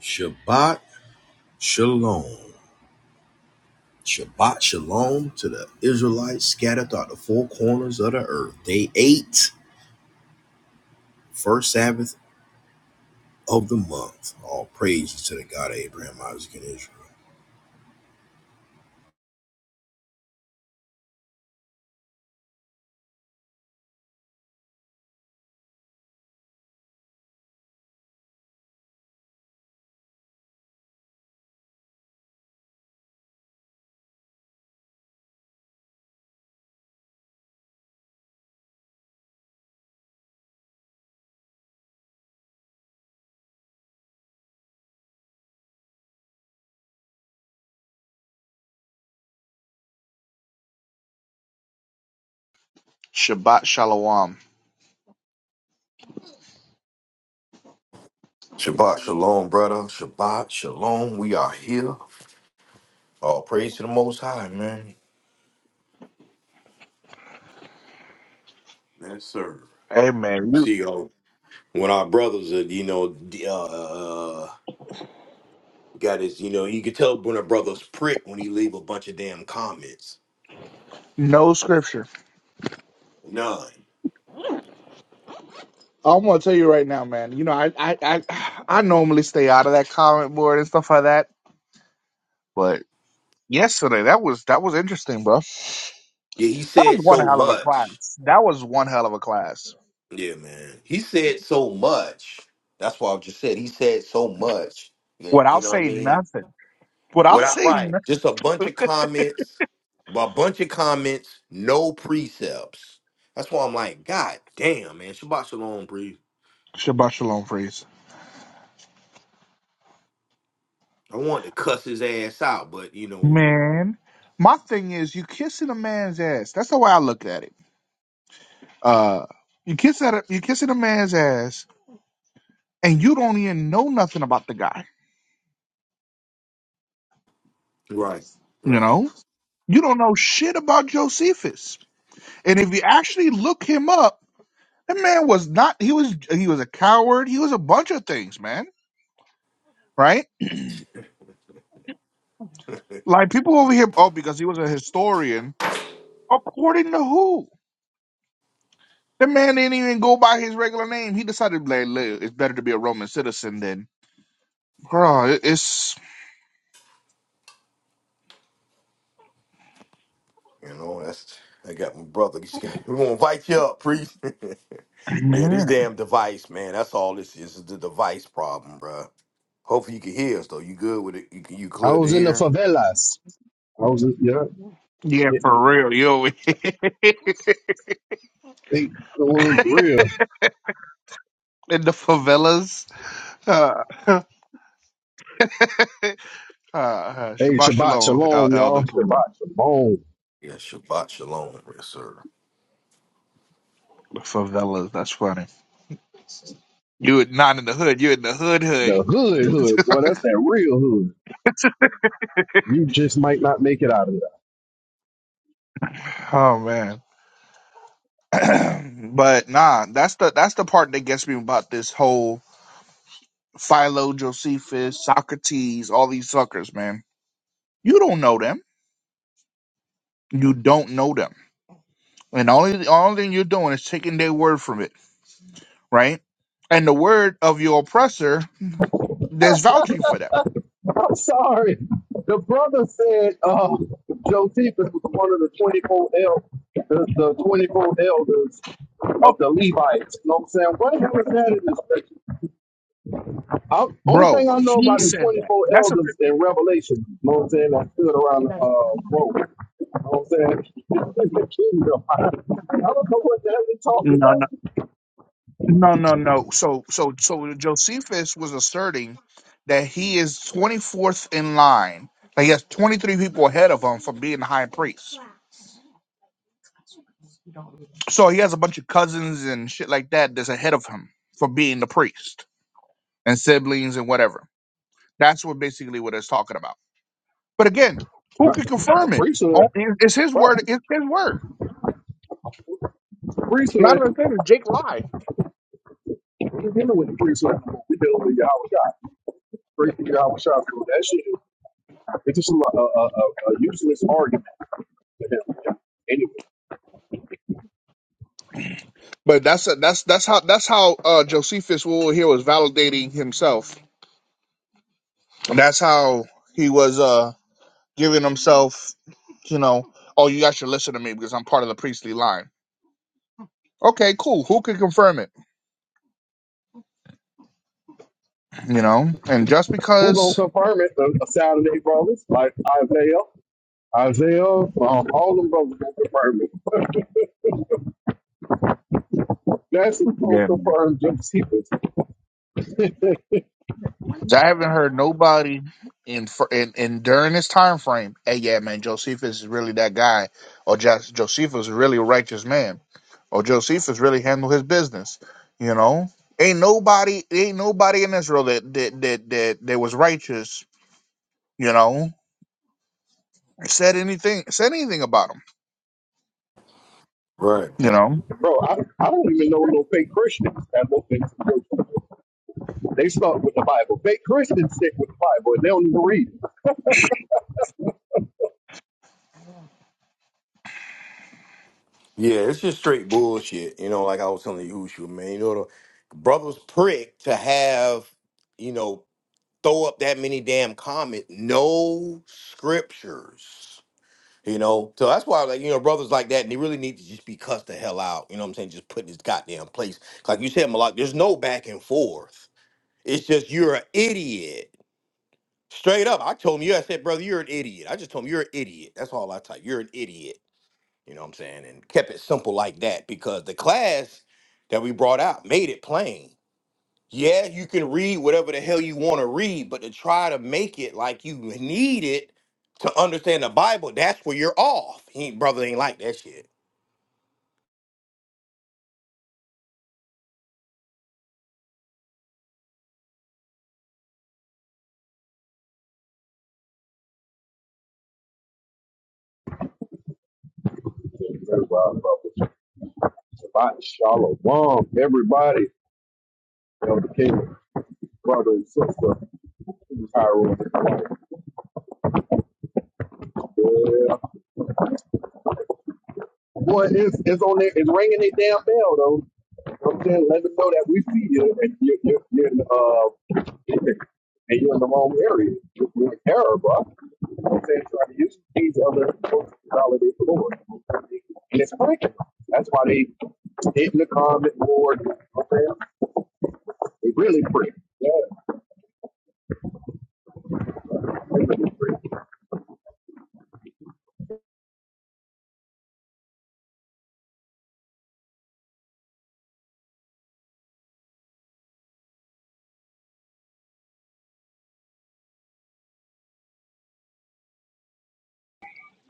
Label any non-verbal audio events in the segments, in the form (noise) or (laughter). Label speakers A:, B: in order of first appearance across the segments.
A: Shabbat Shalom. Shabbat Shalom to the Israelites scattered throughout the four corners of the earth. Day eight, first Sabbath of the month. All praises to the God of Abraham, Isaac, and Israel.
B: Shabbat Shalom.
A: Shabbat shalom, brother. Shabbat shalom. We are here. All praise to the Most High, man. Yes, sir.
B: Hey man, you
A: See, uh, when our brothers are, you know, d- uh, uh, got his, you know, you can tell when a brother's prick when he leave a bunch of damn comments.
B: No scripture.
A: None.
B: I am going to tell you right now, man. You know, I, I I I normally stay out of that comment board and stuff like that, but yesterday that was that was interesting, bro.
A: Yeah, he
B: That was
A: said
B: one
A: so
B: hell of a
A: much.
B: class. That was one hell of a class.
A: Yeah, man. He said so much. That's why I just said he said so much. You you
B: Without
A: know what I
B: saying
A: mean?
B: nothing. Without
A: Without
B: saying
A: right.
B: nothing.
A: Just a bunch of comments, a bunch of comments, no precepts. That's why I'm like, God damn, man. Shabbat shalom, Bree.
B: Shabbat Shalom, freeze.
A: I want to cuss his ass out, but you know.
B: Man, my thing is, you kissing a man's ass. That's the way I look at it. Uh, you kiss at a, you kissing a man's ass, and you don't even know nothing about the guy.
A: Right.
B: You
A: Right.
B: know. You don't know shit about Josephus. And if you actually look him up, that man was not he was he was a coward. He was a bunch of things, man. Right? Like people over here, oh, because he was a historian. According to who? The man didn't even go by his regular name. He decided, like, "Look, it's better to be a Roman citizen than, bro. it- It's
A: You know, that's I got my brother. He's like, We're gonna invite you up, priest. (laughs) yeah, this
B: man,
A: damn device, man. That's all this is. is the device problem, bruh. Hopefully you can hear us though. You good with it? You can you
C: I
A: clear to
C: was in the
A: hear?
C: favelas. I was, in, yeah,
B: yeah,
C: they,
B: for real. yo. (laughs)
C: they the real.
B: in the favelas, uh, (laughs) uh, uh,
C: Hey,
B: Shabbat
C: Shabbat
B: Shalom, El-
C: Shalom, y'all.
B: Elder Caleb.
C: Shabbat Shalom.
A: Yeah, Shabbat Shalom, yes, sir.
B: The favelas. That's funny. You would not in the hood. You're in the hood hood.
C: The hood, hood. Boy, that's that real hood. You just might not make it out of that.
B: (laughs) oh man. (clears throat) but nah, that's the that's the part that gets me about this whole Philo, Josephus, Socrates, all these suckers, man. You don't know them. You don't know them. And the only the only thing you're doing is taking their word from it, right? And the word of your oppressor, there's vouching for them.
C: (laughs) I'm sorry. The brother said uh, Josephus was one of the 24 el- the, the 24 elders
B: Oh,
C: of the Levites. You know what I'm saying? What the hell is that in this picture? I, only thing
B: bro,
C: I know
B: he
C: about the
B: said that.
C: 24
B: That's a
C: elders in Revelation, you know what I'm saying? I stood around the uh, road. You know what I'm saying? (laughs) the kingdom. I, I don't know what the hell they talking
B: no, no. No, no, no. So, so, so Josephus was asserting that he is 24th in line. Like he has 23 people ahead of him for being the high priest. So he has a bunch of cousins and shit like that that's ahead of him for being the priest and siblings and whatever. That's what basically what it's talking about. But again, who can
C: about. The
B: confirm it? Oh,
C: priesthood,
B: it- It's his
C: right?
B: word. It's his word.
C: The
B: Not
C: priesthood,
B: understanding Jake lied.
C: we dealing with the priesthood. We dealing with Yahweh Shah. Priesthood, Yahweh Shah. So that shit is, it's just a, a, a, a useless argument to him. Anyway,
B: But that's that's that's how that's how uh, Josephus will here was validating himself That's how he was uh giving himself, you know, oh, you guys should listen to me because I'm part of the priestly line. Okay, cool. Who can confirm it? You know, and just
C: who gonna
B: because,
C: confirm it? The Saturday brothers, like Isaiah, Isaiah, um, all them brothers gonna confirm it. (laughs) That's the
B: yeah,
C: poker for Josephus. (laughs)
B: I haven't heard nobody in fr- in, in during this time frame. Hey, yeah, man, Josephus is really that guy, or just Josephus is really a really righteous man, or Josephus really handled his business. You know, ain't nobody, ain't nobody in Israel that that that that, that was righteous. You know, said anything said anything about him.
A: Right.
B: You know,
C: Bro, I, I don't even know no fake Christians that look into Josephus. They start with the Bible. Fake Christians stick with the Bible and they don't even read
A: Yeah, it's just straight bullshit. You know, like I was telling you, Ushu, man. You know, the brother's prick to have, you know, throw up that many damn comment. No scriptures. You know, so that's why, like, you know, brothers like that, and they really need to just be cussed the hell out. You know what I'm saying? Just put in this goddamn place. Like you said, Malak, there's no back and forth. It's just you're an idiot. Straight up. I told him, yeah, I said, brother, you're an idiot. I just told him, you're an idiot. That's all I type. You're an idiot. You know what I'm saying? And kept it simple like that because the class that we brought out made it plain yeah, you can read whatever the hell you want to read, but to try to make it like you need it to understand the Bible, that's where you're off. He ain't, brother ain't like that shit.
C: it. Very wild, brother. Shabbat shalom, everybody. Elder King, brother and sister. Tyrone. Yeah. Boy, it's, it's on there. It's ringing their damn bell, though. You know what I'm saying? Let them know that we see you and you're, you're, you're in, uh, and you're in the wrong area. You're you in error, bro. You know what I'm saying? Trying to use these other folks to validate the Lord. And it's breaking. That's why they hit the comment board. You know what I'm saying? They really pray. Yeah.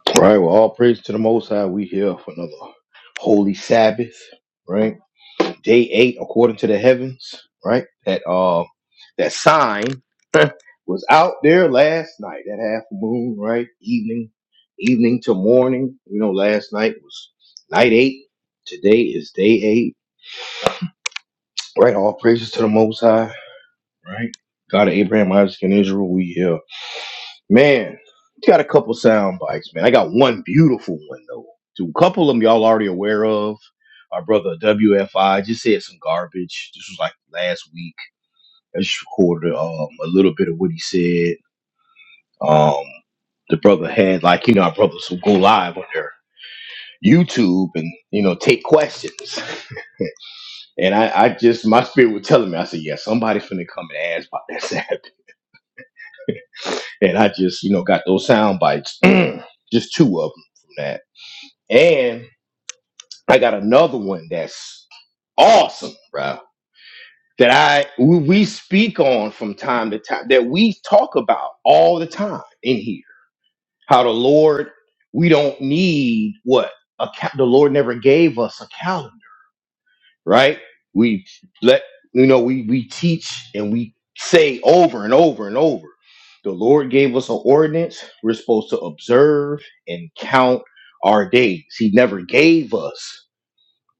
A: All right, well, all praise to the Most High. We here for another holy Sabbath, right? Day eight, according to the heavens, right? That uh, that sign (laughs) was out there last night. That half moon, right? Evening, evening to morning. You know, last night was night eight. Today is day eight. Right, all praises to the Most High, right? God of Abraham, Isaac, and Israel, we here. Man, got a couple sound bites, man. I got one beautiful one, though. Two couple of them y'all already aware of. Our brother WFI just said some garbage. This was like last week. I just recorded um, a little bit of what he said. Um, the brother had, like, you know, our brothers who go live on their YouTube and, you know, take questions. (laughs) And I, I just, my spirit was telling me, I said, yeah, somebody's finna come and ask about that Sabbath. And I just, you know, got those sound bites, (clears throat) just two of them from that. And I got another one that's awesome, bro. That I we, we speak on from time to time, that we talk about all the time in here. How the Lord, we don't need what account the Lord never gave us a calendar. right? We let you know we we teach and we say over and over and over. The Lord gave us an ordinance. We're supposed to observe and count our days. He never gave us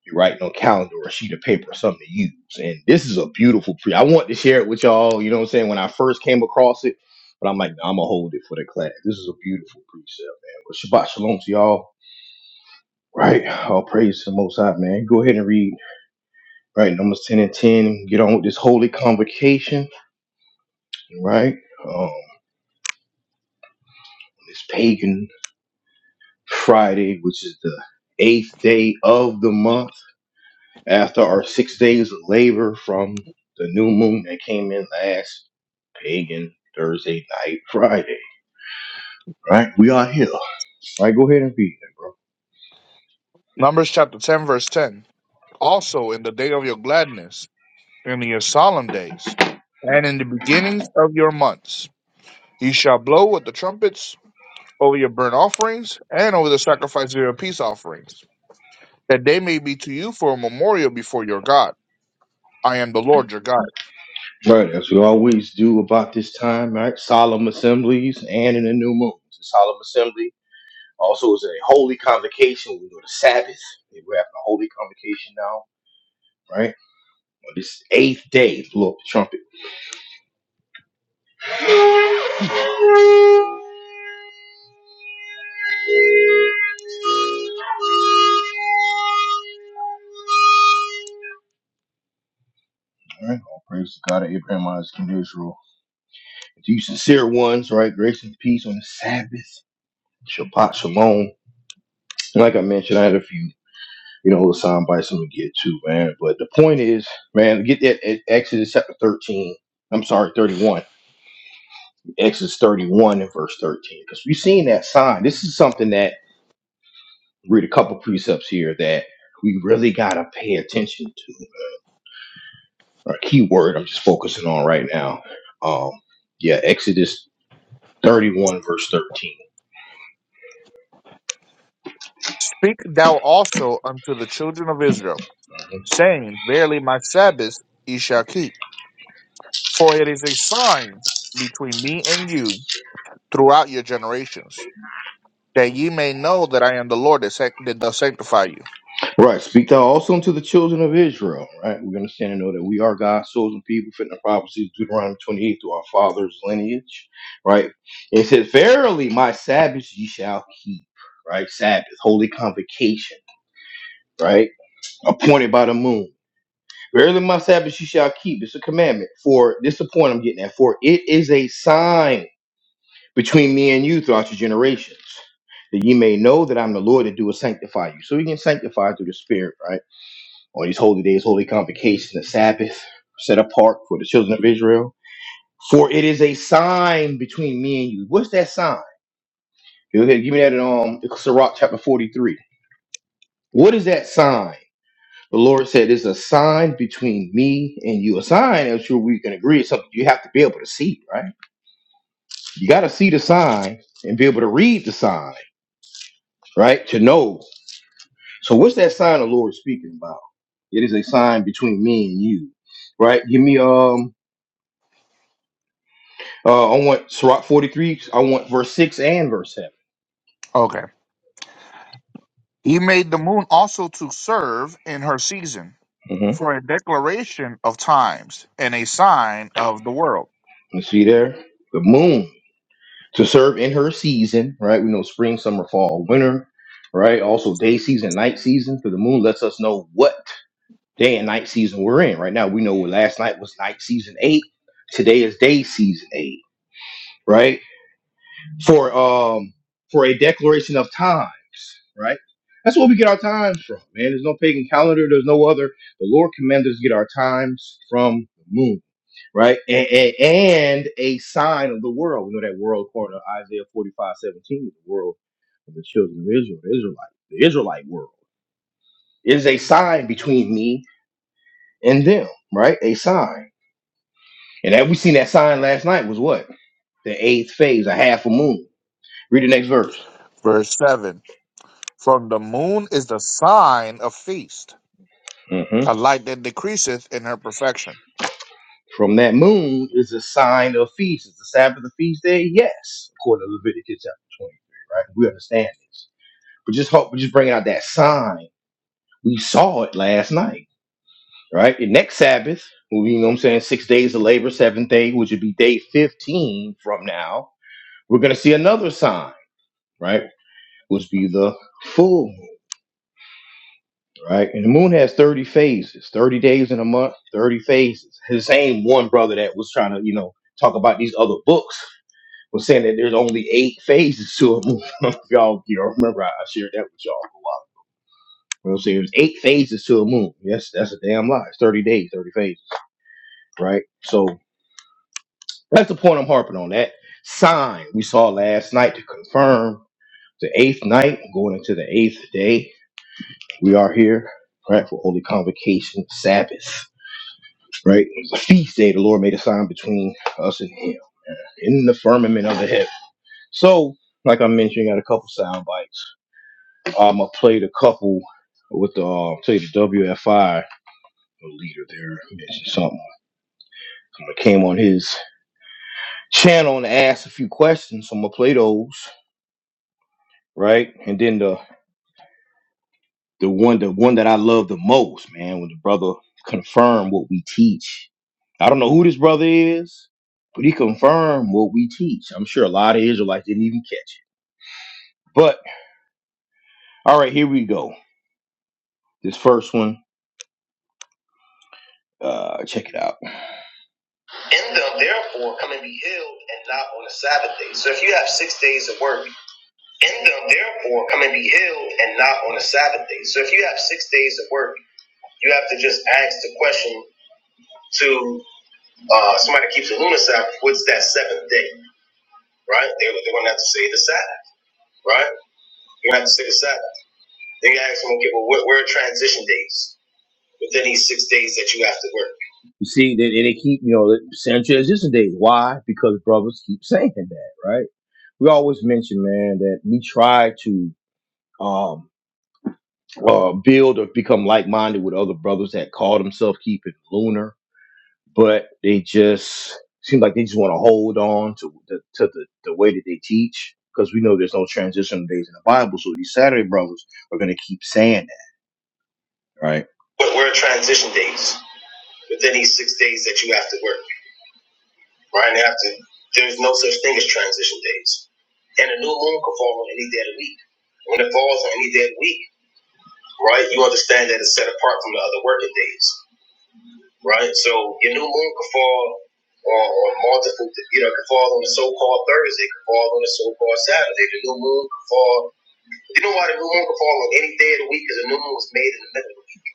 A: you write on a calendar or a sheet of paper, something to use. And this is a beautiful pre. I want to share it with y'all. You know what I'm saying? When I first came across it, but I'm like, nah, I'm gonna hold it for the class. This is a beautiful precept, man. But Shabbat shalom to y'all. Right? All praise to the Most High, man. Go ahead and read right? Numbers 10 and 10, get on with this holy convocation, right? Um, this pagan Friday, which is the eighth day of the month, after our six days of labor from the new moon that came in last pagan Thursday night, Friday, right? We are here. All right, go ahead and be there, bro.
B: Numbers chapter ten verse ten. Also in the day of your gladness, in your solemn days, and in the beginnings of your months, ye shall blow with the trumpets over your burnt offerings and over the sacrifice of your peace offerings, that they may be to you for a memorial before your God. I am the Lord your God.
A: Right, as we always do about this time, right? Solemn assemblies and in the new moon. Solemn assemblies Also, it's a holy convocation. We We're doing the Sabbath. We're having a holy convocation now, right? On this eighth day, blow up the trumpet. All right. All praise to God of Abraham, Isaac, and Israel. To you sincere ones, right? Grace and peace on the Sabbath. Shabbat shalom. And like I mentioned, I had a few, you know, little sound bites I'm gonna get to, man. But the point is, man, get that at Exodus chapter 13. I'm sorry, 31. Exodus 31 and verse 13. Because we've seen that sign. This is something that read a couple precepts here that we really gotta pay attention to. A key word I'm just focusing on right now. Um, yeah, Exodus 31 verse 13.
B: Speak thou also unto the children of Israel, saying, Verily my Sabbath ye shall keep, for it is a sign between me and you throughout your generations, that ye may know that I am the Lord that, sac- that does sanctify you.
A: Right. Speak thou also unto the children of Israel. Right. We're gonna stand and know that we are God's chosen people, fitting the prophecies of Deuteronomy 28 through our father's lineage. Right. It says, Verily my Sabbaths ye shall keep. Right. Sabbath, holy convocation. Right. Appointed by the moon. Verily my Sabbath you shall keep. It's a commandment. For this is the point I'm getting at. For it is a sign between me and you throughout your generations, that ye may know that I'm the Lord that do will sanctify you. So we can sanctify through the Spirit, right? On these holy days, holy convocation, the Sabbath, set apart for the children of Israel. For it is a sign between me and you. What's that sign? Go ahead, give me that in um Sirach chapter 43. What is that sign? The Lord said, "There's a sign between me and you. A sign, I'm sure we can agree, is something you have to be able to see, right? You got to see the sign and be able to read the sign, right? To know. So, what's that sign the Lord is speaking about? It is a sign between me and you, right? Give me, um, uh, I want Sirach 43. I want verse six and verse 7
B: Okay. He made the moon also to serve in her season
A: Mm-hmm.
B: for a declaration of times and a sign of the world.
A: You see there, the moon to serve in her season, right? We know spring, summer, fall, winter, right? Also day season, night season, because the moon lets us know what." day and night season we're in right now. We know last night was night season eight. Today is day season eight, right? For um for a declaration of times, right? That's where we get our times from, man. There's no pagan calendar. There's no other. The Lord commands us to get our times from the moon, right? And, and, and a sign of the world. We know that world, according to Isaiah 45 17 is the world of the children of Israel, the Israelite, the Israelite world. It is a sign between me and them, right? A sign. And that we seen that sign last night was what? The eighth phase, a half a moon. Read the next verse.
B: Verse 7 From the moon is the sign of feast,
A: hmm
B: a light that decreaseth in her perfection.
A: From that moon is a sign of feast. Is the Sabbath a feast day? Yes, according to Leviticus chapter 23, right? We understand this. But just hope, we're just bringing out that sign. We saw it last night, right? The next Sabbath, will be, you know what I'm saying, six days of labor, seventh day, which would be day 15 from now, we're going to see another sign, right? Which be the full moon. right? And the moon has 30 phases, 30 days in a month, 30 phases. The same one brother that was trying to, you know, talk about these other books was saying that there's only eight phases to a moon. (laughs) If y'all, you know, remember I I shared that with y'all. You know, so there's eight phases to a moon. Yes, that's a damn lie. It's 30 days, 30 phases, right? So that's the point I'm harping on. That sign we saw last night to confirm the eighth night, going into the eighth day. We are here, right, for Holy Convocation Sabbath right? It was a feast day. The Lord made a sign between us and him uh, in the firmament of the heaven. So, like I mentioned, I got a couple sound bites. Um, I played a couple with the uh, played the WFI leader there mentioned something. I came on his channel and asked a few questions, so I'm gonna play those, right? And then the The one, the one that I love the most, man, when the brother confirmed what we teach. I don't know who this brother is, but he confirmed what we teach. I'm sure a lot of Israelites didn't even catch it. But all right, here we go. This first one, uh, check it out. In them, therefore, come and be healed, and not on the Sabbath day. So if you have six days of work, in them, therefore, come and be healed, and not on the Sabbath day. So if you have six days of work, you have to just ask the question to. Uh, somebody keeps the lunar Sabbath. What's that seventh day, right? They, they're going to have to say the Sabbath, right? You're going to have to say the Sabbath. Then you ask them, okay, well, where, where are transition days within these six days that you have to work? You see, then they keep, you know, saying transition days. Why? Because brothers keep saying that, right? We always mention, man, that we try to um uh build or become like minded with other brothers that call themselves keeping lunar. but they just seem like they just want to hold on to the to the, the way that they teach because we know there's no transition days in the Bible. So these Saturday brothers are going to keep saying that, right? But we're transition days within these six days that you have to work, right? You have to. There's no such thing as transition days, and a new moon can fall on any day of the week. When it falls on any day of the week, right, you understand that it's set apart from the other working days. right? So your new moon could fall on, on multiple, you know, it could fall on the so-called Thursday, it could fall on the so-called Saturday. The new moon could fall. You know why the new moon could fall on any day of the week? Because the new moon was made in the middle of the week,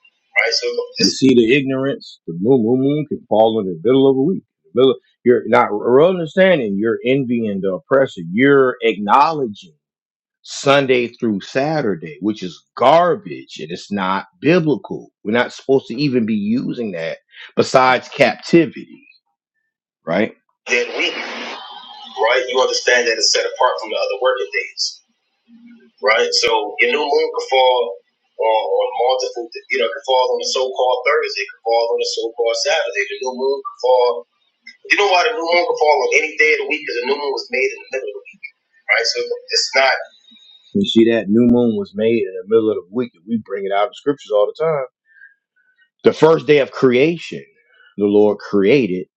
A: right? So You just see the ignorance, the moon, moon, moon can fall in the middle of a week. The Middle, you're not understanding, you're envying the oppressor, you're acknowledging. Sunday through Saturday, which is garbage and it's not biblical. We're not supposed to even be using that besides captivity, right? Then week, right? You understand that it's set apart from the other working days, right? So your new moon could fall on, on multiple, you know, it could fall on the so called Thursday, it could fall on the so called Saturday. The new moon could fall. You know why the new moon could fall on any day of the week? Because the new moon was made in the middle of the week, right? So it's not. You see that new moon was made in the middle of the week. We bring it out of the scriptures all the time. The first day of creation, the Lord created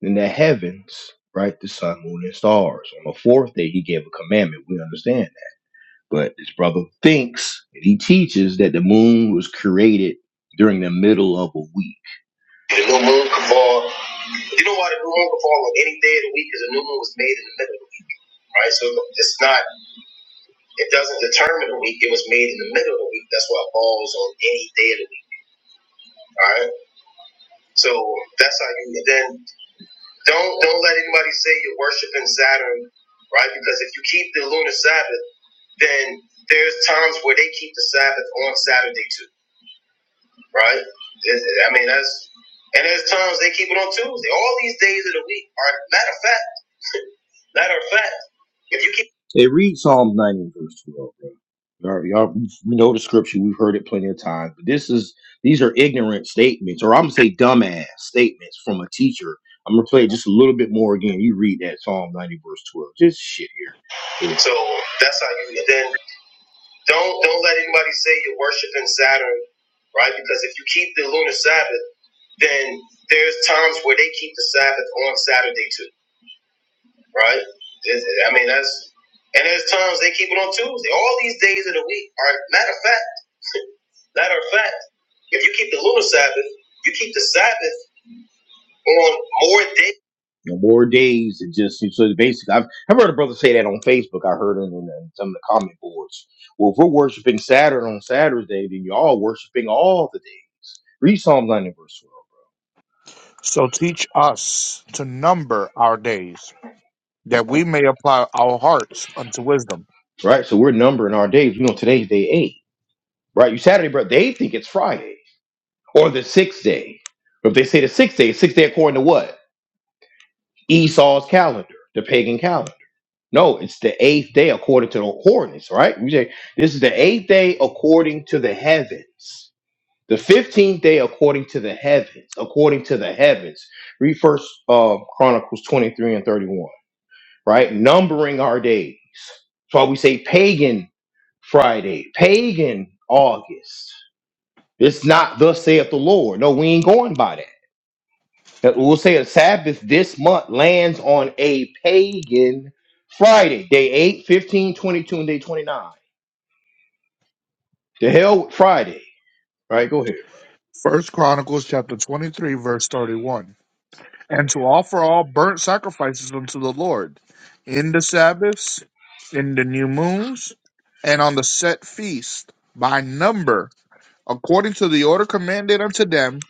A: in the heavens, right? The sun, moon, and stars. On the fourth day, he gave a commandment. We understand that. But this brother thinks and he teaches that the moon was created during the middle of a week. The new moon can fall. You know why the new moon can fall on any day of the week? Because the new moon was made in the middle of the week, right? So it's not. It doesn't determine the week. It was made in the middle of the week. That's why it falls on any day of the week. All right. So that's how you. then don't don't let anybody say you're worshiping Saturn, right? Because if you keep the lunar Sabbath, then there's times where they keep the Sabbath on Saturday too, right? I mean that's and there's times they keep it on Tuesday. All these days of the week are matter of fact. Matter of fact. If you keep It reads Psalm 90 and verse 12, bro. Y'all, y'all we know the scripture. We've heard it plenty of times. But this is these are ignorant statements, or I'm gonna say dumbass statements from a teacher. I'm gonna play it just a little bit more again. You read that Psalm 90 verse 12. Just shit here. Yeah. so that's how you then don't don't let anybody say you're worshiping Saturn, right? Because if you keep the lunar Sabbath, then there's times where they keep the Sabbath on Saturday too right? It's- I mean, that's and there's times they keep it on Tuesday. All these days of the week are matter of fact. (laughs) Matter of fact, if you keep the lunar Sabbath, you keep the Sabbath on more days. No more days. It just so it's basically, I've I've heard a brother say that on Facebook. I heard it in, in some of the comment boards. Well, if we're worshiping Saturn on Saturday, then you are all worshiping all the days. Read Psalm 90 verse
B: So teach us to number our days, that we may apply our hearts unto wisdom.
A: 12. Right? So we're numbering our days. We know today's day eight. Right? You Saturday, brother. They think it's Friday. or the sixth day. If they say the sixth day, sixth day according to what? Esau's calendar, the pagan calendar. No, it's the eighth day according to the ordinance, right? We say this is the eighth day according to the heavens. The fifteenth day according to the heavens, according to the heavens. Read first uh, Chronicles 23 and 31, right? Numbering our days. That's why we say pagan Friday, pagan August. It's not thus saith the Lord. No, we ain't going by that. Now, We'll say a Sabbath this month lands on a pagan Friday, day 8, 15, 22, and day 29. The hell with Friday. Right, go ahead.
B: First Chronicles chapter 23, verse 31. and to offer all burnt sacrifices unto the Lord in the Sabbaths, in the new moons, and on the set feast by number, according to the order commanded unto them,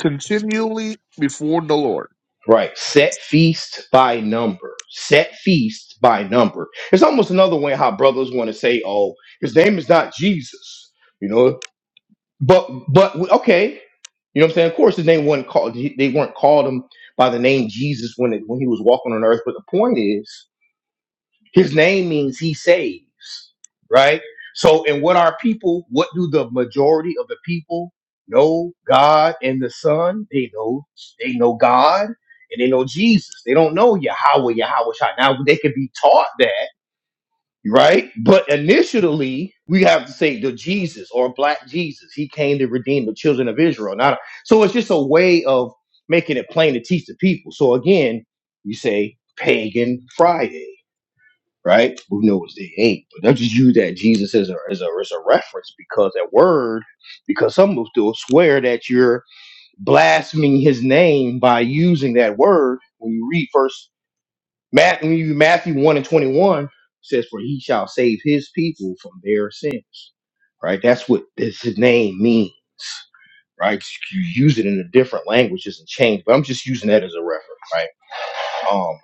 B: continually before the Lord.
A: Right. Set feast by number. Set feast by number. It's almost another way how brothers want to say, oh, his name is not Jesus. You know, but but okay. You know what I'm saying? Of course his name wasn't called they weren't called him by the name Jesus when it, when he was walking on earth. But the point is His name means he saves, right? So, and what are people? What do the majority of the people know? God and the Son. They know. They know God and they know Jesus. They don't know Yahweh, Yahweh Shai. Now they could be taught that, right? But initially, we have to say the Jesus or Black Jesus. He came to redeem the children of Israel. Not so. It's just a way of making it plain to teach the people. So again, you say Pagan Friday right? We know it's they ain't, but they'll just use that Jesus as a as a as a reference because that word, because some will still swear that you're blaspheming his name by using that word. When you read first Matthew, when you read Matthew one and twenty one says, "For he shall save his people from their sins." Right? That's what this his name means. Right? You use it in a different language, doesn't change, but I'm just using that as a reference, right? Um,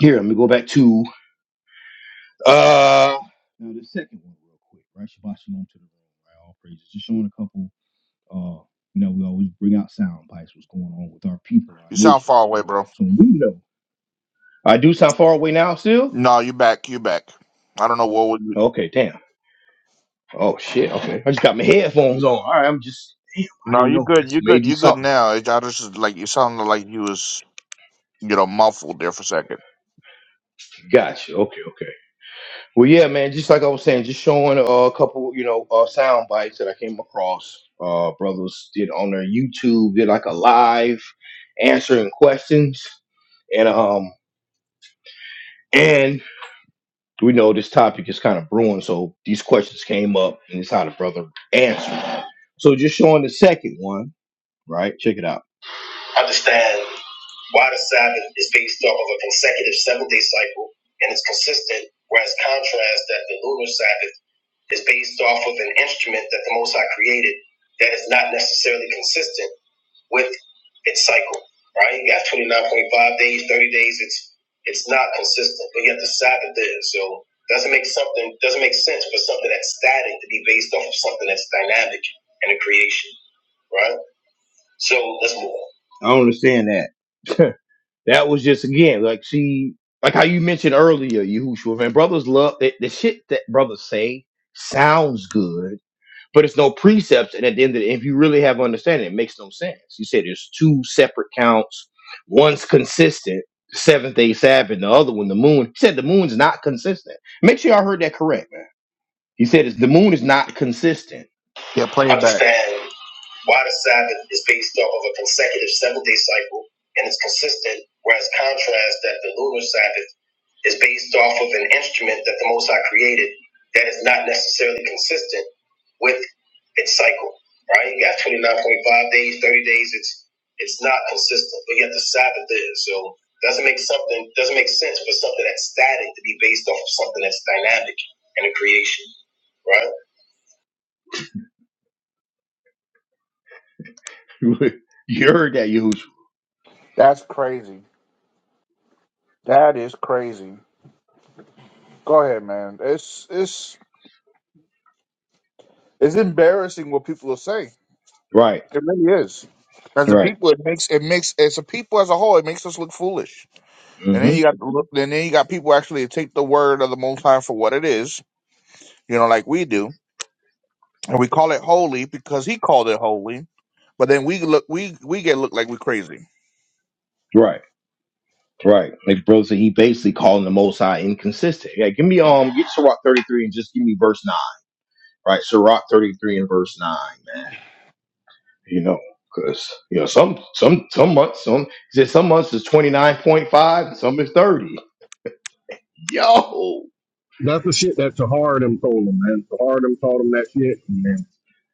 A: here, let me go back to Uh, now the second one, real quick, right? Shabbat shalom to the room, right? All praises. Just showing a couple. Uh, you know, we always bring out sound bites. What's going on with our people, our
B: You sound
A: nation?
B: far away, bro.
A: So we know. I do sound far away now, still.
B: No, you back, you back. I don't know what would you.
A: Okay, damn. Oh shit. Okay, I just got my headphones on. All right, I'm just. Damn, I
B: No,
A: didn't
B: you
A: know.
B: good,
A: That's
B: you good,
A: maybe
B: you good
A: something.
B: now. It- I just like you sounded like you was you know muffled there for a second.
A: Gotcha. Okay, okay. Well, yeah, man. Just like I was saying, just showing uh, a couple, you know, uh, sound bites that I came across. Uh, brothers did on their YouTube, did like a live answering questions, and um, and we know this topic is kind of brewing, so these questions came up, and it's how the brother answered. So just showing the second one, right? Check it out. Understand why the Sabbath is based off of a consecutive seven-day cycle and it's consistent, whereas contrast that the lunar Sabbath is based off of an instrument that the Most High created that is not necessarily consistent with its cycle. Right? You got 29.5 days, 30 days. It's it's not consistent, but yet the Sabbath is. So doesn't make something doesn't make sense for something that's static to be based off of something that's dynamic in the creation. Right? So let's move on. I don't understand that. (laughs) that was just again like she like how you mentioned earlier, Yahushua, man. Brothers love the, the shit that brothers say sounds good but it's no precepts. And at the end of the, if you really have understanding, it makes no sense. You said there's two separate counts. One's consistent, seventh day Sabbath, and the other one, the moon. He said the moon's not consistent. Make sure y'all heard that correct, man. He said it's, the moon is not consistent.
B: Yeah, play it back.
A: Understand. Why the Sabbath is based off of a consecutive seven day cycle and it's consistent, whereas contrast that the lunar Sabbath is based off of an instrument that the Most High created that is not necessarily consistent with its cycle. Right? You got 29.5 days, 30 days. It's it's not consistent, but yet the Sabbath is. So doesn't make something doesn't make sense for something that's static to be based off of something that's dynamic in the creation. Right? (laughs) you heard that, Yahushua.
B: That's crazy. That is crazy. Go ahead, man. It's it's It's embarrassing what people are saying.
A: Right,
B: It really is. As a
A: right.
B: people, it makes it makes as a people as a whole, it makes us look foolish. And then
A: hmm
B: you got look, and then you got people actually take the word of the Most High for what it is, you know, like we do, and we call it holy because He called it holy. But then we look we we get looked like we're crazy.
A: Right, right. Like bro said, he basically calling the Most High inconsistent. Yeah, give me um, get Sirach thirty three and just give me verse nine. Right, Sirach thirty three and verse nine, man. You know, because you know some some some months some he said some months is twenty nine point five, and some is thirty. Yo,
C: That's the shit that Tahar told him, man. Tahar told him that shit, and then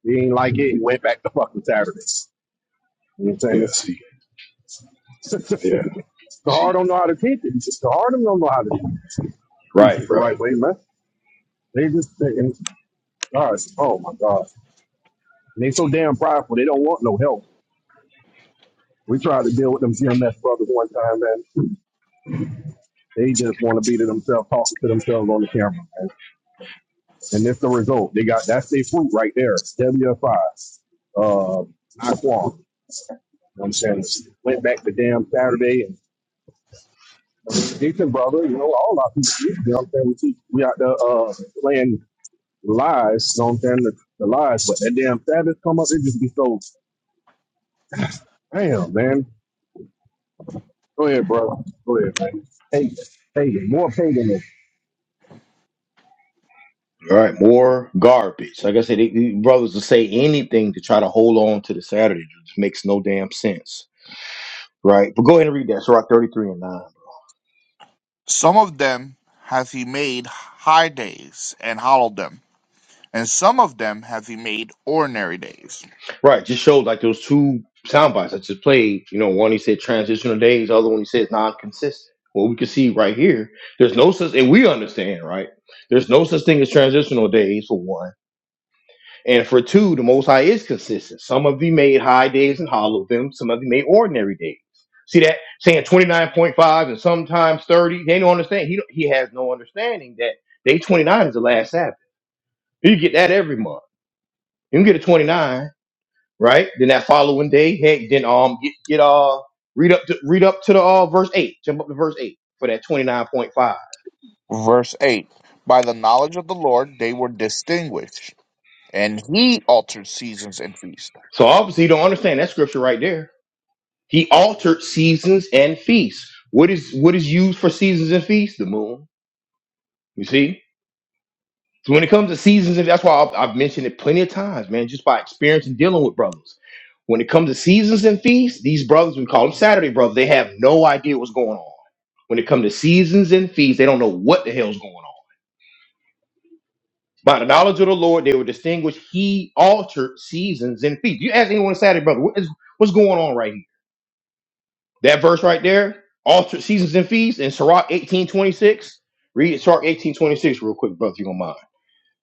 C: he ain't like it. He went back to fucking Saturday. You know what I'm
A: yeah,
C: saying? it's.
A: see,
C: (laughs)
A: yeah,
C: the heart
A: see.
C: don't know how to teach it. just The heart don't know how to teach
A: Right,
C: it the
A: bro.
C: right way, man. They just thinking, and gosh, oh my God. And they so damn prideful, they don't want no help. We tried to deal with them GMS brothers one time, man. They just want to be to themselves, talking to themselves on the camera, man. And it's the result. They got that's their fruit right there. WFI. Uh I qualm. You know what I'm saying? Went back to damn Saturday and decent brother, you know, all our people, you know what I'm saying? We, teach- we out there uh playing lies. Don't stand the, the lies. But that damn Sabbath come up, it just be so damn man. Go ahead, bro. Go ahead, man. Hey, hey, more paganism.
A: All right, more garbage. Like I said, they, these brothers will say anything to try to hold on to the Saturday. It just makes no damn sense. Right, but go ahead and read that. Sirach thirty three and nine.
B: Some of them hath He made high days and hallowed them, and some of them hath He made ordinary days.
A: Right. Just showed like those two sound bites I just played. You know, one he said transitional days, the other one he said non-consistent. Well, we can see right here, there's no such, and we understand, right? There's no such thing as transitional days for one, and for two, the Most High is consistent. Some of you made high days and hollow them. Some of you made ordinary days. See that saying 29.5 and sometimes 30. They don't understand. He don't- he has no understanding that day 29 is the last Sabbath. You get that every month. You can get a 29 right? Then that following day, hey, then um get get uh read up to read up to the uh verse eight, jump up to verse eight for that twenty nine point five.
B: Verse eight: By the knowledge of the Lord they were distinguished and he altered seasons and feasts.
A: So obviously you don't understand that scripture right there. He altered seasons and feasts. What is what is used for seasons and feasts? The moon. You see. So when it comes to seasons, and that's why I've, I've mentioned it plenty of times, man, just by experience and dealing with brothers. When it comes to seasons and feasts, these brothers, we call them Saturday brothers, they have no idea what's going on. When it comes to seasons and feasts, they don't know what the hell's going on By the knowledge of the Lord, they were distinguished. He altered seasons and feasts. You ask anyone Saturday, brother, what is, what's going on right here? That verse right there, altered seasons and feasts in Sirach 1826. Read Sirach 1826 real quick, brother, if you don't mind.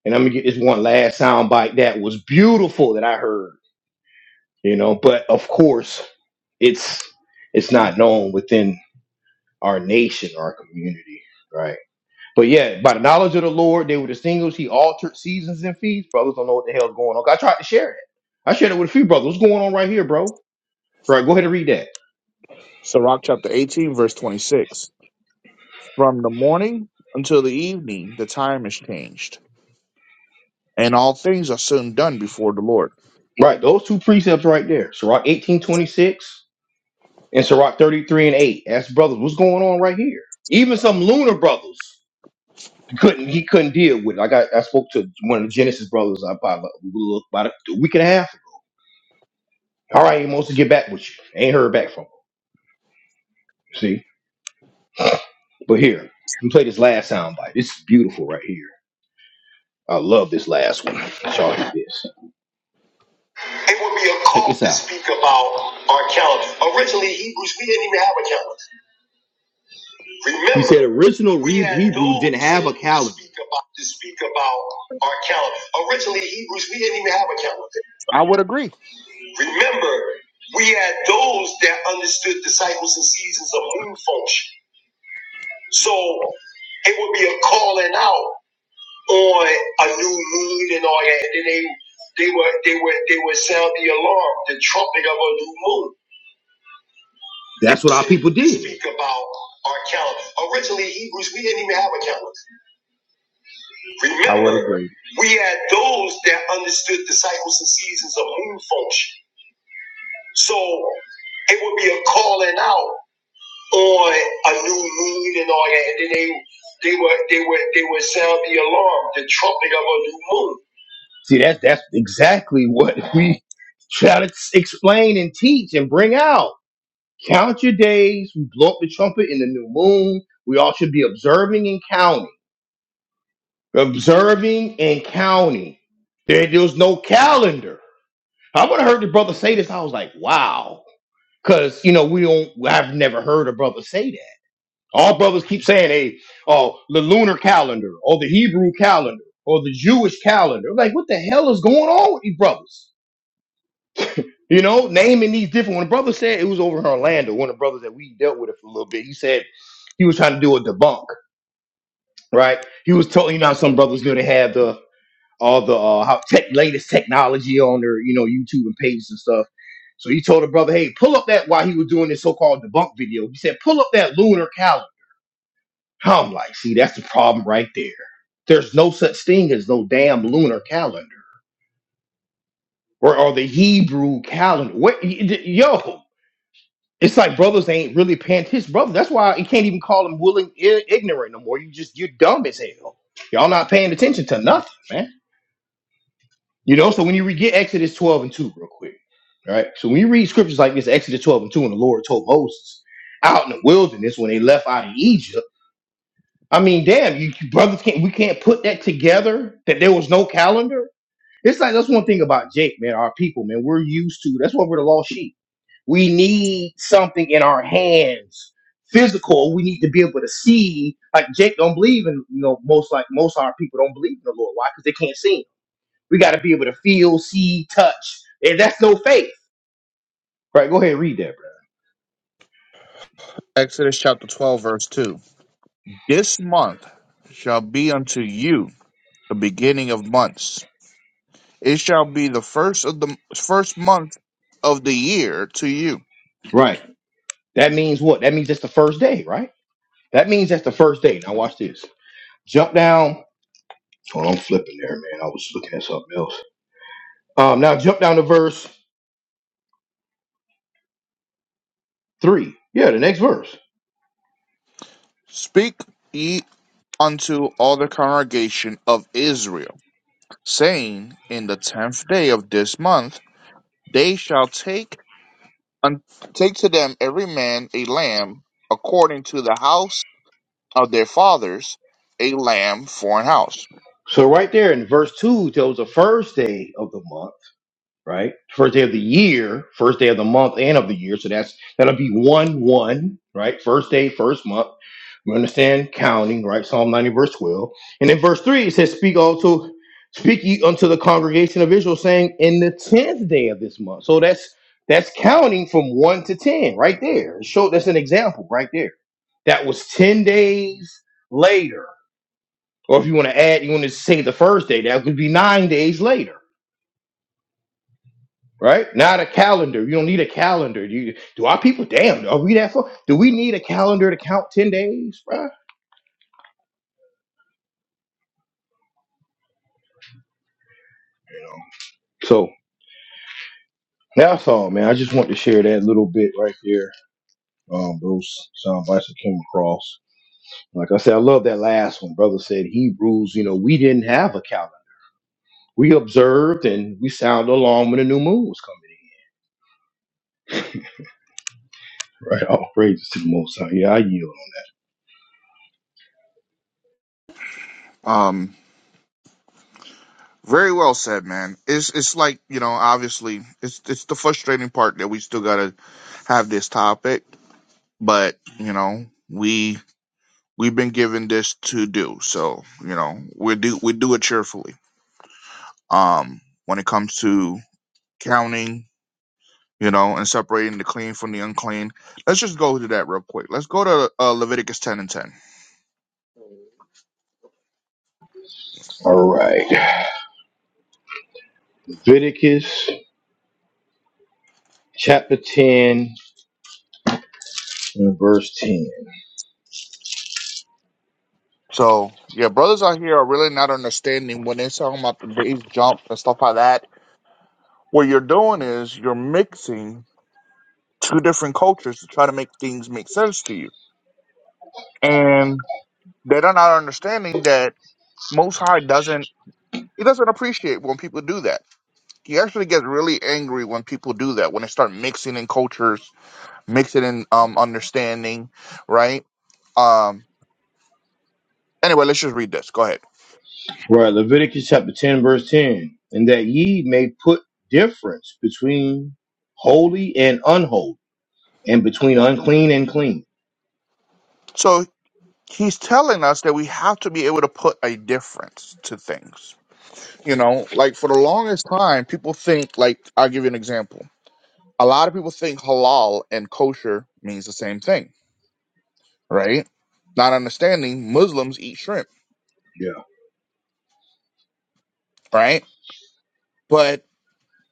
A: And I'm gonna get this one last sound bite that was beautiful that I heard, you know, but of course it's it's not known within our nation, our community, right? But yeah, by the knowledge of the Lord, they were the singles. He altered seasons and feasts. Brothers don't know what the hell's going on. I tried to share it. I shared it with a few brothers. What's going on right here, bro? Right, go ahead and read that.
B: Sirach chapter 18, verse 26. From the morning until the evening, the time is changed, and all things are soon done before the Lord.
A: Right, those two precepts right there. Sirach 1826 and Sirach 33 and 8. Ask brothers, what's going on right here? Even some lunar brothers couldn't he couldn't deal with it. Like, I got I spoke to one of the Genesis brothers I about, about a week and a half. All right, Amos, to get back with you. Ain't heard back from him. See? But here, let me play this last sound bite. It's beautiful right here. I love this last one. Charge this. It would be a call to speak about our calendar. Originally, Hebrews, we didn't even have a calendar. Remember, you said original we had Hebrews no didn't have a thing to calendar. Speak about, to speak about our calendar. Originally, Hebrews, we didn't even have a calendar.
B: I would agree.
A: Remember, we had those that understood the cycles and seasons of moon function. So it would be a calling out. on a new moon and all that. And then they they would they would they would sound the alarm, the trumpet of a new moon. That's what our people did. Speak about our calendar. Originally, Hebrews, we didn't even have a calendar.
B: I would
A: Remember,
B: agree.
A: we had those that understood the cycles and seasons of moon function. So it would be a calling out on a new moon and all that, and then they they would they would they would sound the alarm, the trumpet of a new moon. See, that's that's exactly what (laughs) we try to s- explain and teach and bring out. Count your days. We blow up the trumpet in the new moon. We all should be observing and counting. Observing and counting. There, there's no calendar. I would have heard the brother say this. I was like, wow. Because, you know, we don't, I've never heard a brother say that. All brothers keep saying, hey, oh, the lunar calendar or the Hebrew calendar or the Jewish calendar. Like, what the hell is going on with these brothers? You know, naming these different. When the brother said it was over in Orlando, one of the brothers that we dealt with it for a little bit, he said he was trying to do a debunk, right? He was telling you know how some brothers do they have the all the uh, how tech latest technology on their you know YouTube and pages and stuff. So he told the brother, hey, pull up that while he was doing this so-called debunk video. He said, pull up that lunar calendar. I'm like, see, that's the problem right there. There's no such thing as no damn lunar calendar or, or the Hebrew calendar. What, y- y- yo? It's like brothers ain't really paying his brother. That's why you can't even call him willing i- ignorant no more. You just you're dumb as hell. Y'all not paying attention to nothing, man. You know. So when you read get Exodus twelve and two real quick, right? So when you read scriptures like this, Exodus twelve and two, and the Lord told Moses out in the wilderness when they left out of Egypt. I mean, damn, you, you brothers can't we can't put that together that there was no calendar. It's like that's one thing about Jake, man. Our people, man, we're used to. That's why we're the lost sheep we need something in our hands, physical. We need to be able to see. Like Jake don't believe in, you know, most like most of our people don't believe in the Lord. Why? Because they can't see. Him. We got to be able to feel, see, touch, and that's no faith. Right? Go ahead, and read that, bro.
B: Exodus chapter 12, verse 2. This month shall be unto you the beginning of months. It shall be the first of the first month of the year to you.
A: Right. That means what? That means that's the first day, right? That means that's the first day. Now watch this. Jump down. Oh, I'm flipping there, man. I was looking at something else. Um, now jump down to verse three. Yeah, the next verse.
B: Speak ye unto all the congregation of Israel saying, In the tenth day of this month they shall take un- take to them every man a lamb according to the house of their fathers, a lamb for an house.
A: So right there in verse two tells the first day of the month. right? First day of the year, first day of the month, and of the year. So that's that'll be one one, right? First day, first month. We understand counting, right? Psalm ninety, verse twelve, and in verse three it says, "Speak also, speak ye unto the congregation of Israel, saying, in the tenth day of this month." So that's that's counting from one to ten, right there. Show that's an example, right there. That was ten days later, or if you want to add, you want to say the first day, that would be nine days later right? Not a calendar. You don't need a calendar. You do our people? Damn, are we that far? Do we need a calendar to count ten days, bruh? You know. So that's all, man. I just want to share that little bit right there. Um, those sound bites that came across. Like I said, I love that last one. Brother said Hebrews. You know, we didn't have a calendar. We observed and we sounded along when the new moon was coming in. Right. All praises to the Most High. Yeah, I yield.
B: Um, very well said, man. It's it's like you know, obviously, it's it's the frustrating part that we still gotta have this topic, but you know, we we've been given this to do, so you know, we do we do it cheerfully. Um, when it comes to counting you know, and separating the clean from the unclean. Let's just go to that real quick. Let's go to uh, Leviticus 10 and 10.
A: All right. Leviticus chapter ten. in verse 10.
B: So, yeah, brothers out here are really not understanding when they're talking about the days jump and stuff like that. What you're doing is you're mixing two different cultures to try to make things make sense to you. And they're not understanding that Most High doesn't, he doesn't appreciate when people do that. He actually gets really angry when people do that, when they start mixing in cultures, mixing in um, understanding, right? Um, anyway, let's just read this. Go ahead.
A: Right, Leviticus chapter 10, verse 10. And that ye may put difference between holy and unholy, and between unclean and clean.
B: So he's telling us that we have to be able to put a difference to things. You know, like for the longest time, people think, like, I'll give you an example. A lot of people think halal and kosher means the same thing, right? Not understanding Muslims eat shrimp,
A: Yeah.
B: right? But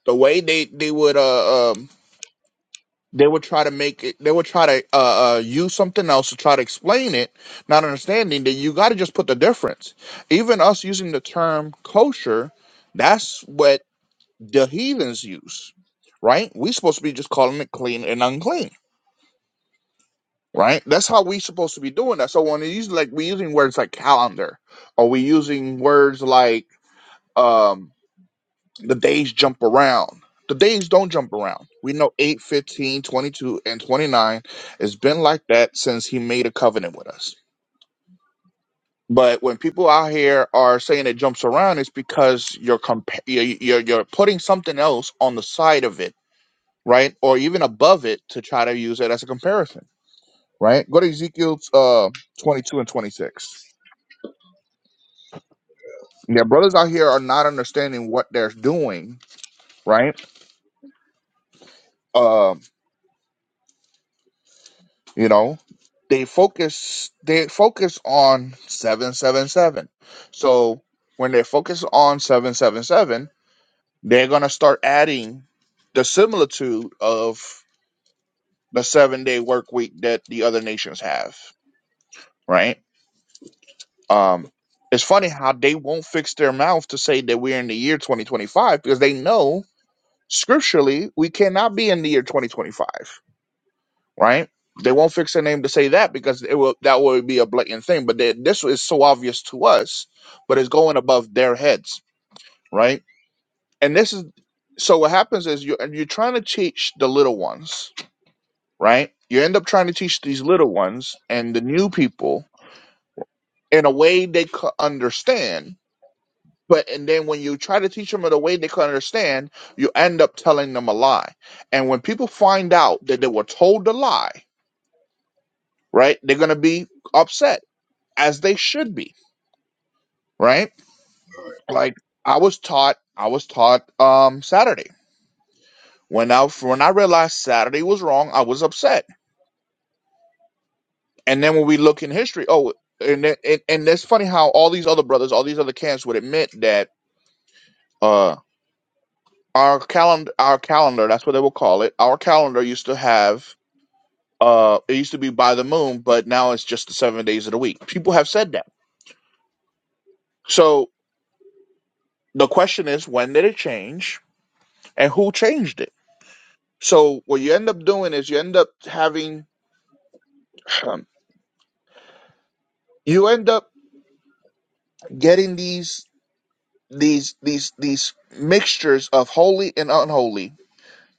B: the way they, they would, uh. um they would try to make it they would try to uh, uh use something else to try to explain it not understanding that you got to just put the difference even us using the term kosher that's what the heathens use right we supposed to be just calling it clean and unclean right that's how we supposed to be doing that so when it's like we using words like calendar or we using words like um The days jump around. The days don't jump around. We know 8, 15, 22, and 29. It's been like that since he made a covenant with us. But when people out here are saying it jumps around, it's because you're compa- you're, you're you're putting something else on the side of it, right? Or even above it to try to use it as a comparison, right? Go to Ezekiel uh, 22 and 26. Yeah, brothers out here are not understanding what they're doing, right? Um. You know, they focus they focus on 777. So when they focus on 777, they're going to start adding the similitude of the 7-day work week that the other nations have, right? Um it's funny how they won't fix their mouth to say that we're in the year 2025 because they know scripturally we cannot be in the year 2025. right? They won't fix their name to say that because it will that would be a blatant thing. But they, this is so obvious to us, but it's going above their heads, right? And this is so what happens is you're you're trying to teach the little ones, right? You end up trying to teach these little ones and the new people in a way they could understand. But and then when you try to teach them in a way they could understand, you end up telling them a lie. And when people find out that they were told a lie, right, they're gonna be upset as they should be, right? Like I was taught, I was taught um Saturday. When I when I realized Saturday was wrong, I was upset. And then when we look in history, oh, and it, and and it's funny how all these other brothers, all these other camps would admit that uh our calendar, our calendar, that's what they will call it. Our calendar used to have uh it used to be by the moon, but now it's just the seven days of the week. People have said that. So the question is, when did it change, and who changed it? So what you end up doing is you end up having um, you end up getting these these these these mixtures of holy and unholy,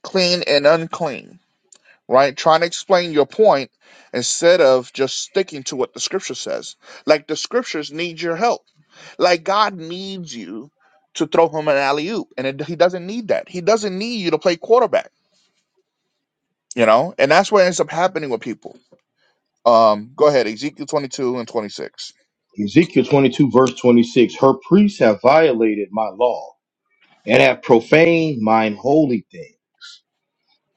B: clean and unclean, right? Trying to explain your point instead of just sticking to what the scripture says. Like the scriptures need your help. Like God needs you to throw him an alley oop, and it, he doesn't need that. He doesn't need you to play quarterback, you know. And that's what ends up happening with people. Um, go ahead, Ezekiel twenty two and twenty six.
A: Ezekiel 22, verse 26. Her priests have violated my law and have profaned mine holy thing.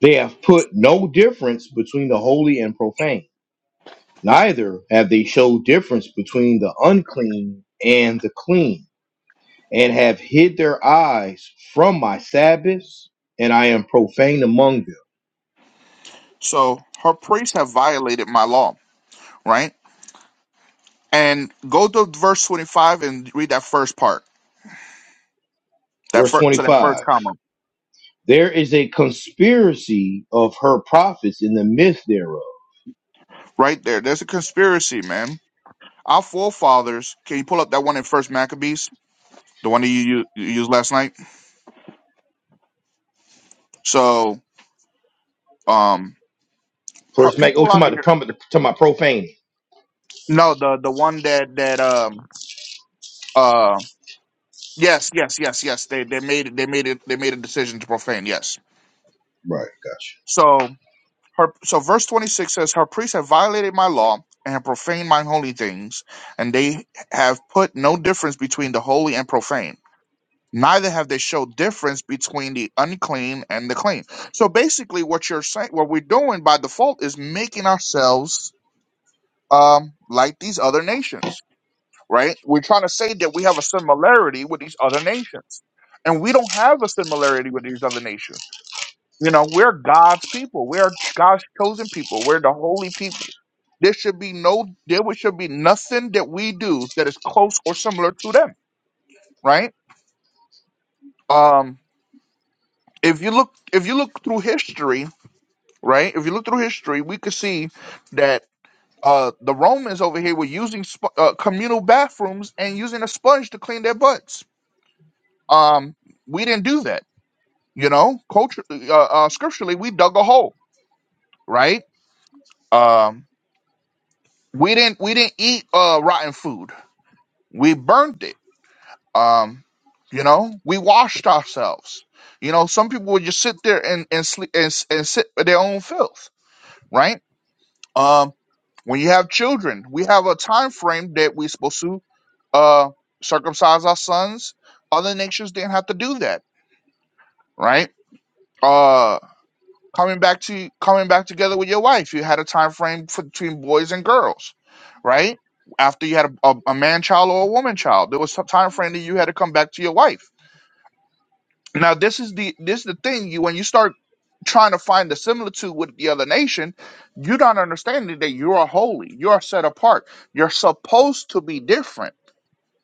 A: They have put no difference between the holy and profane, neither have they showed difference between the unclean and the clean and have hid their eyes from my Sabbaths, and I am profane among them.
B: So her priests have violated my law, right? And go to verse 25 and read that first part, that
A: Verse
B: first to that first
A: 25
B: comma
A: There is a conspiracy of her prophets in the midst thereof.
B: right there. There's a conspiracy, man. Our forefathers. Can you pull up that one in First Maccabees, the one that you, u- you used last night? So, um, pro-
A: First Mac, oh,
B: people
A: to
B: out
A: my,
B: here.
A: to my profaning.
B: No, the the one that that um uh yes yes yes yes they they made it they made it they made a decision to profane yes.
A: Right, gotcha.
B: So Her, so verse 26 says, Her priests have violated my law and have profaned mine holy things, and they have put no difference between the holy and profane. Neither have they showed difference between the unclean and the clean. So basically, what you're saying, what we're doing by default is making ourselves um, like these other nations, right? We're trying to say that we have a similarity with these other nations. And we don't have a similarity with these other nations. You know, we're God's people. We're God's chosen people. We're the holy people there should be no, there would- should be nothing that we do that is close or similar to them, right? Um, if you look, if you look through history, right? If you look through history, we could see that uh, the Romans over here were using sp- uh, communal bathrooms and using a sponge to clean their butts. Um, we didn't do that, you know. Culture, uh, uh, scripturally, we dug a hole, right? Um, we didn't, we didn't eat uh, rotten food. We burned it Um, you know, we washed ourselves. You know, some people would just sit there and and sleep and, s- and sit with their own filth, right? Um, when you have children, we have a time frame that we're supposed to uh circumcise our sons. Other nations didn't have to do that, right? Uh, coming back to coming back together with your wife, you had a time frame for, between boys and girls, right? After you had a, a, a man child or a woman child, there was a time frame that you had to come back to your wife Now this is the this is the thing you when you start trying to find the similitude with the other nation, you're not understanding that you are holy, you are set apart, you're supposed to be different,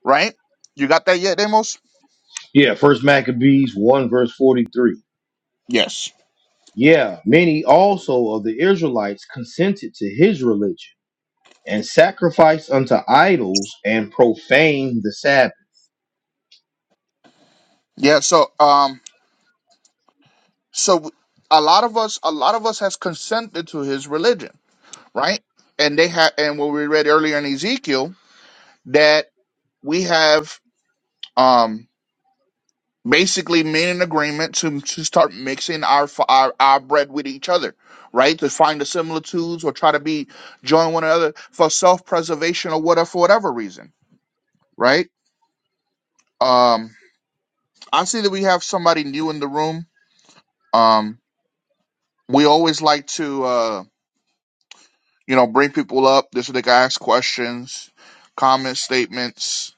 B: right? You got that yet, Demos?
A: Yeah, First Maccabees 1, verse 43.
B: Yes.
A: Yeah, many also of the Israelites consented to his religion and sacrificed unto idols and profaned the Sabbath.
B: Yeah. So um, so a lot of us, a lot of us has consented to his religion, right? And they have, and what we read earlier in Ezekiel that we have. Um, basically made an agreement to, to start mixing our, f- our our bread with each other, right? To find the similitudes or try to be join one another for self preservation or whatever for whatever reason, right? Um, I see that we have somebody new in the room. Um, we always like to uh, you know bring people up. This way they can ask questions, comment statements.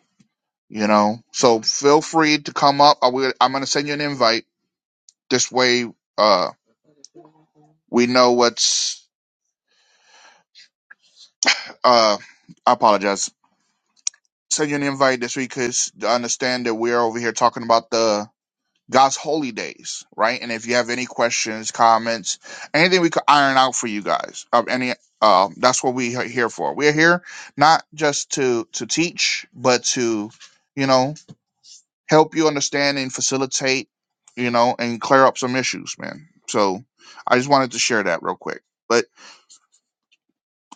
B: You know, so feel free to come up. I will, I'm going to send you an invite. This way, uh, we know what's Uh, I apologize. Send you an invite this week because understand that we're over here talking about the God's holy days, right? And if you have any questions, comments, anything we could iron out for you guys, of any, uh, that's what we are here for. We're here not just to to teach, but to, you know, help you understand and facilitate, you know, and clear up some issues, man. So I just wanted to share that real quick. But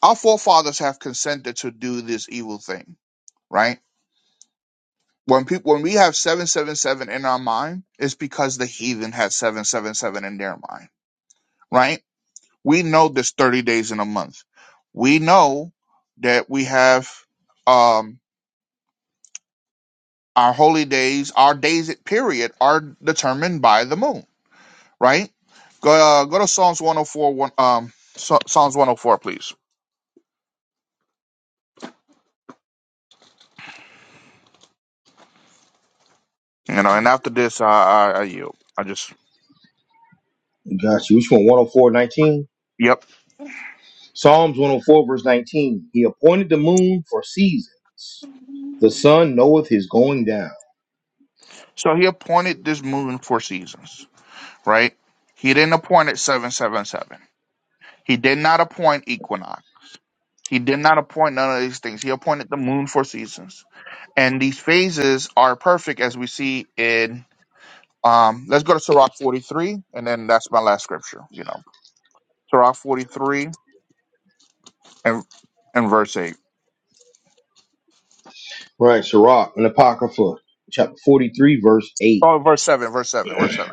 B: our forefathers have consented to do this evil thing, right? When people when we have seven seven seven in our mind, it's because the heathen had seven seven seven in their mind, right? We know there's thirty days in a month. We know that we have um our holy days, our days period are determined by the moon, right? Go uh, go to Psalms 104 one um Psa- Psalms 104 please. You know, and after this I I, I yield. I just
A: Gotcha. Which one? One hundred four, nineteen.
B: yep.
A: Psalms 104, verse 19. He appointed the moon for seasons. The sun knoweth his going down.
B: So he appointed this moon for seasons, right? He didn't appoint it 777. He did not appoint equinox. He did not appoint none of these things. He appointed the moon for seasons. And these phases are perfect as we see in um let's go to Sirach 43 and then that's my last scripture, you know. Sirach 43 and and verse 8.
A: Right, Sirach, an Apocrypha, chapter 43, verse 8,
B: Oh, verse 7, verse 7, verse 7.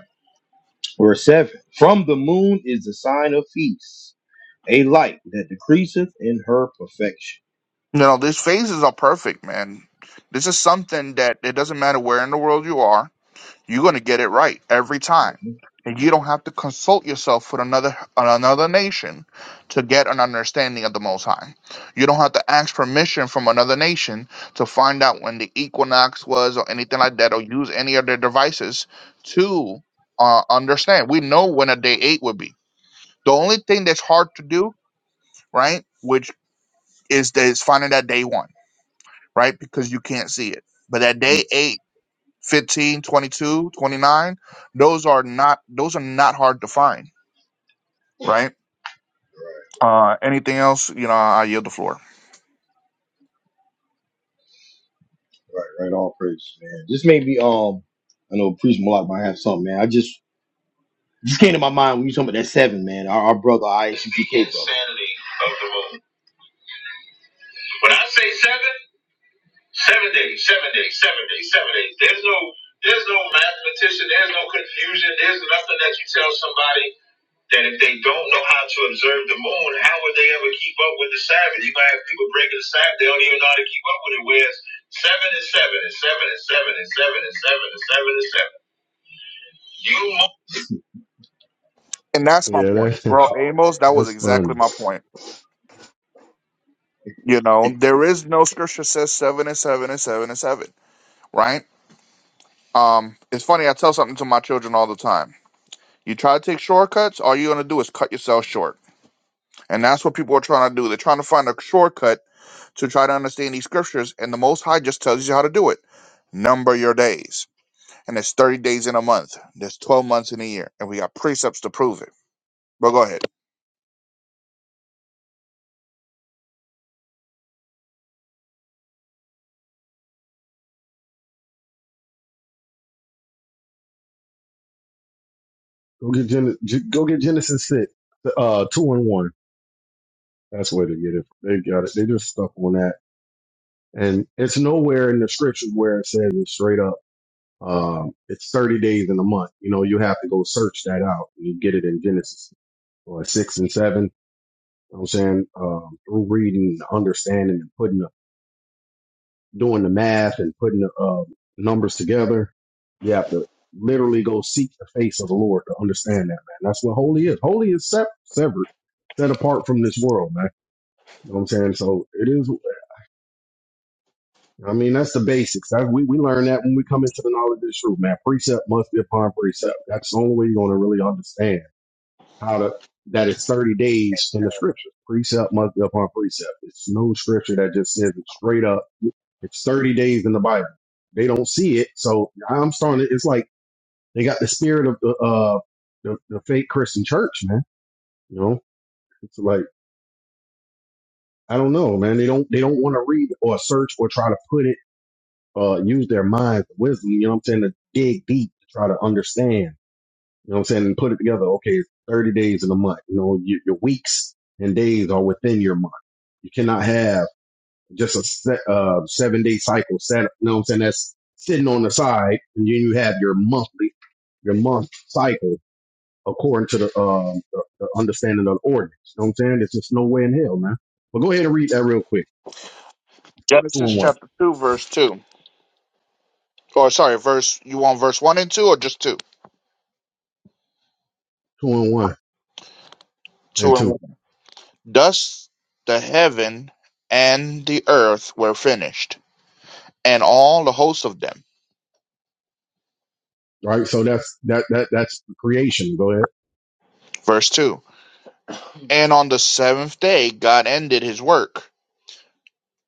A: verse 7. From the moon is the sign of peace, a light that decreaseth in her perfection.
B: No, no, these phases are perfect, man. This is something that it doesn't matter where in the world you are. You're going to get it right every time.
A: Mm,
B: And you don't have to consult yourself with another another nation to get an understanding of the Most High. You don't have to ask permission from another nation to find out when the equinox was or anything like that, or use any of their devices to uh, understand. We know when a day eight would be. The only thing that's hard to do, right, which is that is finding that day one, right, because you can't see it. But that day eight 15, 22, 29. those are not those are not hard to find, right? Uh, anything else, you know, I yield the floor.
A: Right, right, all praise, man. This may be, um, I know Priest Malak might have something, man. I just, just came to my mind when you talking about that seven, man. Our, our brother, ICPK. brother. Insanity of the moon. When I say seven. Seven days, seven days, seven days, seven days. There's no there's no mathematician, there's no confusion, there's nothing that you tell somebody that if they don't know how to observe the moon, how would they ever keep up with the Sabbath? You might have people breaking the Sabbath, they don't even know how to keep up with it. Whereas seven and seven and seven and seven and seven and seven and seven and seven. You must
B: And that's my
C: Yeah,
B: point,
C: that,
B: bro.
A: Oh,
B: Amos,
C: (laughs)
B: that was
C: that's
B: exactly
C: funny.
B: my point. You know, there is no scripture says seven and seven and seven and seven, right? Um, it's funny. I tell something to my children all the time. You try to take shortcuts, all you're gonna do is cut yourself short, and that's what people are trying to do. They're trying to find a shortcut to try to understand these scriptures, and the Most High just tells you how to do it. Number your days and there's 30 days in a month. There's 12 months in a year, and we got precepts to prove it. But go ahead.
C: Go get Gen- G- go get Genesis six, uh, two and one. That's the way to get it. They got it. They just stuck on that, and it's nowhere in the scriptures where it says it straight up. Um, it's thirty days in a month. You know, you have to go search that out. and You get it in Genesis or six and seven You know what I'm saying? Um, through reading, understanding, and putting the, doing the math and putting the uh, numbers together, you have to literally go seek the face of the Lord to understand that, man. That's what holy is. Holy is sep- severed, set apart from this world, man. You know what I'm saying? So it is, I mean, that's the basics. That, we, we learn that when we come into the knowledge of the truth, man. Precept must be upon precept. That's the only way you're going to really understand. how to that it's 30 days in the scripture. Precept must be upon precept. It's no scripture that just says it straight up. It's 30 days in the Bible. They don't see it. So I'm starting to, it's like they got the spirit of the uh the, the fake Christian church, man. You know? It's like, I don't know, man. They don't they don't want to read or search or try to put it, uh use their minds, wisdom, you know what I'm saying, to dig deep to try to understand. You know what I'm saying? And put it together. Okay, 30 days in a month. You know, your, your weeks and days are within your month. You cannot have just a set, uh, seven day cycle set. up. You know what I'm saying? That's sitting on the side, and then you have your monthly, your month cycle according to the, um, the, the understanding of the ordinance. You know what I'm saying? There's just no way in hell, man. But go ahead and read that real quick. Two
B: Genesis
C: and one,
B: chapter 2, verse 2. Or sorry, verse, you want verse 1 and 2 or just 2?
C: two and one, and
B: 2 and
C: two.
B: 1. Thus the heaven and the earth were finished, and all the hosts of them.
C: Right. So that's that that that's the creation. Go ahead,
B: Verse 2. And on the seventh day, God ended his work,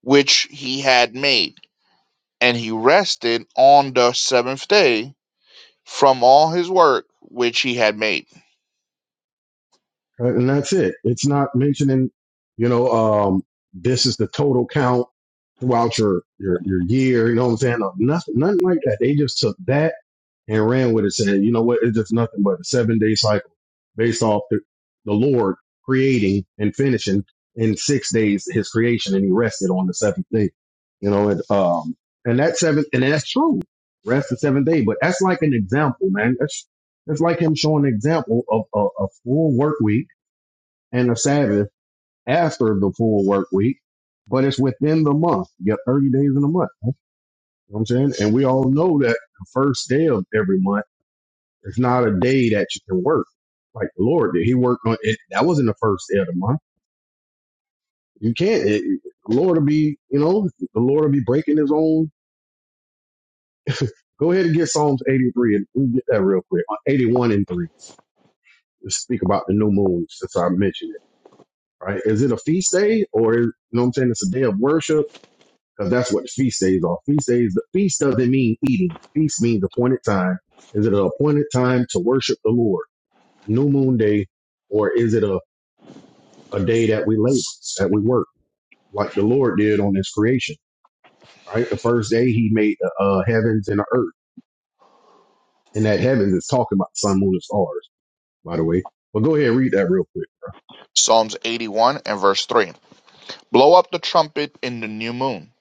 B: which he had made, and he rested on the seventh day from all his work which he had made.
C: and that's it. It's not mentioning. Um, this is the total count throughout your your, your year. You know what I'm saying? Uh, nothing, nothing like that. They just took that and ran with it, saying, you know what? It's just nothing but a seven day cycle based off the, the Lord creating and finishing in six days His creation, and He rested on the seventh day. You know, and um, and that seventh, and that's true. Rest the seventh day, but that's like an example, man. That's that's like him showing an example of a, a full work week and a Sabbath after the full work week, but it's within the month. You got 30 days in a month. You know what I'm saying? And we all know that the first day of every month is not a day that you can work. Like the Lord did. He worked on it. That wasn't the first day of the month. You can't. It, the Lord will be, you know, the Lord will be breaking his own. Go ahead and get Psalms 83 and we'll get that real quick. Uh, 81 and 3. Let's speak about the new moon since I mentioned it, right? Is it a feast day or, you know what I'm saying? It's a day of worship because that's what feast days are. Feast days, the feast doesn't mean eating. Feast means appointed time. Is it an appointed time to worship the Lord? New moon day, or is it a, a day that we labor, that we work, like the Lord did on his creation, right? The first day he made the uh, heavens and the earth. And that heavens is talking about the sun, moon, and stars, by the way. But go ahead and read that real quick.
B: Psalms 81 and verse 3. Blow up the trumpet in the new moon,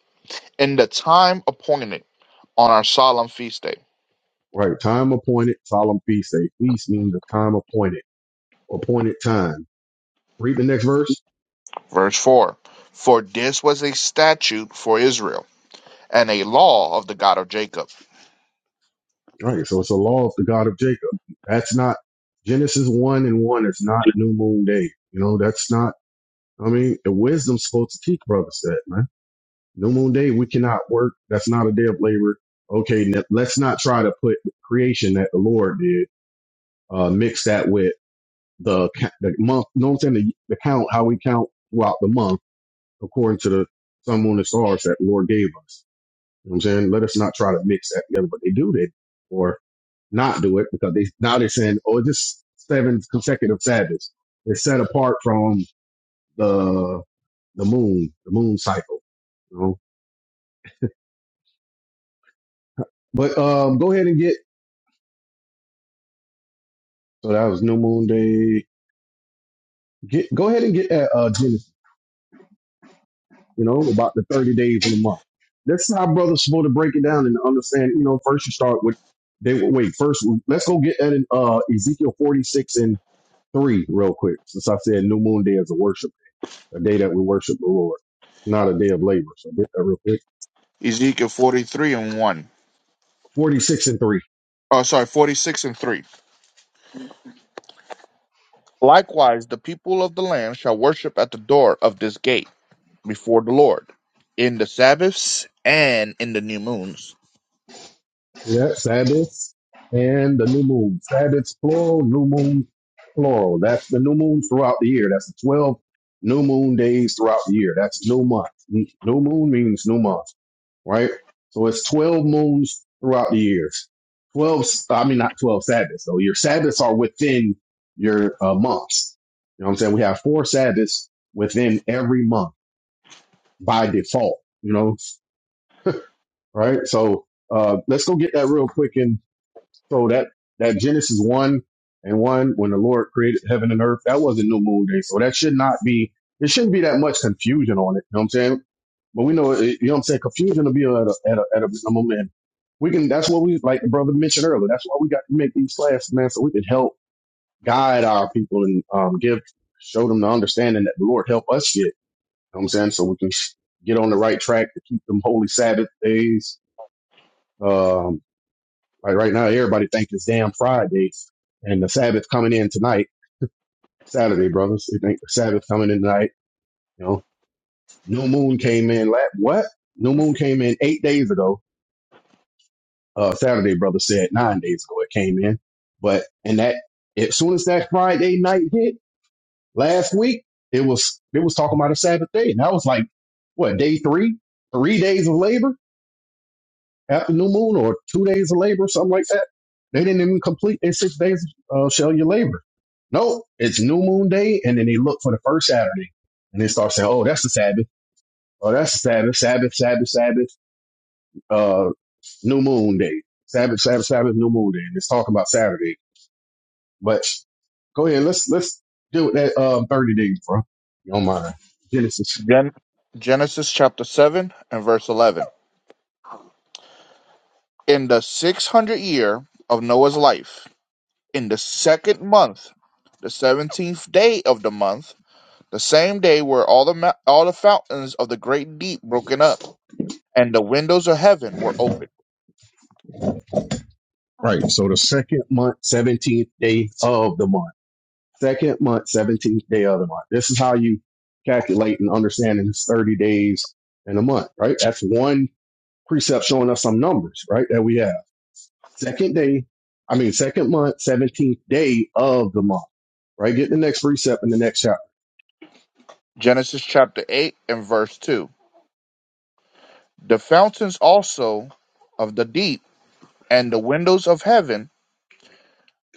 B: in the time appointed on our solemn feast day.
C: Right. Time appointed, solemn feast day. Feast means a time appointed, appointed time. Read the next verse.
B: Verse 4. For this was a statute for Israel and a law of the God of Jacob.
C: Right. So it's a law of the God of Jacob. That's not Genesis one and one. It's not New Moon Day. You know, that's not. I mean, the wisdom's supposed to teach brothers that, man. New Moon Day, we cannot work. That's not a day of labor. Okay, n- let's not try to put creation that the Lord did, uh, mix that with the ca- the month. You know what I'm saying? The, the count, how we count throughout the month, according to the sun, moon, and stars that the Lord gave us. You know what I'm saying? Let us not try to mix that together, but they do that. or. not do it because they now they're saying, oh, just seven consecutive Sabbaths. They're set apart from the the moon, the moon cycle. You know? But um, go ahead and get so that was New Moon Day. Get go ahead and get that uh, Genesis. You know about the thirty days in the month. That's how brothers supposed to break it down and understand. You know, first you start with they wait first. Let's go get that in uh, Ezekiel forty six and three real quick. Since I said New Moon Day is a worship, a day that we worship the Lord, not a day of labor. So get that real quick.
B: Ezekiel 43 and 1.
C: 46 and 3.
B: Oh, sorry, 46 and 3. Likewise, the people of the land shall worship at the door of this gate before the Lord in the Sabbaths and in the new moons.
C: Yeah, Sabbaths and the new moon. Sabbaths plural, new moon plural. That's the new moon throughout the year. That's the 12 new moon days throughout the year. That's new month. N- New moon means new month, right? So it's 12 moons throughout the years. 12. s- I mean, not 12 Sabbaths. So your Sabbaths are within your uh, months. You know what I'm saying? We have four Sabbaths within every month by default, you know, right? So uh, let's go get that real quick So that that Genesis one and one, when the Lord created heaven and earth, that wasn't new moon day. So that should not be. It shouldn't be that much confusion on it. You know what I'm saying? But we know, it, you know what I'm saying. Confusion will be at a at a, at a minimum, and we can. That's what we like. The brother mentioned earlier. That's why we got to make these classes, man, so we can help guide our people and um give show them the understanding that the Lord help us get. You know what I'm saying? So we can get on the right track to keep them holy Sabbath days. um, like right now, everybody think it's damn Friday, and the Sabbath coming in tonight, Saturday, brothers. They think the Sabbath coming in tonight. You know, new moon came in. What? New moon came in eight days ago. Uh, Saturday, brother said nine days ago it came in. But and that as soon as that Friday night hit last week, it was it was talking about a Sabbath day, and that was like what day three, three days of labor after new moon, or two days of labor, something like that. They didn't even complete their six days of uh, shall your labor. Nope, it's new moon day, and then they look for the first Saturday, and they start saying, "Oh, that's the Sabbath. Oh, that's the Sabbath. Sabbath, Sabbath, Sabbath. Uh, new moon day. Sabbath, Sabbath, Sabbath. New moon day." And it's talking about Saturday. But go ahead, let's let's deal with that uh, thirty days, bro. You don't mind Genesis,
B: Gen- Genesis chapter 7 and verse 11. In the six hundred year of Noah's life, in the second month, the seventeenth day of the month, the same day were all the mou- all the fountains of the great deep broken up, and the windows of heaven were opened.
C: right? So the second month, seventeenth day of the month. Second month, seventeenth day of the month. This is how you calculate and understand in thirty days in a month, right? That's one precept showing us some numbers, right? That we have. Second day, I mean, second month, 17th day of the month, right? Get the next precept in the next chapter.
B: Genesis chapter eight and verse two. The fountains also of the deep and the windows of heaven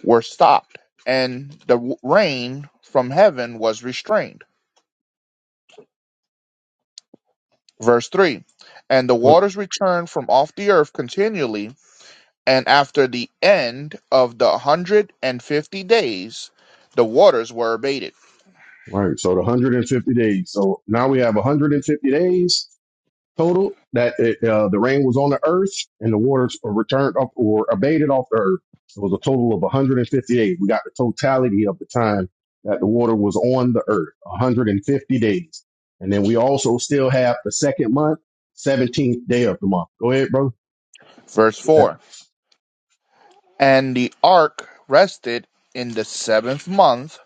B: were stopped, and the w- rain from heaven was restrained. Verse three. And the
C: What?
B: waters returned from off the earth continually And after the end of the hundred and fifty days, the waters were abated.
C: Right. So the 150 days. So now we have 150 days total that it, uh, the rain was on the earth and the waters were returned up or abated off the earth. So It was a total of 150 days. We got the totality of the time that the water was on the earth, 150 days. And then we also still have the second month, 17th day of the month. Go ahead, bro.
B: Verse 4 And the ark rested in the seventh month,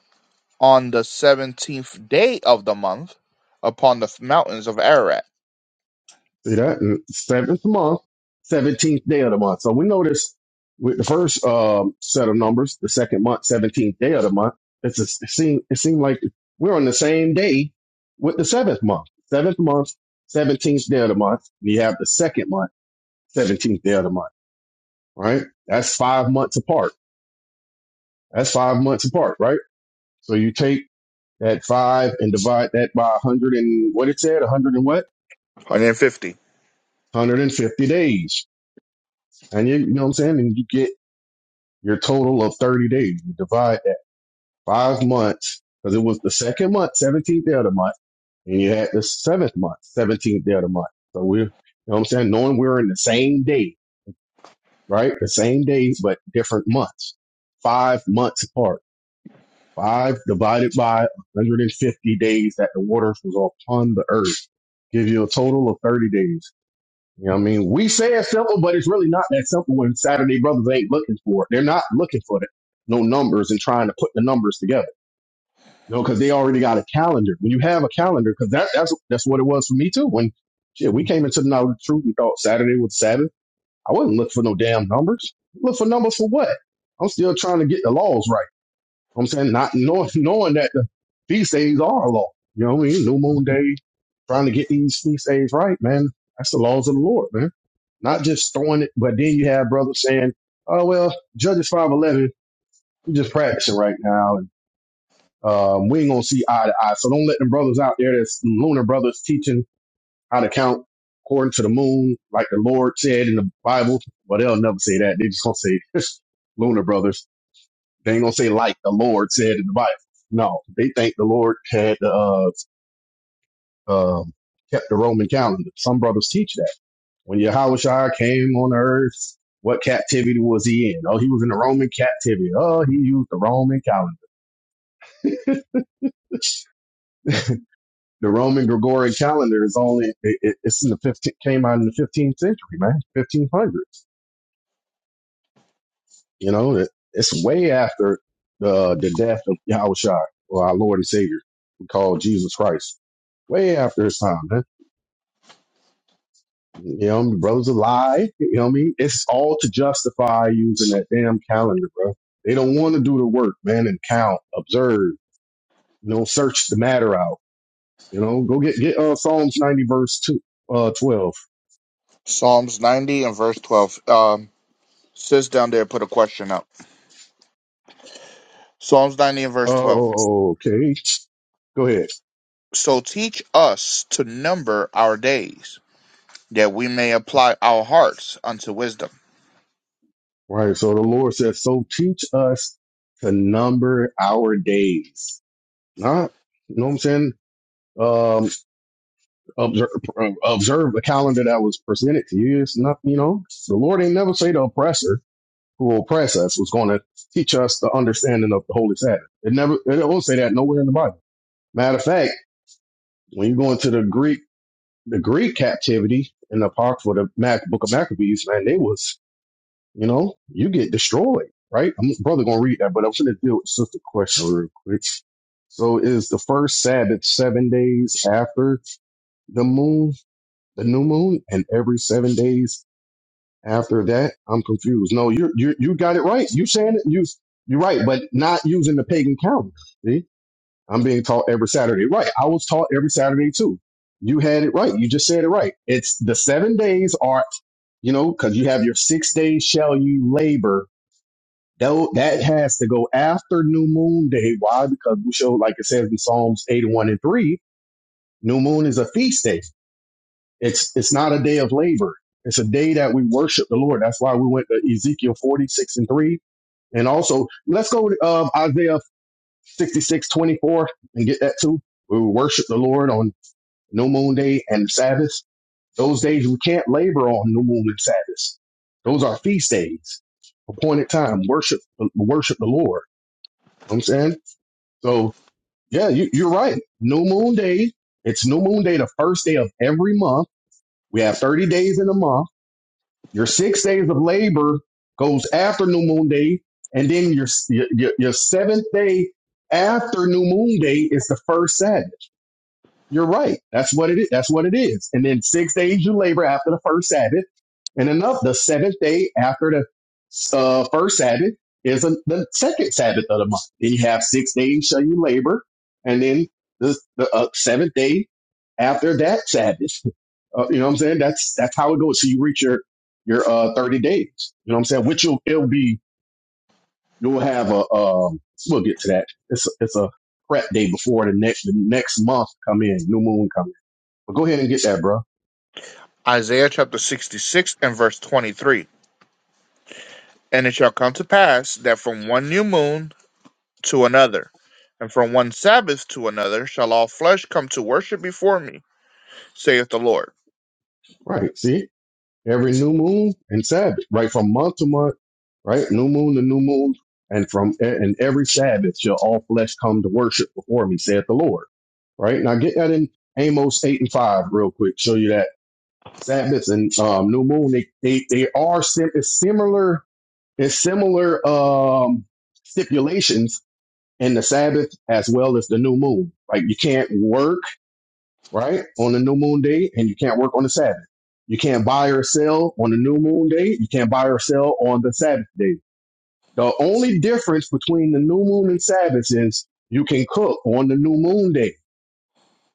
B: on the seventeenth day of the month, upon the mountains of Ararat.
C: See that Mm, seventh month, seventeenth day of the month. So we notice with the first um, set of numbers, the second month, seventeenth day of the month. It's a, it seemed it seemed like we're on the same day with the seventh month, seventh month, seventeenth day of the month. And you have the second month, seventeenth day of the month. Right? That's five months apart. That's five months apart. Right? So you take that five and divide that by one hundred and what it said, one hundred and what,
B: one Hundred and fifty.
C: one hundred and fifty days, and you, you know what I'm saying, and you get Your total of 30 days. You divide that five months because it was the second month, 17th day of the month, and you had the seventh month, 17th day of the month. So we're, you know what I'm saying? Knowing we're in the same day, right? The same days, but different months, five months apart. Five divided by 150 days that the waters was upon the earth gives you a total of 30 days. You know what I mean? We say it's simple, but it's really not that simple when Saturday brothers ain't looking for it. They're not looking for it, no numbers and trying to put the numbers together. You know, because they already got a calendar. When you have a calendar, because that, that's that's what it was for me too. When shit, we came into the knowledge of the truth, we thought Saturday was Sabbath. I wasn't looking for no damn numbers. Look for numbers for what? I'm still trying to get the laws right. You know what I'm saying not knowing (laughs) knowing that the feast days are a law. You know what I mean? New moon day, trying to get these feast days right, man. That's the laws of the Lord, man not just throwing it, but then you have brothers saying, "Oh well, Judges five eleven, we just practicing right now, and um, we ain't gonna see eye to eye." So don't let them brothers out there that's lunar brothers teaching how to count according to the moon, like the Lord said in the Bible. Well, they'll never say that. They just gonna say (laughs) lunar brothers. They ain't gonna say like the Lord said in the Bible. No, they think the Lord had uh, um kept the Roman calendar. Some brothers teach that When Yahushua came on earth, what captivity was he in? Oh, he was in the Roman captivity. Oh, he used the Roman calendar. The Roman Gregorian calendar is only it, it- it's in the 15 came out in the 15th century, man, 1500. You know, it, it's way after the the death of Yahushua, or our Lord and Savior, we call Jesus Christ. Way after his time, man. You know, what I mean? brothers lie. You know what I mean? It's all to justify using that damn calendar, bro. They don't want to do the work, man, and count, observe. You know, search the matter out. You know, go get get uh, Psalms ninety verse two uh twelve.
B: Psalms ninety and verse twelve. Um, sis down there put a question up. Psalms ninety and
C: Oh,
B: verse twelve.
C: oh, oh, okay. Go ahead.
B: So teach us to number our days, that we may apply our hearts unto wisdom.
C: All Right. So the Lord says, so teach us to number our days. Not, you know what I'm saying? Um, observe, observe the calendar that was presented to you. It's not, you know, the Lord ain't never say the oppressor who oppress us was going to teach us the understanding of the Holy Sabbath. It never, it don't say that nowhere in the Bible. Matter of fact, when you go into the Greek the Greek captivity in the Apocrypha, the Mac, Book of Maccabees, man, they was, you know, you get destroyed, right? I'm brother gonna read that, but I'm gonna deal with just a question real quick. So is the first Sabbath seven days after the moon, the new moon, and every seven days after that? I'm confused. No, you you you got it right. You saying it you you right, but not using the pagan calendar. See? I'm being taught every Saturday. Right. I was taught every Saturday too. You had it right. You just said it right. It's the seven days are, you know, because you have your six days shall you labor. Tho- That has to go after New Moon Day. Why? Because we show, like it says in Psalms 81 and 3, New Moon is a feast day. It's it's not a day of labor. It's a day that we worship the Lord. That's why we went to Ezekiel 46 and 3. And also, let's go to um, Isaiah 66 24 and get that too. We will worship the Lord on new moon day and Sabbath. Those days we can't labor on new moon and Sabbath. Those are feast days, appointed time, worship, worship the Lord. You know what I'm saying? So yeah, you, you're right. New moon day. It's new moon day, the first day of every month. We have 30 days in a month. Your six days of labor goes after new moon day. And then your, your, your your seventh day after new moon day is the first Sabbath. You're right. That's what it is. That's what it is. And then six days you labor after the first Sabbath, and enough the seventh day after the uh, first Sabbath is a, the second Sabbath of the month. Then you have six days shall you labor, and then the, the uh, seventh day after that Sabbath. Uh, you know what I'm saying? That's that's how it goes. So you reach your your uh, 30 days. You know what I'm saying? Which will it'll be you'll have a um, we'll get to that. It's a, it's a prep day before the next the next month come in, new moon come. in. But go ahead and get that, bro.
B: Isaiah chapter 66 and verse 23. And it shall come to pass that from one new moon to another, and from one Sabbath to another, shall all flesh come to worship before me, saith the Lord.
C: Right. See? Every new moon and Sabbath, right? From month to month, right? New moon to new moon. And from and Sabbath shall all flesh come to worship before me, saith the Lord. Right? Now get that in Amos eight and five real quick. Show you that Sabbaths and um, new moon, they they, they are sim- it's similar it's similar um stipulations in the Sabbath as well as the new moon. Like you can't work right? On the new moon day, and you can't work on the Sabbath. You can't buy or sell on the new moon day. You can't buy or sell on the Sabbath day. The only difference between the new moon and Sabbath is you can cook on the new moon day.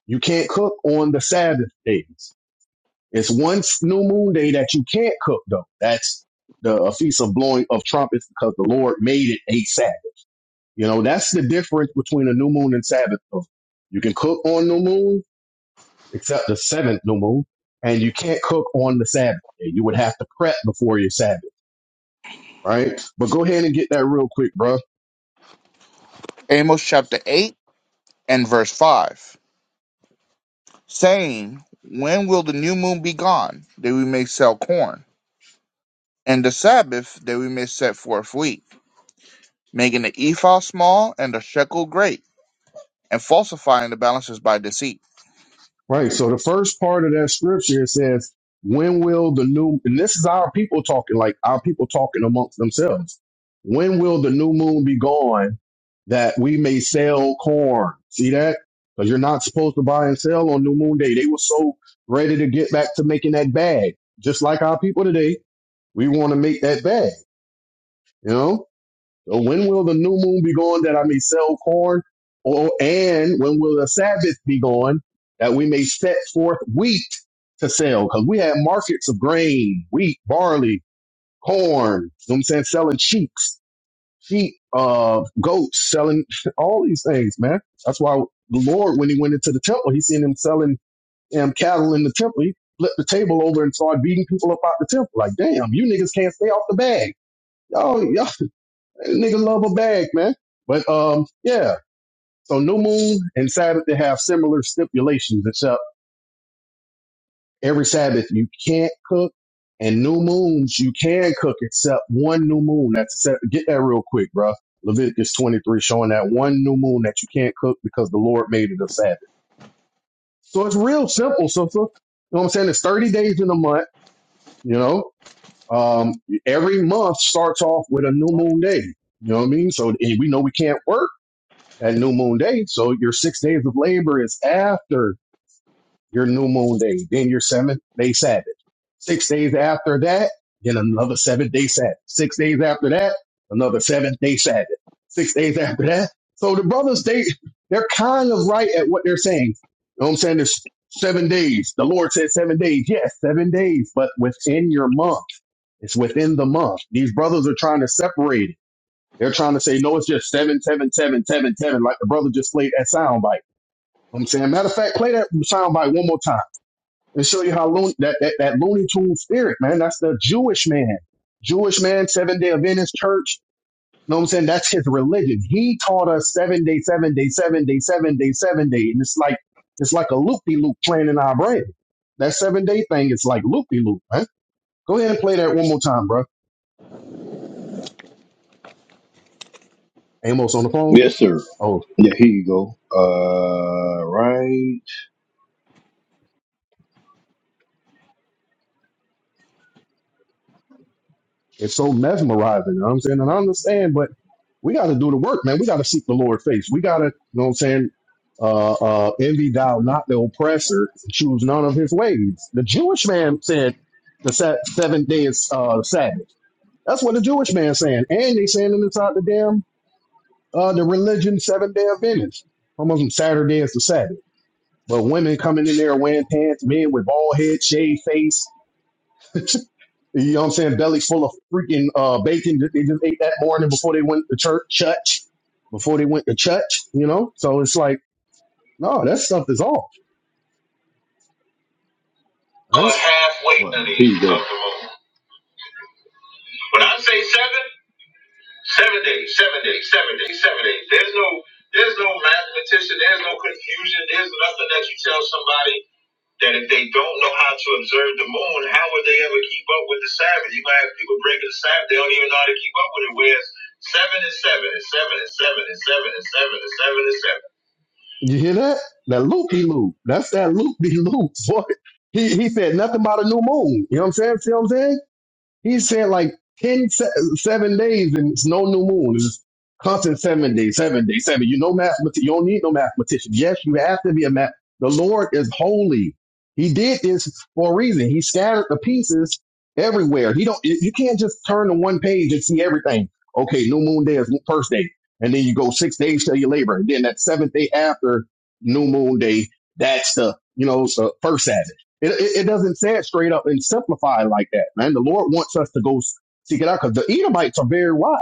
C: You can't cook on the Sabbath days. It's one new moon day that you can't cook though. That's the a feast of blowing of trumpets because the Lord made it a Sabbath. You know, that's the difference between a new moon and Sabbath. You can cook on new moon except the seventh new moon, and you can't cook on the Sabbath. day. You would have to prep before your Sabbath, right? But go ahead and get that real quick, bro.
B: Amos chapter 8 and verse 5. Saying, When will the new moon be gone, that we may sell corn, and the Sabbath, that we may set forth wheat? making the ephah small and the shekel great, and falsifying the balances by deceit.
C: Right. So the first part of that scripture says, "When will the new?" And this is our people talking, like our people talking amongst themselves. When will the new moon be gone that we may sell corn? See that? Because you're not supposed to buy and sell on new moon day. They were so ready to get back to making that bag, just like our people today. We want to make that bag, you know. So when will the new moon be gone that I may sell corn? Or and when will the Sabbath be gone that we may set forth wheat to sell? Because we have markets of grain, wheat, barley, corn. You know what I'm saying? Selling sheeps, sheep, uh, goats, selling (laughs) all these things, man. That's why the Lord, when he went into the temple, he seen them selling damn cattle in the temple. He flipped the table over and started beating people up out the temple. Like, damn, you niggas can't stay off the bag. y'all. y'all, nigga love a bag, man. But um, yeah. So new moon and Sabbath they have similar stipulations, except every Sabbath you can't cook, and new moons you can cook, except one new moon. That's get that real quick, bro. Leviticus 23 showing that one new moon that you can't cook because the Lord made it a Sabbath. So it's real simple. So, so you know what I'm saying? It's 30 days in a month. You know, um, every month starts off with a new moon day. You know what I mean? So and we know we can't work at new moon day. So your six days of labor is after your new moon day, then your seventh day Sabbath. Six days after that, then another seventh day Sabbath. Six days after that, another seventh day Sabbath. Six days after that. So the brothers, they, they're kind of right at what they're saying. You know what I'm saying? There's seven days. The Lord said seven days. Yes, seven days, but within your month. It's within the month. These brothers are trying to separate it. They're trying to say, no, it's just seven, seven, seven, seven, seven, like the brother just played that soundbite. You know what I'm saying, matter of fact, play that soundbite one more time and show you how loon, that, that, that Looney Tune spirit, man. That's the Jewish man. Jewish man, seven day Adventist church. You know what I'm saying? That's his religion. He taught us seven day, seven day, seven day, seven day, seven day. And it's like, it's like a loop de loop playing in our brain. That seven day thing is like loop de loop, man. Go ahead and play that one more time, bro. Amos on the phone.
A: yes, sir.
C: Oh,
A: Yeah, here you go. Uh, right.
C: it's so mesmerizing. You know what I'm saying? And I understand, but we got to do the work, man. We got to seek the Lord face. We got to, you know what I'm saying? Uh, uh, envy thou not the oppressor, choose none of his ways. The Jewish man said the sa- seventh day is, uh, Sabbath. That's what the Jewish man saying. And they saying it inside the damn, uh, the religion seventh day of Venice. Almost Saturday is the Sabbath. But women coming in there wearing pants, men with bald head, shaved face. (laughs) You know what I'm saying? Bellies full of freaking uh, bacon that they just ate that morning before they went to church, church, before they went to church, you know? So it's like, no, that stuff is off,
A: know
C: right?
A: a halfway Well, journey here you of go. of the moon. When I say seven. Seven days, seven days, seven days, seven days. There's no there's no mathematician, there's no confusion, there's nothing that you tell somebody that if they don't know how to observe the moon, how would they ever keep up with the Sabbath? You might have people breaking the Sabbath, they don't even know how to keep up with it. Whereas seven is seven and seven and seven and seven and seven and seven and seven.
C: You hear that? That loop de loop. That's that loop de loop. (laughs) Boy, he, he said nothing about a new moon. You know what I'm saying? See what I'm saying? He said like 10, se- seven days and it's no new moon. It's constant seven days, seven days, seven. You no mathematician. You don't need no mathematician. Yes, you have to be a math. The Lord is holy. He did this for a reason. He scattered the pieces everywhere. He don't. You you can't just turn to one page and see everything. Okay, new moon day is first day, and then you go six days till your labor, and then that seventh day after new moon day, that's the you know it's the first Sabbath. It, it, it doesn't say it straight up and simplify it like that, man. The Lord wants us to go seek it out because the Edomites are very wise.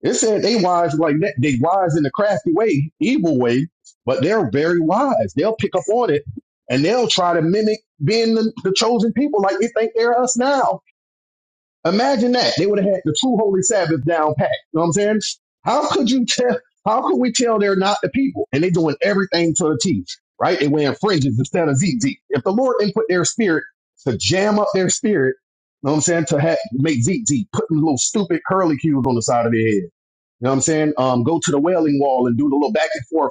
C: It said they wise like that. They wise in a crafty way, evil way, but they're very wise. They'll pick up on it and they'll try to mimic being the, the chosen people like they think they're us now. Imagine that. They would have had the true holy Sabbath down pat. You know what I'm saying? How could you tell? How could we tell they're not the people? And they're doing everything to the teeth, right? They wearing fringes instead of ZZ. If the Lord didn't put their spirit to jam up their spirit, you know what I'm saying, to ha- make ZZ, putting little stupid curly cubes on the side of their head. You know what I'm saying? Um, go to the wailing wall and do the little back and forth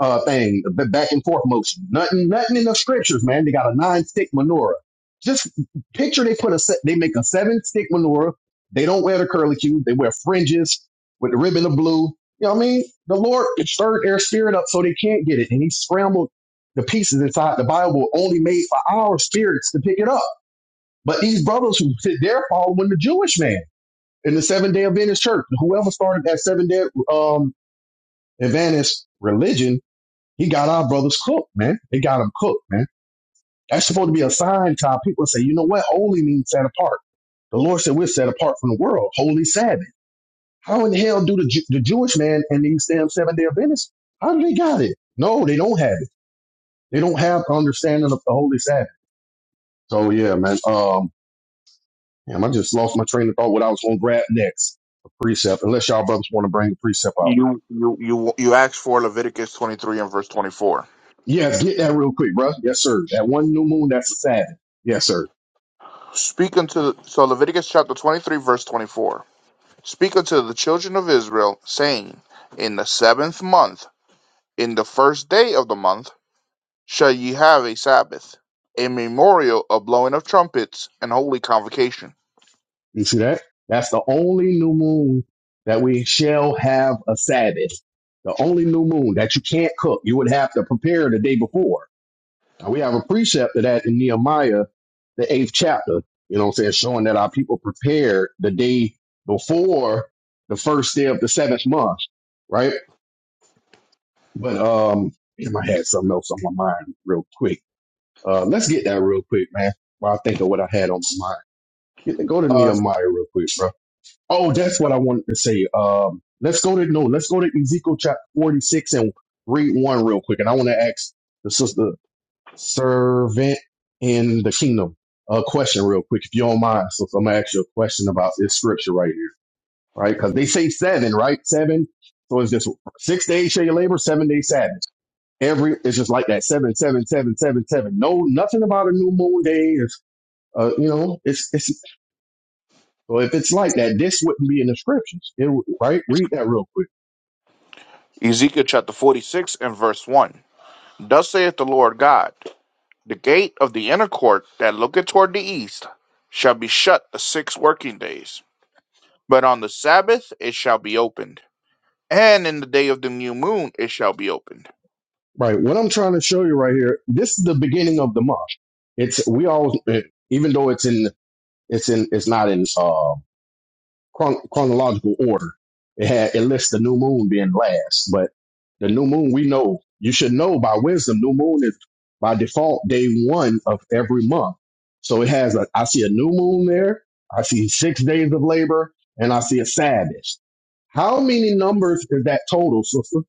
C: uh thing, the back and forth motion. Nothing, nothing in the scriptures, man. They got a nine stick menorah. Just picture they put a se- they make a seven stick menorah. They don't wear the curlicue. They wear fringes with the ribbon of blue. You know what I mean? The Lord stirred their spirit up so they can't get it, and He scrambled the pieces inside the Bible, only made for our spirits to pick it up. But these brothers who sit there following the Jewish man in the Seven Day Adventist Church, whoever started that Seven Day um, Adventist religion he got our brothers cooked, man. They got them cooked, man. That's supposed to be a sign to our people to say, you know what? Holy means set apart. The Lord said we're set apart from the world. Holy Sabbath. How in the hell do the, Ju- the Jewish man and these damn seven day Adventists, how do they got it? No, they don't have it. They don't have understanding of the Holy Sabbath. So yeah, man. Um, damn, I just lost my train of thought what I was going to grab next. A precept, unless y'all brothers want to bring the precept out.
B: You you you you asked for Leviticus twenty three and verse twenty four.
C: Yes, get that real quick, bro. Yes, sir. That one new moon, that's a Sabbath. Yes, sir.
B: Speak unto so Leviticus chapter twenty three verse twenty four. Speak unto the children of Israel, saying, In the seventh month, in the first day of the month, shall ye have a Sabbath, a memorial of blowing of trumpets and holy convocation.
C: You see that? That's the only new moon that we shall have a Sabbath. The only new moon that you can't cook. You would have to prepare the day before. Now we have a precept of that in Nehemiah, the eighth chapter. You know what I'm saying? Showing that our people prepared the day before the first day of the seventh month, right? But um damn, I had something else on my mind real quick. Uh let's get that real quick, man. While I think of what I had on my mind. Get- Go to
B: Uh,
C: Nehemiah real quick, bro. Oh, that's what I wanted to say. Um, let's go to no, let's go to Ezekiel chapter forty six and read one real quick. And I want to ask the sister servant in the kingdom a question real quick, if you don't mind. So, so I'm gonna ask you a question about this scripture right here, right? Because they say seven, right? Seven. So it's just six days shall you labor, seven days Sabbath. Every it's just like that. Seven, seven, seven, seven, seven. No, nothing about a new moon day. It's, uh, you know, it's it's. So if it's like that, this wouldn't be in the scriptures. It would- right? Read that real quick.
B: Ezekiel chapter forty six and verse one. Thus saith the Lord God. The gate of the inner court that looketh toward the east shall be shut the six working days, but on the Sabbath it shall be opened, and in the day of the new moon it shall be opened.
C: Right. What I'm trying to show you right here, this is the beginning of the month. It's we always even though it's in it's in it's not in uh, chron- chronological order. It had it lists the new moon being last, but The new moon, we know, you should know by wisdom, new moon is by default day one of every month. So it has, a, I see a new moon there, I see six days of labor, and I see a Sabbath. How many numbers is that total, sister?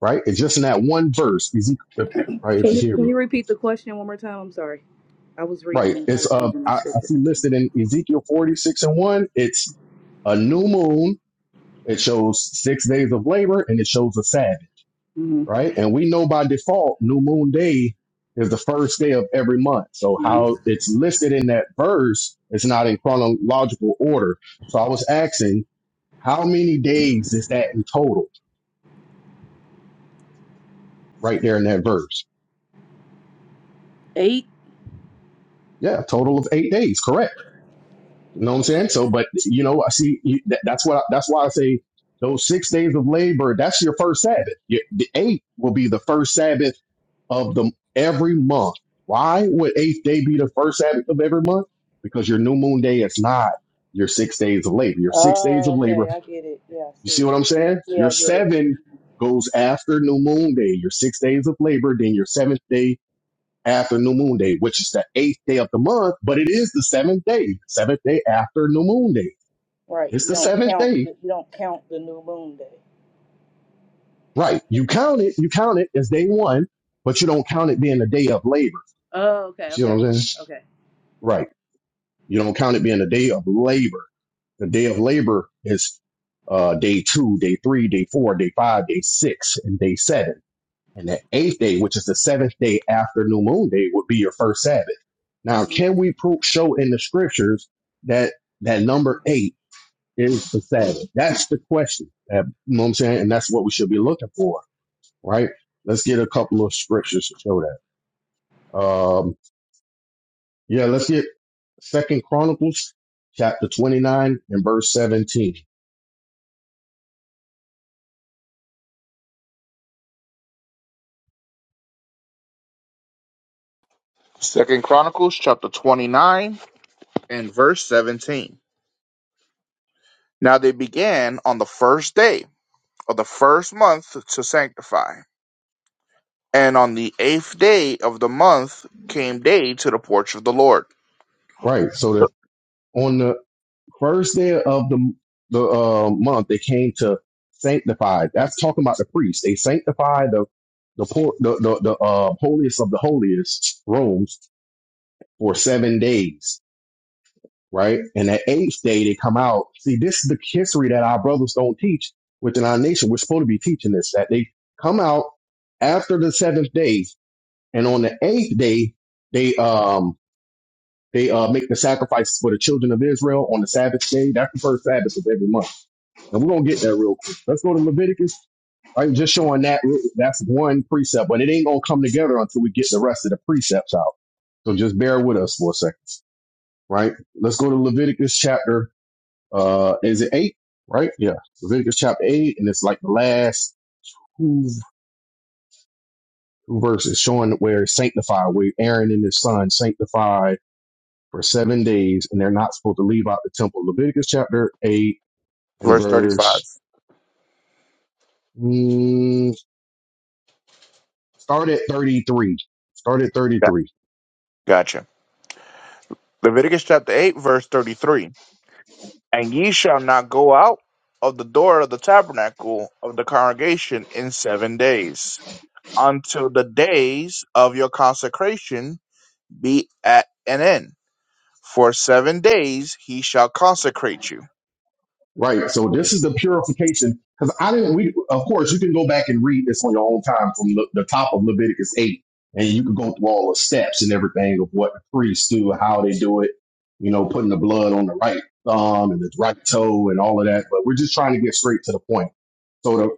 C: Right? It's just in that one verse, Ezekiel, right? If
D: Can
C: you
D: you,
C: hear
D: can
C: me.
D: you repeat the question one more time? I'm sorry. I was
C: Right.
D: reading. I
C: It's,
D: was
C: uh,
D: reading the
C: I, I
D: scripture.
C: see listed in Ezekiel 46 and 1. It's a new moon. It shows six days of labor and it shows a Sabbath.
D: hmm
C: right? And we know by default, new moon day is the first day of every month. So
D: hmm
C: how it's listed in that verse is not in chronological order. So I was asking, how many days is that in total right there in that verse?
D: Eight.
C: Yeah, total of eight days. Correct. You know what I'm saying? So, but you know, I see you, that, that's what, I, that's why I say those six days of labor, that's your first Sabbath. Your, the eight will be the first Sabbath of the every month. Why would eighth day be the first Sabbath of every month? Because your new moon day is not your six days of labor. Your six days
D: Oh,
C: of
D: okay,
C: labor.
D: I get it. Yeah, I
C: You see
D: see.
C: what I'm saying?
D: Yeah,
C: Your
D: I get it.
C: seven goes after new moon day. Your six days of labor, then your seventh day after new moon day, which is the eighth day of the month, but it is the seventh day, seventh day after new moon day.
D: Right.
C: It's
D: You
C: the
D: don't
C: seventh
D: count
C: day,
D: the, you don't count the new moon day.
C: right? You
D: Perfect.
C: count it, you count it as day one, but you don't count it being the day of labor.
D: Oh,
C: You
D: okay,
C: see
D: okay,
C: what
D: okay,
C: I'm saying?
D: okay.
C: Right. You don't count it being a day of labor. The day of labor is uh, day two, day three, day four, day five, day six, and day seven. And the eighth day, which is the seventh day after New Moon Day, would be your first Sabbath. Now,
D: Mhm.
C: can we pro- show in the scriptures that that number eight is the Sabbath? That's the question. That, you know what I'm saying? And that's what we should be looking for, right? Let's get a couple of scriptures to show that. Um, yeah, let's get Second Chronicles chapter 29 and verse 17.
B: Second Chronicles chapter twenty nine and verse seventeen. Now they began on the first day of the first month to sanctify, and on the eighth day of the month came they to the porch of the Lord.
C: Right. So the on the first day of the the uh, month, they came to sanctify. That's talking about the priests. They sanctified the the por- the the, the uh, holiest of the holiest robes for seven days. Right. And that eighth day, they come out. See, this is the history that our brothers don't teach within our nation. We're supposed to be teaching this that they come out after the seventh day, and on the eighth day, they um They uh, make the sacrifice for the children of Israel on the Sabbath day. That's the first Sabbath of every month. And we're going to get that real quick. Let's go to Leviticus. I'm just showing that that's one precept, but it ain't going to come together until we get the rest of the precepts out. So just bear with us for a second, right? Let's go to Leviticus chapter, uh, is it eight, right? Yeah. Leviticus chapter eight. And it's like the last two, verses showing where it's sanctified, where Aaron and his son sanctified for seven days and they're not supposed to leave out the temple. Leviticus chapter 8 in
B: Verse thirty five.
C: verse mm, start at 33 start at 33
B: Gotcha. Leviticus chapter eight verse thirty three. And ye shall not go out of the door of the tabernacle of the congregation in seven days, until the days of your consecration be at an end. For seven days he shall consecrate you.
C: right so this is the purification because i didn't we of course you can go back and read this on your own time from the, the top of leviticus 8 and you can go through all the steps and everything of what the priests do how they do it you know putting the blood on the right thumb and the right toe and all of that but we're just trying to get straight to the point so the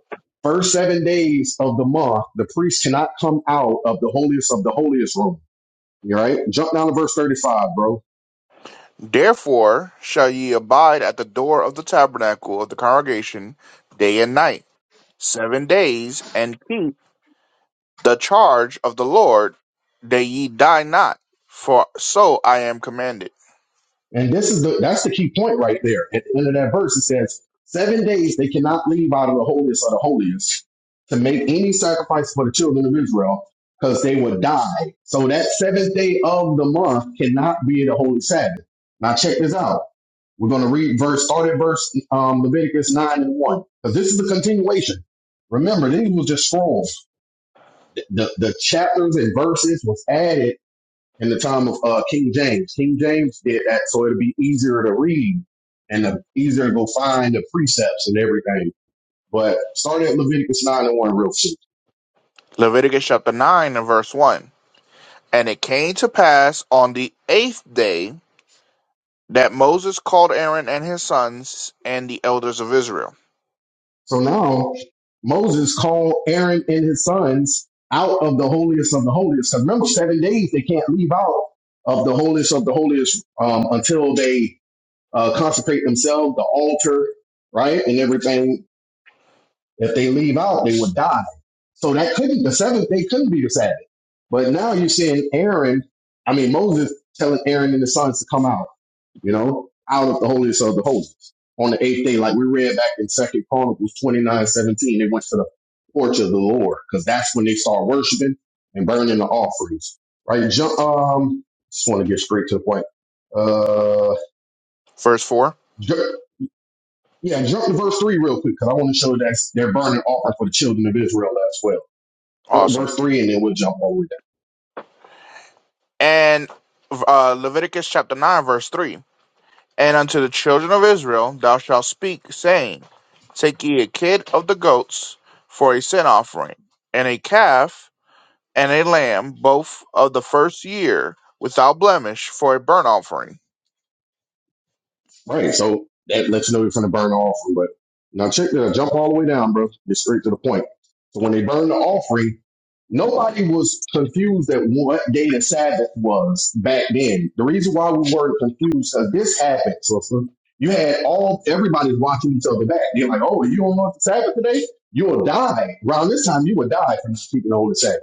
C: first seven days of the month the priest cannot come out of the holiest of the holiest room all right jump down to verse 5 bro
B: Therefore shall ye abide at the door of the tabernacle of the congregation day and night, seven days, and keep the charge of the Lord, that ye die not, for so I am commanded.
C: And this is the that's the key point right there. At the end of that verse, it says, Seven days they cannot leave out of the holiest of the holiest to make any sacrifice for the children of Israel, because they would die. So that seventh day of the month cannot be the holy Sabbath. Now check this out. We're going to read verse, start at verse um, Leviticus 9 and 1. Because this is the continuation. Remember, these was just scrolls. the, the chapters and verses was added in the time of uh, King James. King James did that so it'd be easier to read and uh, easier to go find the precepts and everything. But starting at Leviticus 9 and 1 real quick.
B: Leviticus chapter 9 and verse 1. And it came to pass on the eighth day that Moses called Aaron and his sons and the elders of Israel.
C: So now Moses called Aaron and his sons out of the holiest of the holiest. 'Cause remember, seven days they can't leave out of the holiest of the holiest um, until they uh, consecrate themselves, the altar, right, and everything. If they leave out, they would die. So that couldn't the seventh day couldn't be the Sabbath. But now you're seeing Aaron, I mean Moses telling Aaron and the sons to come out, you know, out of the holiest of the holies. On the eighth day, like we read back in Second Chronicles 29 17. they went to the porch of the Lord, because that's when they start worshiping and burning the offerings. Right? Jump um just want to get straight to the point. Uh
B: Verse 4.
C: ju- yeah, jump to verse three real quick, because I want to show that they're burning offering for the children of Israel as well. Jump to
B: Awesome.
C: verse three and then we'll jump over.
B: And uh, Leviticus chapter 9, verse 3. And unto the children of Israel thou shalt speak, saying, Take ye a kid of the goats for a sin offering, and a calf and a lamb, both of the first year, without blemish, for a burnt offering
C: Right. So that lets you know you're going to burn the offering. But now check that. Jump all the way down, bro. Get straight to the point. So when they burned the offering, nobody was confused at what day the Sabbath was back then. The reason why we weren't confused, uh, this happened, sister. You had all everybody's watching each other back. They're like, "Oh, you don't want the Sabbath today? You will die." Around this time, you will die from keeping the holy Sabbath.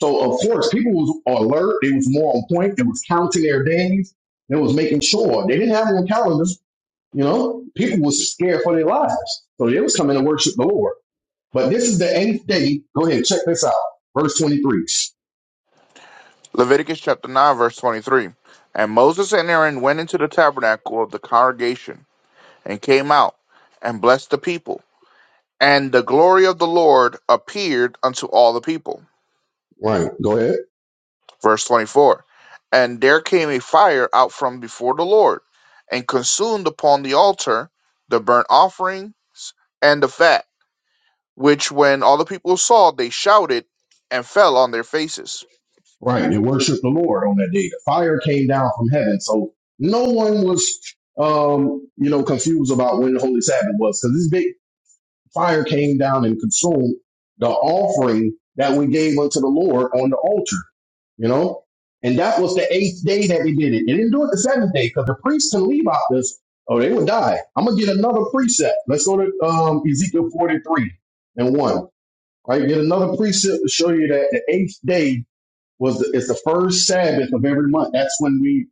C: So of course, people was alert. They was more on point. They was counting their days. They was making sure they didn't have it on calendars you know, people was scared for their lives. So they was coming to worship the Lord. But this is the eighth day. Go ahead, check this out. Verse 23.
B: Leviticus chapter 9, verse 23. And Moses and Aaron went into the tabernacle of the congregation and came out and blessed the people. And the glory of the Lord appeared unto all the people.
C: Right, go ahead.
B: Verse 24. And there came a fire out from before the Lord and consumed upon the altar the burnt offerings and the fat, which when all the people saw, they shouted and fell on their faces.
C: Right, they worshiped the Lord on that day. The fire came down from heaven. So no one was, um, you know, confused about when the Holy Sabbath was because this big fire came down and consumed the offering that we gave unto the Lord on the altar. you know? And that was the eighth day that they did it. They didn't do it the seventh day because the priests can leave out this. Oh, they would die. I'm going to get another precept. Let's go to um, Ezekiel 43 and 1. Right, Get another precept to show you that the eighth day was the, is the first Sabbath of every month. That's when we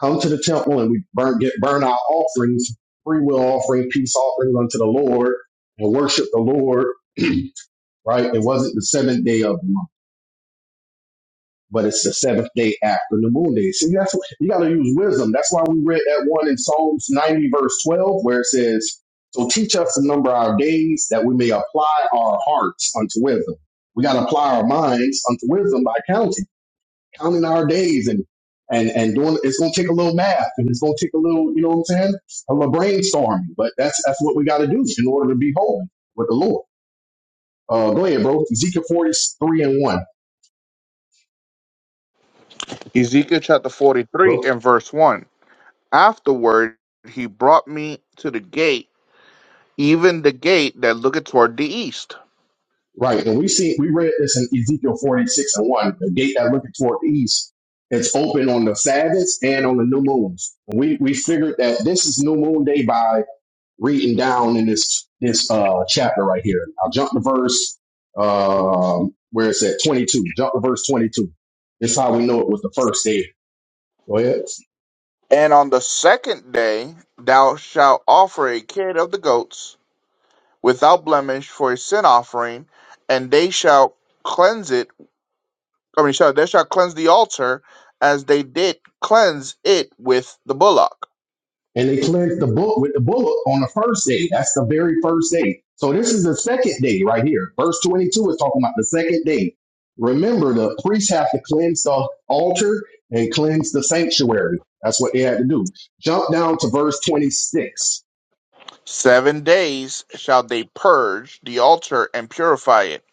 C: come to the temple and we burn, get, burn our offerings, free will offering, peace offerings unto the Lord and worship the Lord, (clears throat) right? It wasn't the seventh day of the month. but it's the seventh day after the moon day. See, that's what, you got to use wisdom. That's why we read that one in Psalms 90, verse 12, where it says, So teach us to number our days that we may apply our hearts unto wisdom. We got to apply our minds unto wisdom by counting, counting our days and and and doing it's going to take a little math and it's going to take a little you know what i'm saying a little brainstorming but that's that's what we got to do in order to be holy with the lord uh go ahead bro ezekiel 43 and 1
B: Ezekiel chapter 43
C: Hello.
B: and verse 1. Afterward he brought me to the gate, even the gate that looketh toward the east.
C: Right. And we see we read this in Ezekiel 46 and 1. The gate that looketh toward the east. It's open on the Sabbaths and on the new moons. We we figured that this is new moon day by reading down in this this uh chapter right here. I'll jump to verse um where it's at 22. Jump to verse 22. This is how we know it was the first day. Go ahead.
B: And on the second day thou shalt offer a kid of the goats without blemish for a sin offering, and they shall cleanse it. I mean, shall, they shall cleanse the altar as they did cleanse it with the bullock.
C: and they cleansed the book with the bullock on the first day. That's the very first day. So this is the second day right here. Verse 22 is talking about the second day. Remember, the priests have to cleanse the altar and cleanse the sanctuary. That's what they had to do. Jump down to verse 26.
B: Seven days shall they purge the altar and purify it,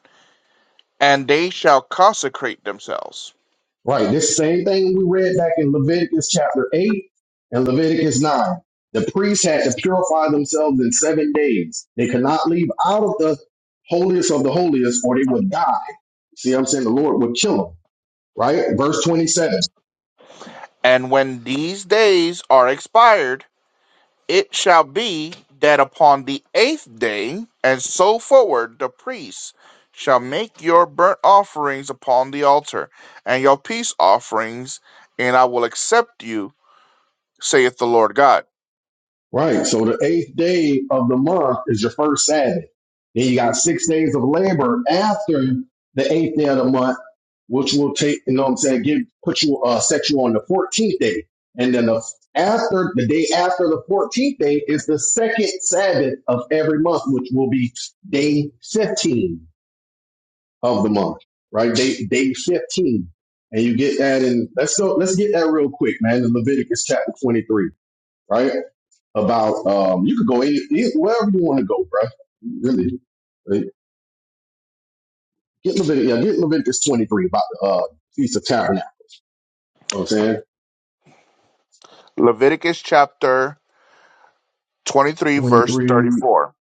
B: and they shall consecrate themselves.
C: Right, this same thing we read back in Leviticus chapter 8 and Leviticus 9. The priests had to purify themselves in seven days. They could not leave out of the holiest of the holiest or they would die. See what I'm saying? right? Verse 27,
B: And when these days are expired, it shall be that upon the eighth day, and so forward, the priests shall make your burnt offerings upon the altar, and your peace offerings, and I will accept you, saith the Lord God.
C: right? So the eighth day of the month is your first Sabbath. Then you got six days of labor after the eighth day of the month, which will take, you know what I'm saying, give, put you, uh, set you on the 14th day. And then the, after, the day after the 14th day is the second Sabbath of every month, which will be day 15 of the month, right? Day, day 15. And you get that in, let's go, let's get that real quick, man, in Leviticus chapter 23, right? about um, you could go any, any- wherever you want to go, bro. Really, Like, get Leviticus, yeah, get Leviticus twenty three about the uh, feast of tabernacle. You know what I'm saying
B: Leviticus chapter 23,
C: twenty
B: verse
C: three.
B: 34.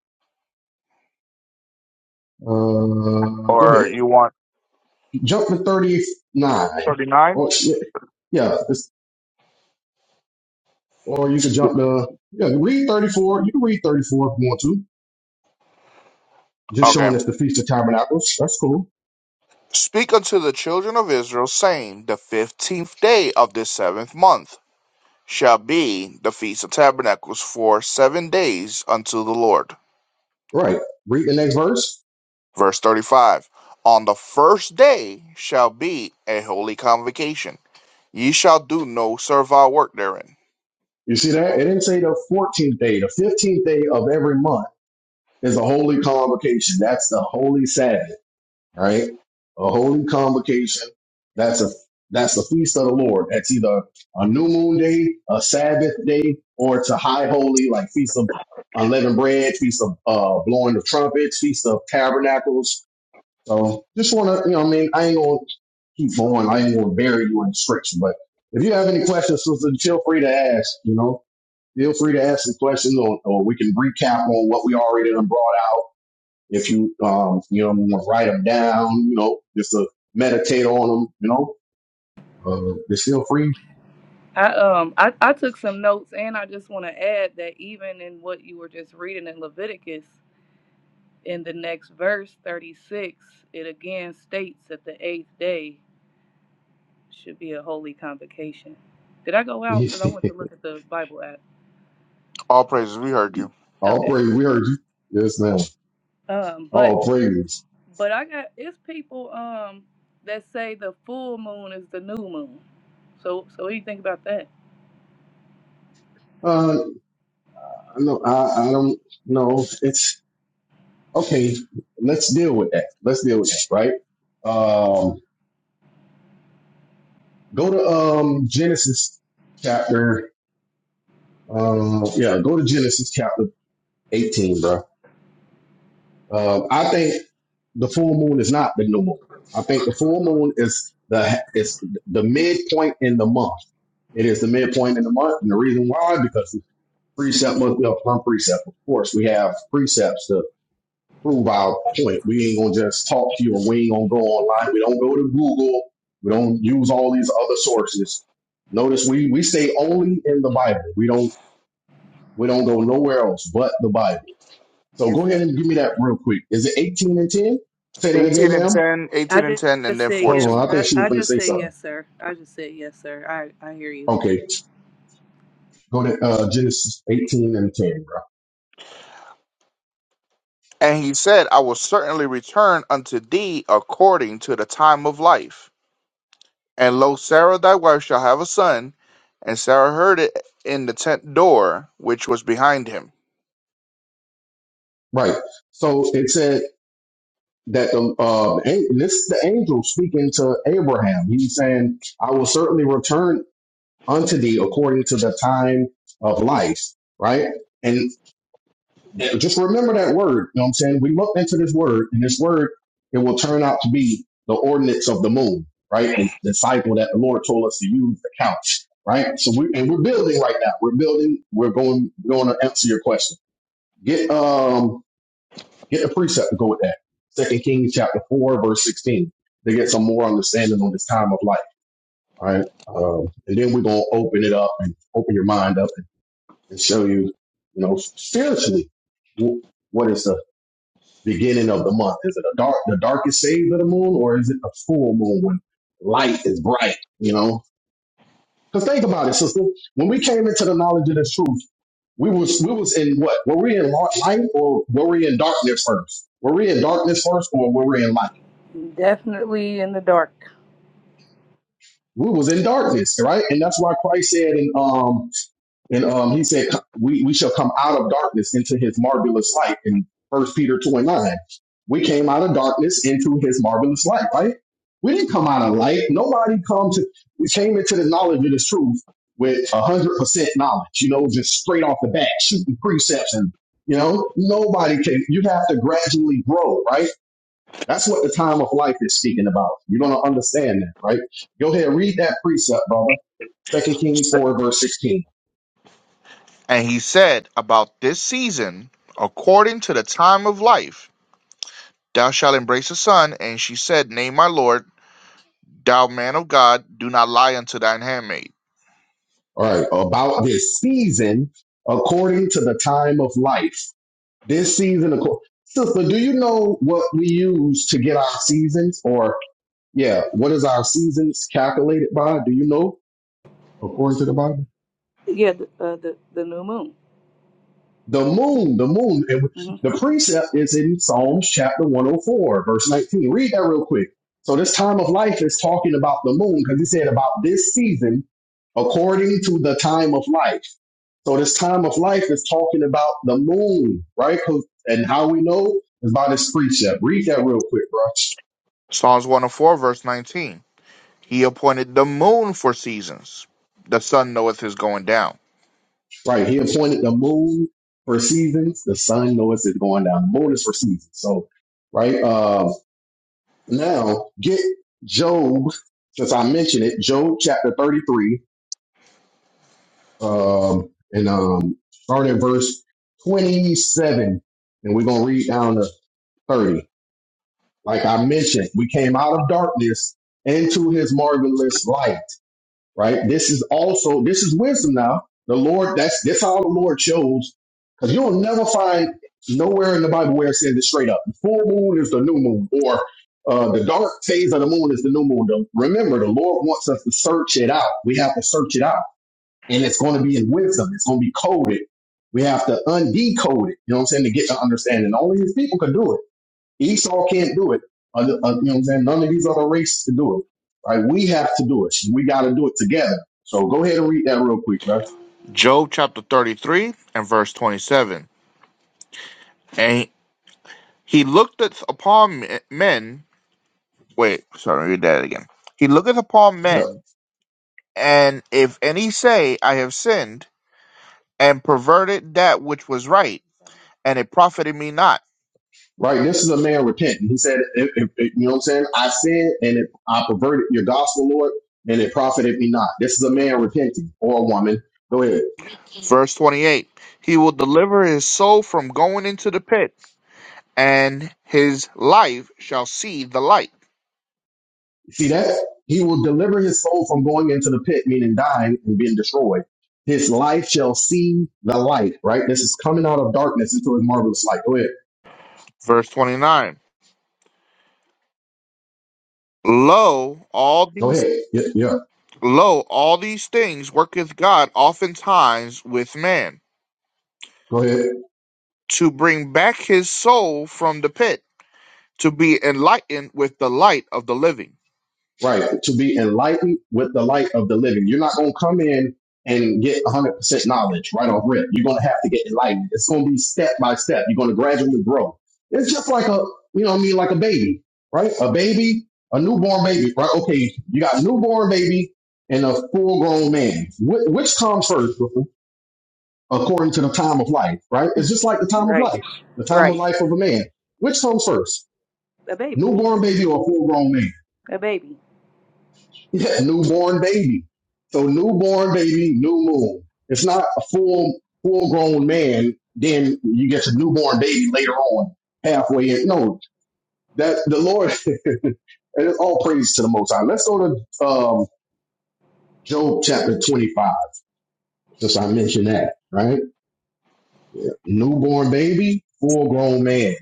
C: Uh, go
B: Or
C: ahead,
B: you want
C: jump to thirty nine.
B: 39?
C: Or yeah, yeah, it's, or you can jump to yeah, read thirty four. You can read thirty four if you want to. Just showing
B: Okay.
C: us the feast of tabernacles. That's cool,
B: Speak unto the children of Israel, saying, The fifteenth day of this seventh month. shall be the Feast of Tabernacles for seven days unto the Lord.
C: right? Read the next verse.
B: Verse 35 On the first day shall be a holy convocation. Ye shall do no servile work therein.
C: You see that? It didn't say the 14th day, the 15th day of every month Is a holy convocation. That's the holy Sabbath, right? A holy convocation. That's a that's the feast of the Lord. That's either a new moon day, a Sabbath day, or it's a high holy, like feast of unleavened bread, feast of uh, blowing the trumpets, feast of tabernacles. So just want to, you know, what I mean, I ain't gonna keep going. I ain't gonna bury you in scripture. But if you have any questions, sister, feel free to ask. You know, feel free to ask some questions, or, or we can recap on what we already done brought out if you um you know want to write them down, you know, just to meditate on them, you know, uh, they're still free.
D: I um I, I took some notes and I just want to add that even in what you were just reading in Leviticus, in the next verse 36, it again states that the eighth day. Should be a holy convocation. Did I go out? Because I
C: (laughs)
D: went to look at the Bible app.
B: All praises, we heard you.
C: All
D: Okay.
C: praise, we heard you. Yes, ma'am.
D: Um, but
C: All praise.
D: but I got it's people um that say the full moon is the new moon. So so what do you think about that?
C: Uh, no, I, I don't know. It's okay. Let's deal with that. Let's deal with that. Right. Um, go to um Genesis chapter. Uh, yeah, go to Genesis chapter eighteen, bro. Uh, I think the full moon is not the new moon. I think the full moon is the is the midpoint in the month. It is the midpoint in the month, and the reason why because the precept must be a firm precept. Of course, we have precepts to prove our point. We ain't gonna just talk to you, and we ain't gonna go online. We don't go to Google. We don't use all these other sources. Notice we we stay only in the Bible. We don't we don't go nowhere else but the Bible. So
D: Yes,
C: go ahead
D: sir.
C: and give me that real quick. Is it 18 and 10? Say that again,
B: 18 and
C: ma'am.
B: ten,
D: I
B: eighteen and
D: just,
B: 10, and
D: just
B: then
D: said
C: Hold
D: yes.
C: on. I
B: 14.
D: I,
C: think she was
D: I
C: going to
D: just
C: say
D: said
C: something.
D: yes, sir. I just said yes, sir. I I hear you.
C: Okay. Go to uh, Genesis 18 and 10, bro.
B: And he said, I will certainly return unto thee according to the time of life. And lo, Sarah thy wife shall have a son. And Sarah heard it in the tent door which was behind him.
C: Right. So it said that the uh, an- this is the angel speaking to Abraham. He's saying, "I will certainly return unto thee according to the time of life." Right. Yeah, Just remember that word. You know what I'm saying? We looked into this word, and this word, it will turn out to be the ordinance of the moon, right? The, the cycle that the Lord told us to use to count, right? So we and we're building right now. We're building, we're going going to answer your question. Get um get the precept to go with that. Second Kings chapter four, verse sixteen, to get some more understanding on this time of life. All right. Um, and then we're gonna open it up and open your mind up and, and show you, you know, spiritually wh- what is the beginning of the month? Is it a dark, the darkest phase of the moon, or is it a full moon when light is bright? You know, because think about it, sister. When we came into the knowledge of the truth, we was we was in what? Were we in li- light or were we in darkness first? Were we in darkness first, or were we in light?
D: Definitely in the dark.
C: We was in darkness, right? And that's why Christ said in um And um, he said, we, we shall come out of darkness into his marvelous light in First Peter 2 and 9. We came out of darkness into his marvelous light, right? We didn't come out of light. Nobody come to, we came into the knowledge of this truth with 100% knowledge, you know, just straight off the bat, shooting precepts and, you know, nobody can, you have to gradually grow, right? That's what the time of life is speaking about. You're going to understand that, right? Go ahead, read that precept, brother. Second Kings 4, verse 16.
B: And he said, About this season, according to the time of life, thou shalt embrace a son. And she said, Nay, my lord, thou man of God, do not lie unto thine handmaid.
C: All right, about this season according to the time of life. This season, acco- sister, do you know what we use to get our seasons? Or yeah, what is our seasons calculated by? Do you know according to the Bible?
D: Yeah, the uh, the, the new moon.
C: The moon, the moon. And
D: hmm
C: the precept is in Psalms chapter 104, verse 19. Read that real quick. So this time of life is talking about the moon because he said about this season according to the time of life. So this time of life is talking about the moon, right? 'Cause- And how we know is by this precept. Read that real quick, bro.
B: Psalms 104, verse 19. He appointed the moon for seasons. The sun knoweth his going down.
C: Right. He appointed the moon for seasons. The sun knows it's going down. The moon is for seasons. So, right. Uh, now get Job, since I mentioned it, Job chapter 33, um, and, um, start at verse 27 and we're going to read down to 30. Like I mentioned, we came out of darkness into his marvelous light, right? This is also, this is wisdom now. The Lord, that's, that's how the Lord chose. Cause you'll never find nowhere in the Bible where it says it straight up. The full moon is the new moon or uh, the dark phase of the moon is the new moon. The- Remember, the Lord wants us to search it out. We have to search it out. And it's going to be in wisdom. It's going to be coded. We have to undecode it. You know what I'm saying? To get the understanding. Only his people could do it. Esau can't do it. Other, uh, you know what I'm saying? None of these other races can do it. Right? We have to do it. We got to do it together. So go ahead and read that real quick, bro.
B: Job chapter 33 and verse 27. And he looketh upon men. Wait, sorry, read that again. He looketh upon
C: Yeah.
B: men, and if any say, I have sinned, and perverted that which was right, and it profited me not.
C: Right. This is a man repenting. He said, if, if, if- you know what I'm saying? I sinned and it, I perverted your gospel, Lord, and it profited me not. This is a man repenting or a woman. Go ahead.
B: Verse 28 He will deliver his soul from going into the pit, and his life shall see the light.
C: See that? He will deliver his soul from going into the pit, meaning dying and being destroyed. His life shall see the light, right? This is coming out of darkness into his marvelous light. Go ahead.
B: Verse 29 Lo, all
C: Go
B: these
C: ahead. Yeah. yeah.
B: lo, all these things worketh God oftentimes with man,
C: Go ahead.
B: to bring back his soul from the pit, to be enlightened with the light of the living.
C: Right. To be enlightened with the light of the living. You're not going to come in and get 100% knowledge right off rip. You're going to have to get enlightened. It's going to be step by step. You're going to gradually grow. It's just like a, you know what I mean, like a baby, right? A baby, a newborn baby, right? Okay. You got a newborn baby and a full grown man. Wh- which comes first according to the time of life, right? It's just like the time of
D: Right,
C: life, the time of
D: right.
C: life of a man. Which comes first?
D: A baby,
C: Newborn baby or full grown man?
D: a baby.
C: Yeah, newborn baby. So newborn baby, new moon. It's not a full full grown man. Then you get to newborn baby later on, halfway in. No, that the Lord. (laughs) and it's all praise to the Most High. Let's go to um, Job chapter twenty five, since I mentioned that. Right, Yeah. newborn baby, full grown man.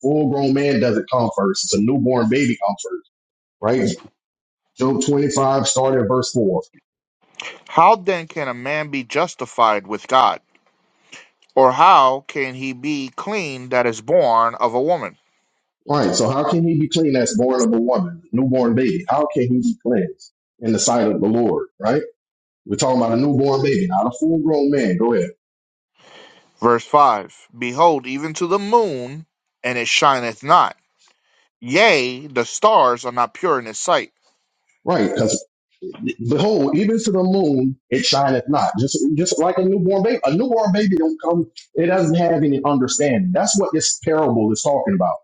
C: Full grown man doesn't come first. It's a newborn baby come first. Right. Job twenty five, starting at verse four.
B: How then can a man be justified with God? Or how can he be clean that is born of a woman?
C: Right. So how can he be clean that's born of a woman, newborn baby? How can he be cleansed in the sight of the Lord? Right. We're talking about a newborn baby, not a full grown man. Go ahead.
B: Verse 5 Behold, even to the moon, and it shineth not. Yea, the stars are not pure in his sight.
C: Right. Because behold, even to the moon it shineth not. Just just like a newborn baby. A newborn baby don't come. It doesn't have any understanding. That's what this parable is talking about.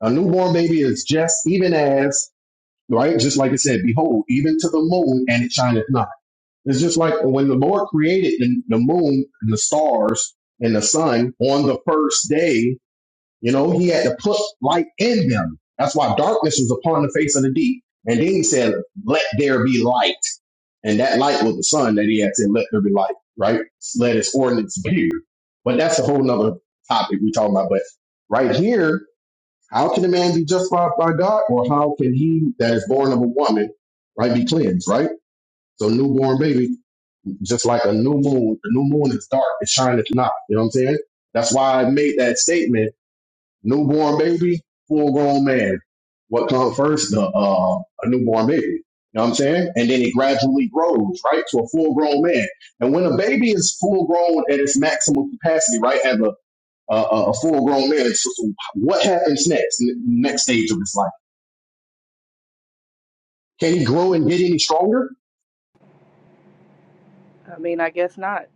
C: A newborn baby is just even as right. Just like it said, behold, even to the moon and it shineth not It's just like when the Lord created the, the moon and the stars and the sun on the first day, you know, he had to put light in them. That's why darkness was upon the face of the deep. And then he said, let there be light. And that light was the sun that he had said, let there be light, right? Let its ordinance appear. But that's a whole nother topic we're talking about. But right here, how can a man be justified by God or how can he that is born of a woman, right, be cleansed, right? So newborn baby just like a new moon. The new moon is dark. It shineth not. You know what I'm saying? That's why I made that statement. Newborn baby, full grown man. What comes first? The uh, a newborn baby. You know what I'm saying? And then it gradually grows, right, to a full grown man. And when a baby is full grown at its maximum capacity, right, as a a, a full grown man, so, so what happens next? n- Next stage of his life? Can he grow and get any stronger?
D: I mean, I guess not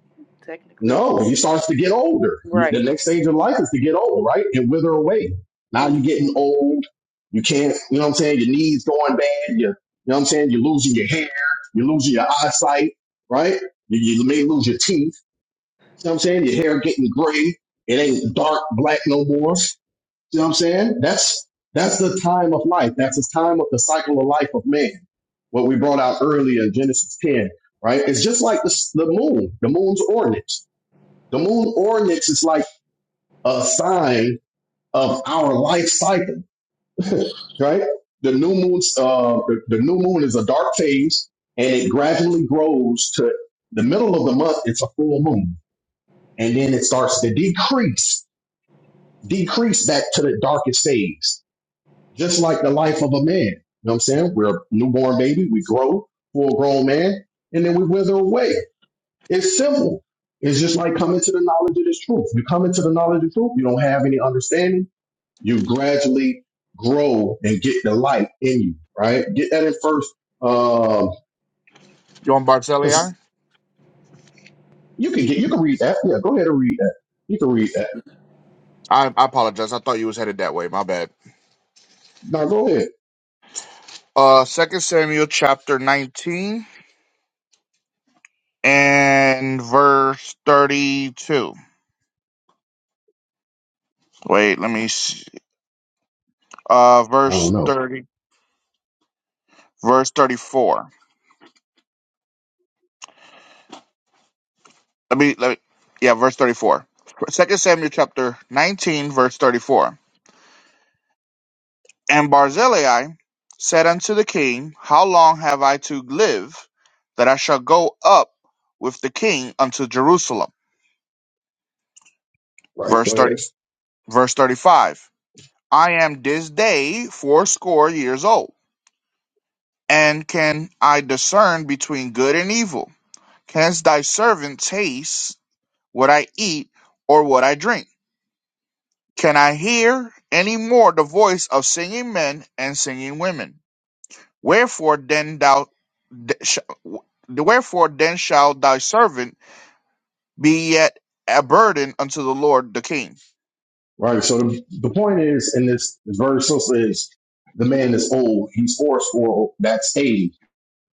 D: technically.
C: No, you starts to get older. You,
D: Right.
C: the next stage of life is to get old, right? And wither away. Now you're
D: hmm
C: getting old. You can't, you know what I'm saying? Your knees going bad. You, you know what I'm saying? You're losing your hair. You're losing your eyesight, right? You, you may lose your teeth. You know what I'm saying? Your hair getting gray. It ain't dark black no more. You know what I'm saying? That's, that's the time of life. That's the time of the cycle of life of man. What we brought out earlier in Genesis 10, right? It's just like the, s- the moon, the moon's ordinance the moon oryx is like a sign of our life cycle, (laughs) right? The new moon's uh, the, the new moon is a dark phase, and it gradually grows to the middle of the month. It's a full moon, and then it starts to decrease, decrease back to the darkest phase, just like the life of a man. You know what I'm saying? We're a newborn baby, we grow, full grown man, and then we wither away. It's simple. It's just like coming to the knowledge of this truth. You come into the knowledge of truth, you don't have any understanding. You gradually grow and get the light in you, right? Get that in first, because
B: You on Barzillai?
C: you can get you can read that. Yeah, go ahead and read that. You can read that.
B: I, I apologize. I thought you was headed that way. My bad.
C: Now go ahead.
B: Uh, Second Samuel chapter 19 and verse 32. Wait, let me see. Uh,
C: I don't
B: verse
C: know.
B: 30, verse 34. Let me, let me, yeah, verse 34. Second Samuel chapter 19, verse 34. And Barzillai said unto the king, How long have I to live, that I shall go up with the king unto Jerusalem?
C: Right,
B: Verse
C: go ahead.
B: thirty, verse thirty-five. I am this day fourscore years old, and can I discern between good and evil? Canst thy servant taste what I eat or what I drink? Can I hear any more the voice of singing men and singing women? Wherefore then thou, th- sh- w- wherefore then shall thy servant be yet a burden unto the Lord the King.
C: Right. So the, the point is in this, this verse also is the man is old. He's fourscore. That's age.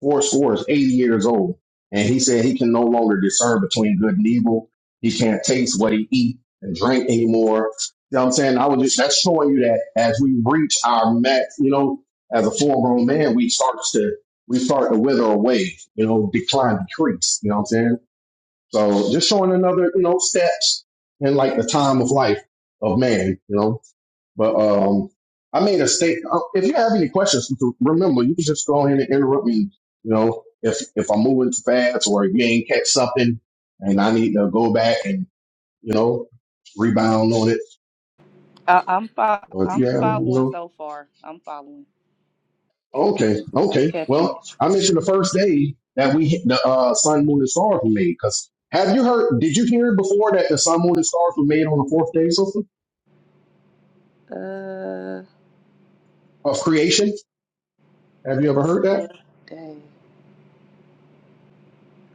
C: four scores, 80 years old. And he said he can no longer discern between good and evil. He can't taste what he eat and drink anymore. You know what I'm saying? I was just, that's showing you that as we reach our max, you know, as a full grown man, we starts to, we start to wither away, you know, decline, decrease. You know what I'm saying? So just showing another, you know, steps in like the time of life of man, you know? But um, I made a state. uh, If you have any questions, remember you can just go ahead and interrupt me. You know, if if I'm moving too fast or you ain't catch something, and I need to go back and you know rebound on it,
D: I, I'm fo-
C: or if you
D: I'm
C: have, you
D: following
C: know,
D: so far. I'm following.
C: okay,
D: I'm
C: okay.
D: catching
C: Well,
D: it.
C: I mentioned the first day that we the uh, sun, moon, and stars were made. Because have you heard? Did you hear before that the sun, moon, and stars were made on the fourth day of,
D: Uh,
C: of creation? Have you ever heard that?
D: what day?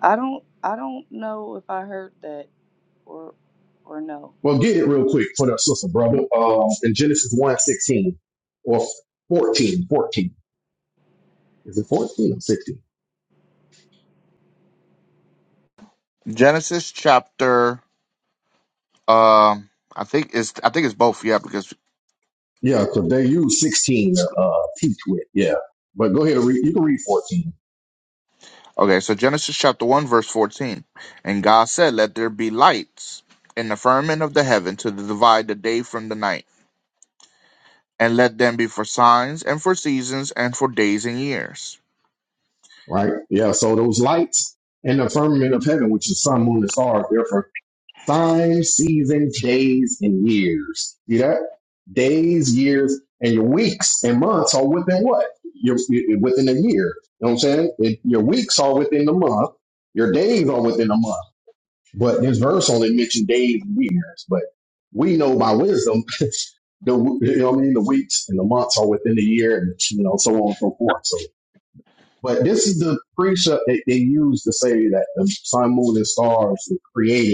D: I don't I don't know if I heard that or or no.
C: Well, get it real quick for the sister, brother. Um, in Genesis one sixteen or 14, 14 Is it 14 or 16?
B: Genesis chapter, um, I think it's I think it's both, yeah, because
C: Yeah, because they use 16 to uh, teach with. Yeah. But go ahead and read. You can read 14,
B: okay, so Genesis chapter one verse fourteen, and God said, "Let there be lights in the firmament of the heaven to divide the day from the night, and let them be for signs and for seasons and for days and years."
C: right? Yeah. So those lights in the firmament of heaven, which is sun, moon, and stars, therefore Times, seasons, days, and years. See that? Days, years, and your weeks and months are within what? Your your- within a year. You know what I'm saying? It, your weeks are within the month. Your days are within a month. But this verse only mentioned days and years. But we know by wisdom (laughs) the you know what I mean the weeks and the months are within the year and you know so on and so forth. So, but this is the precept that they use to say that the sun, moon, and stars were created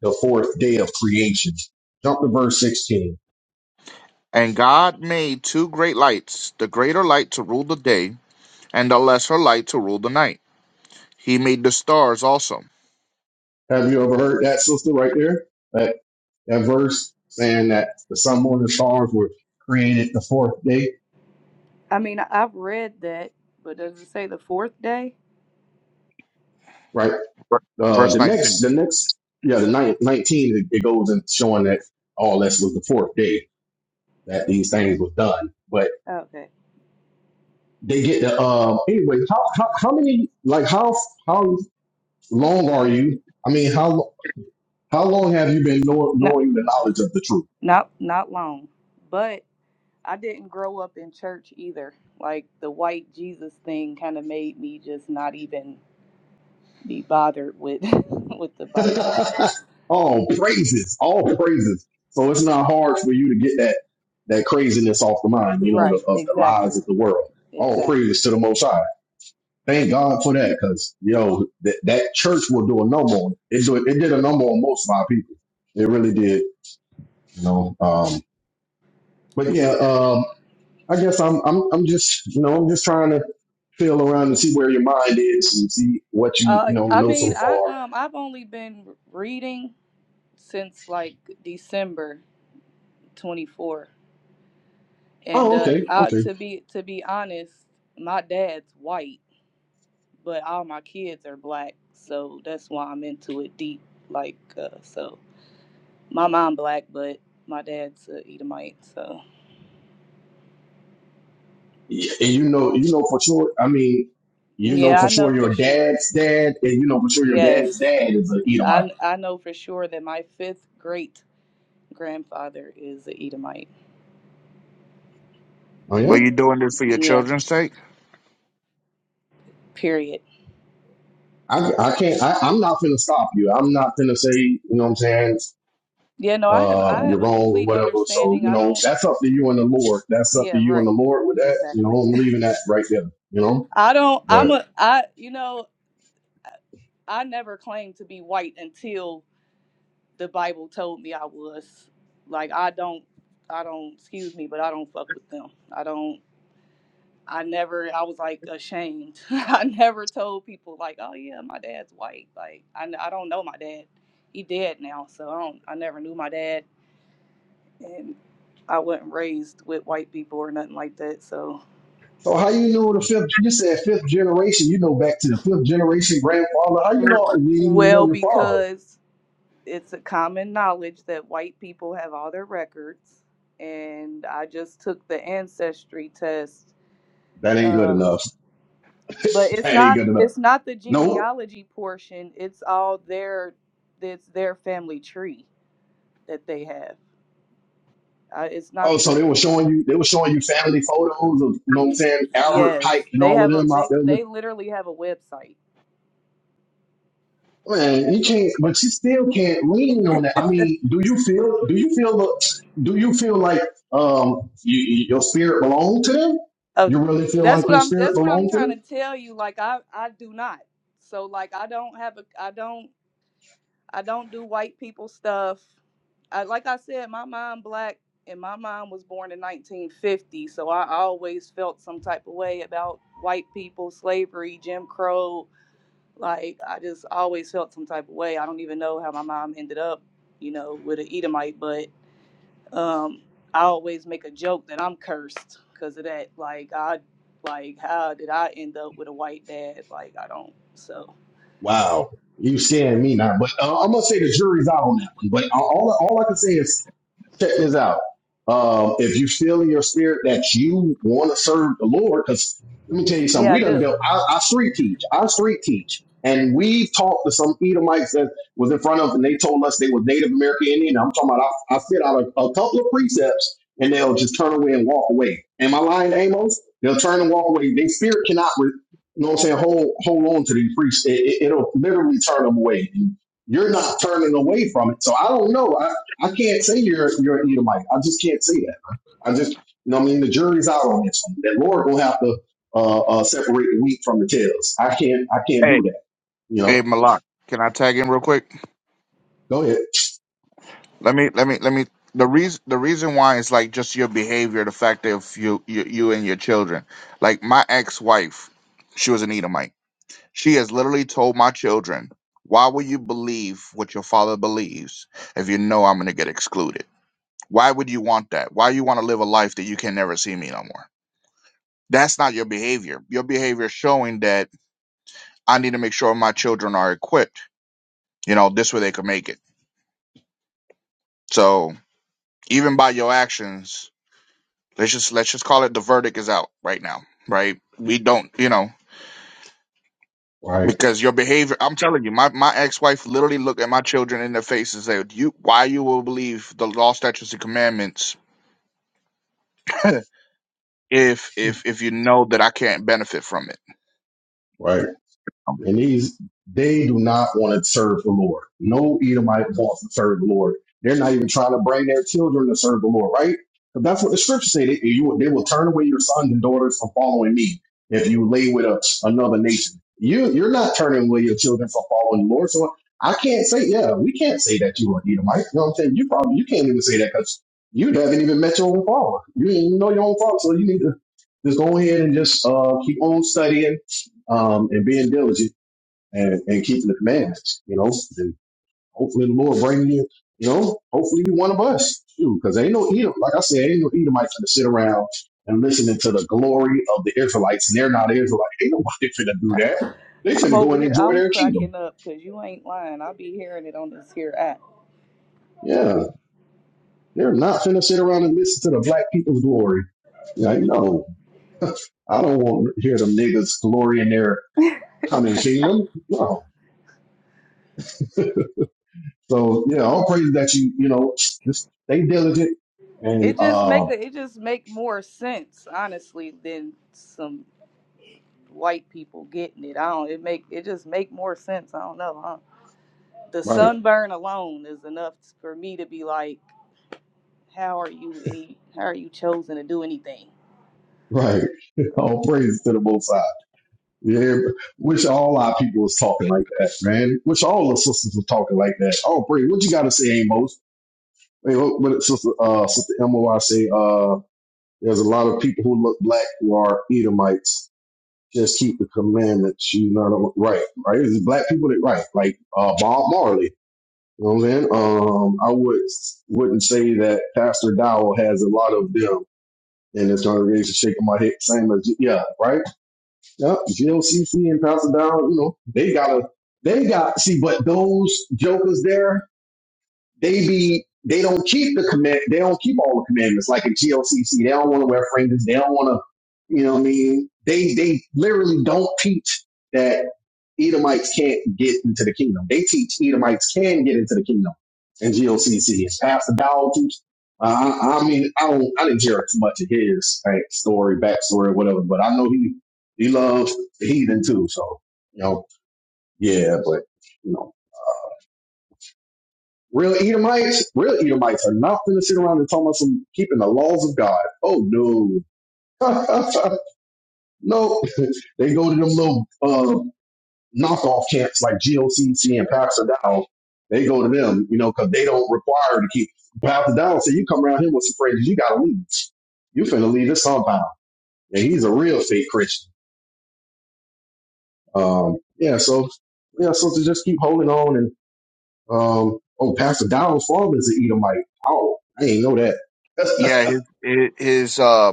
C: the fourth day of creation. Jump to verse 16.
B: And God made two great lights, the greater light to rule the day and thou lest her light to rule the night. He made the stars also.
C: Have you ever heard that, sister, right there? That, that verse saying that the sun, moon, and stars were created the fourth day,
D: I mean I, I've read that, but does it say the fourth day?
C: right?
B: Ver-
C: Uh,
B: Verse
C: the next,
B: 19.
C: the next, yeah, the ninth, 19, it, it goes in showing that all this was the fourth day that these things were done. But
D: Okay.
C: they get the, um, anyway, how, how, how many, like, how, how long are you? I mean, how, how long have you been know,
D: Not
C: knowing the knowledge of the truth?
D: not not long, but I didn't grow up in church either. Like the white Jesus thing kind of made me just not even be bothered with (laughs) with the Bible stuff.
C: (laughs) all praises, all praises. So it's not hard for you to get that that craziness off the mind, you know, the,
D: Right.
C: of the lies
D: Exactly.
C: of the world. All
D: Exactly.
C: praises to the Most High. Thank God for that, because you know that that church will do a number on it. It, do, it did a number on most of our people. It really did, you know. Um, but yeah, um, I guess I'm I'm I'm just you know I'm just trying to feel around and see where your mind is and see what you
D: Uh,
C: you know
D: I
C: know
D: mean,
C: so
D: I
C: far.
D: um, I've only been reading since like December twenty four, and
C: Oh,
D: uh,
C: okay,
D: I,
C: okay.
D: to be to be honest, my dad's white, but all my kids are black, so that's why I'm into it deep. Like, uh, so my mom black, but my dad's uh, Edomite, so
C: Yeah, and you know, you know for sure. I mean, you know
D: yeah,
C: for
D: I know
C: sure
D: for
C: your
D: sure.
C: dad's dad, and you know for sure your dad's
D: Yes,
C: dad is an Edomite.
D: I I know for sure that my fifth great grandfather is a Edomite.
C: Oh yeah,
B: But you doing this for your
D: Yeah.
B: children's sake?
D: Period.
C: I, I can't. I, I'm not gonna stop you. I'm not gonna say you know what I'm saying.
D: Yeah, no, I have
C: Uh,
D: I
C: you're
D: have a
C: wrong or
D: complete
C: whatever. So
D: understanding.
C: you
D: I
C: know
D: don't
C: that's up to you and the Lord. That's up to
D: yeah,
C: you and the
D: right.
C: Lord with that. You know,
D: Exactly.
C: I'm leaving that right there. You know,
D: (laughs) I don't I'm
C: but.
D: a I you know, I never claimed to be white until the Bible told me I was. Like I don't I don't excuse me, but I don't fuck with them. I don't I never I was like ashamed. (laughs) I never told people like, "Oh yeah, my dad's white." Like I n- I don't know my dad. He dead now, so I don't I never knew my dad and I wasn't raised with white people or nothing like that. So,
C: So how you know the fifth? You said fifth generation. You know back to the fifth generation grandfather. How you
D: Mm.
C: know you didn't even know
D: well,
C: your father?
D: because it's a common knowledge that white people have all their records, and I just took the ancestry test.
C: That ain't good
D: Um,
C: enough. (laughs)
D: but it's
C: That ain't
D: not
C: good enough.
D: it's not the
C: Nope.
D: genealogy portion. It's all their it's their family tree that they have. Uh, it's
C: Oh,
D: not
C: so
D: the
C: they were showing you they were showing you family photos of you know what I'm
D: y-
C: saying, Albert Pike
D: yes
C: and
D: they
C: all of
D: have a
C: them out
D: they
C: there with
D: they literally have a website
C: man, you can't but you still can't lean on that. I mean, do you feel do you feel the do you feel like um you, your spirit belonged to them?
D: Oh,
C: You really feel
D: that's
C: like
D: what
C: your
D: I'm.
C: spirit
D: That's what I'm
C: belonged to them?
D: trying to tell you. Like I, I do not. So like I don't have a. I don't. I don't do white people stuff. I, like I said, my mom black, and my mom was born in 1950. So I always felt some type of way about white people, slavery, Jim Crow. Like I just always felt some type of way. I don't even know how my mom ended up, you know, with an Edomite, but. Um, I always make a joke that I'm cursed because of that. Like I, like how did I end up with a white dad? Like I don't. So
C: Wow, you seeing me now? But uh, I'm gonna say the jury's out on that one. But all all all I can say is check this out. Um, if you feel in your spirit that you want to serve the Lord, because let me tell you something,
D: yeah, I
C: we done
D: do.
C: built. I, I street teach. I street teach, and we talked to some Edomites that was in front of, us, and they told us they were Native American Indian. I'm talking about. I, I fit out a, a couple of precepts, and they'll just turn away and walk away. Am I lying, Amos? They'll turn and walk away. Their spirit cannot. You know what I'm saying? Hold hold on to these priests. It, it, will literally turn them away. And You're not turning away from it. So I don't know. I, I can't say you're you're an Edomite. I just can't say that. I just you know what I mean the jury's out on this one. That Lord will have to uh, uh, separate the wheat from the tails. I can't I can't
B: Hey,
C: do that. You
B: hey,
C: know.
B: Malak, can I tag in real quick?
C: Go ahead.
B: Let me, let me, let me. The reason, the reason why is like just your behavior, the fact of you, you, you and your children. Like my ex-wife, she was an Edomite. She has literally told my children, "Why will you believe what your father believes if you know I'm going to get excluded? Why would you want that? Why you want to live a life that you can never see me no more?" that's not your behavior. Your behavior is showing that I need to make sure my children are equipped. You know, this way they can make it. So even by your actions, let's just let's just call it the verdict is out right now, right? We don't, you know,
C: Right.
B: because your behavior. I'm telling you, my my ex wife literally looked at my children in the face and said, "You, why you will believe the law, statutes, and commandments (laughs) if if if you know that I can't benefit from it."
C: Right.
B: Um,
C: And these, they do not want to serve the Lord. No Edomite wants to serve the Lord. They're not even trying to bring their children to serve the Lord, right? But that's what the scripture say. They, you, they will turn away your sons and daughters from following me if you lay with a, another nation. You, you're not turning away your children from following the Lord. So I can't say, yeah, we can't say that you are Edomite. You know what I'm saying? You probably, you can't even say that because you haven't even met your own father. You didn't even know your own father. So you need to just go ahead and just, uh, keep on studying um, and being diligent and, and keeping the commandments, you know. And hopefully the Lord bring you, you know, hopefully you one of us. too, Because ain't no Edom, like I said, ain't no Edomite to sit around and listening to the glory of the Israelites, and they're not Israelites. Ain't nobody (laughs) finna do that. They
D: I'm
C: finna go
D: over
C: and
D: here.
C: enjoy
D: I'm
C: their kingdom.
D: cracking up because you ain't lying. I be hearing it on this here app.
C: Yeah. They're not finna sit around and listen to the black people's glory. Like, no, I don't want to hear them niggas glory in their coming kingdom. No. So yeah, all praise that you, you know, just stay diligent and
D: It just
C: uh
D: make a, it just make more sense honestly than some white people getting it. I don't. It make it just make more sense. I don't know. Huh? The
C: right.
D: sunburn alone is enough for me to be like, how are you any? How are you chosen to do anything?
C: Right. (laughs) All praise to the Most High. Yeah, wish all our people was talking like that, man. Wish all the sisters were talking like that. Oh, praise. What you got to say, Amos? Hey, what, what did sister, uh, sister MOI say? Uh, there's a lot of people who look black who are Edomites. Just keep the commandments. You know, what right, right. It's black people that right, like uh, Bob Marley. You know what I'm saying? Um, I would wouldn't say that Pastor Dowell has a lot of them in his congregation shaking my head, same as yeah, right Yeah, GOCC and Pastor Down, you know, they gotta, they got, see, but those jokers there, they be, they don't keep the command, they don't keep all the commandments like in GOCC. They don't want to wear fringes. They don't want to, you know what I mean? They, they literally don't teach that Edomites can't get into the kingdom. They teach Edomites can get into the kingdom in GOCC. It's Pastor Dowell teach. Uh, I, I mean, I don't, I didn't hear too much of his like, story, backstory, whatever, but I know he, he loves the heathen too. So, you know, yeah, but, you know, real Edomites, real Edomites are not going to sit around and talk about some keeping the laws of God. Oh, no. (laughs) no, (laughs) they go to them little uh, knockoff camps like GOCC and Pastor Dow, they go to them, you know, because they don't require to keep Pastor Dow. So you come around here with some phrases, you got to leave. You finna leave this compound. And he's a real fake Christian. Um, yeah, so, yeah, so to just keep holding on and, um, oh, Pastor Dow's father is an Edomite. Oh, I ain't know that.
B: Yeah, his his uh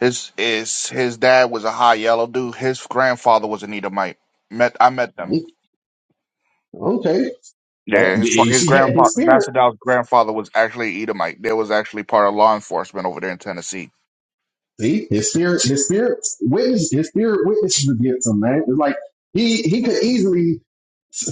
B: His is his dad was a high yellow dude. His grandfather was an Edomite. Met I met them.
C: Mm, Okay. That,
B: Yeah, his fa-
C: you
B: his
C: see that in
B: grandfather
C: his spirit.
B: Vassadal's grandfather was actually Edomite. They was actually part of law enforcement over there in Tennessee.
C: See, his spirit, his spirit witness, his spirit witnesses against him, man. It's like he he could easily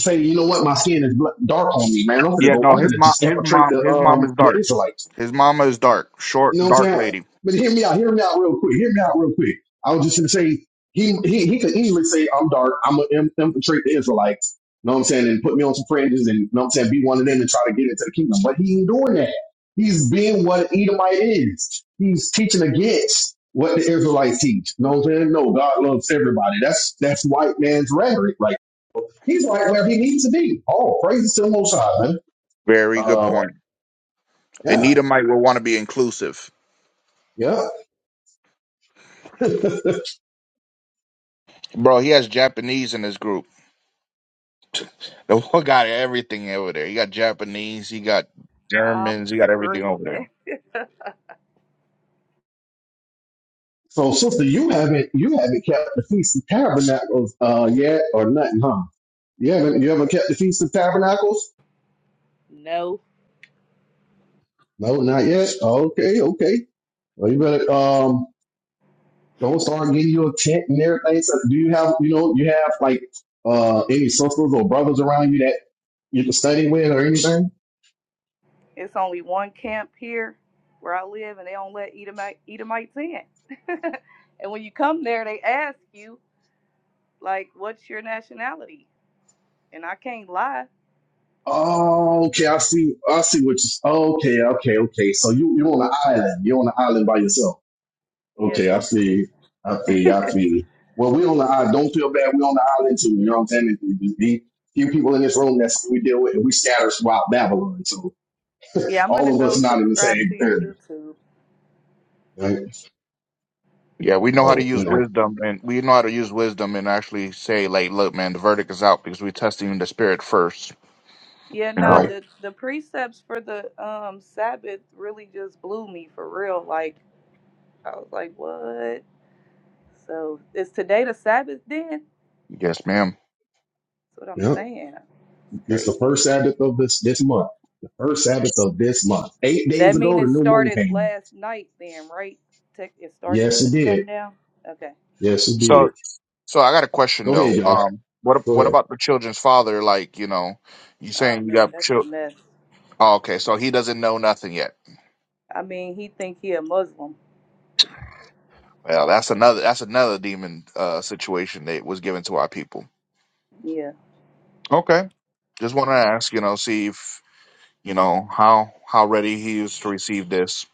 C: say, you know what, my skin is dark on me, man. I'm gonna
B: Yeah,
C: go,
B: no,
C: I'm
B: his
C: gonna
B: mom
C: just
B: his
C: infiltrate
B: mom
C: the
B: his mom
C: um
B: is
C: the
B: dark.
C: Israelites.
B: His mama is dark, short,
C: You know what I'm
B: dark
C: saying?
B: lady.
C: But hear me out. Hear me out real quick. Hear me out real quick. I was just gonna say he he he could easily say I'm dark. I'm gonna infiltrate the Israelites. You know what I'm saying? And put me on some fringes and you know what I'm saying be one of them and try to get into the kingdom. But he ain't doing that. He's being what an Edomite is. He's teaching against what the Israelites teach. You know what I'm saying? No, God loves everybody. That's that's white man's rhetoric. Like he's right where he needs to be. Oh, praises to the Most High, man.
B: Very good
C: Uh,
B: point. An
C: yeah,
B: Edomite will want to be inclusive.
C: yeah.
B: Bro, he has Japanese in his group. (laughs) The one got everything over there. He got Japanese, he got
D: I'm
B: Germans, he got everything over there.
D: screaming.
C: So, sister, you haven't you haven't kept the feast of tabernacles uh yet or nothing, huh? You haven't you haven't kept the feast of tabernacles?
D: No.
C: No, not yet. Okay, okay. Well, you better um go start getting you a tent and everything. So, do you have you know you have like uh any sisters or brothers around you that you can study with or anything?
D: It's only one camp here where I live, and they don't let Edomite, Edomites in. (laughs) and when you come there, they ask you, like, what's your nationality? And I can't lie.
C: Oh, okay. I see. I see what you. Okay, okay, okay. So you you're on an island. You're on an island by yourself.
D: Yeah,
C: Okay, I
D: basically.
C: see. I
D: (laughs)
C: see. I see. Well, we on the island. Don't feel bad. We on the island too. You know what I'm saying? There's a Few people in this room that's we deal with, and we scatter throughout Babylon. So
D: yeah, I'm gonna
C: all of us
D: go
C: not in the
D: subscribe to
C: same
D: your
C: area,
D: YouTube.
C: right?
B: Yeah, we know how to
C: So you
B: use
C: know,
B: wisdom, and we know how to use wisdom and actually say, like, look, man, the verdict is out because we testing in the spirit first.
D: Yeah,
B: You
D: nah,
B: know?
C: right?
D: the the precepts for the um Sabbath really just blew me for real. Like I was like, what? So is today the Sabbath then? That's
B: Yes, ma'am.
D: what I'm
C: Yeah.
D: saying. It's
C: This the
D: crazy.
C: first Sabbath of this this month. The first Sabbath of this month. Eight days
D: That mean
C: ago, the
D: it
C: new moon
D: started
C: came in.
D: last night then, right? Tech it starts
C: Yes, it
D: at
C: did.
D: sundown? Okay.
C: Yes, it
B: So,
C: did.
B: so I got a question
C: Go
B: though.
C: ahead, y'all.
B: Um, what
C: Go
B: what
C: ahead.
B: about the children's father? Like, you know, you
D: Oh
B: saying you
D: man,
B: got
D: that's a
B: chil-
D: mess.
B: oh, okay, so he doesn't know nothing yet.
D: I mean he think he a Muslim.
B: Well, that's another that's another demon uh situation that was given to our people.
D: Yeah.
B: Okay, just want to
D: So
B: ask, you know, see if you know how how ready he is to receive this.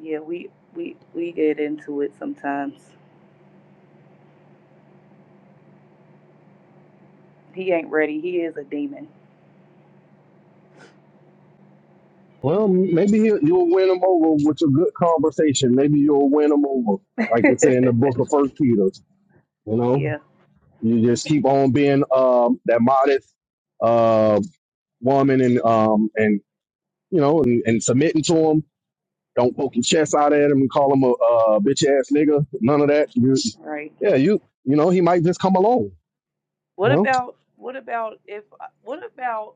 D: yeah, we we we get into it sometimes. He ain't ready. He is a demon.
C: Well, maybe he'll, you'll win him over with a good conversation. Maybe you'll win him over,
D: (laughs)
C: like it's in the book of First Peter. You know,
D: yeah,
C: you just keep on being um, that modest uh, woman, and um, and you know, and, and submitting to him. Don't poke your chest out at him and call him a, uh bitch ass nigga. None of that. You,
D: right.
C: yeah, you you know, he might just come along. You
D: What
C: know.
D: about what about if what about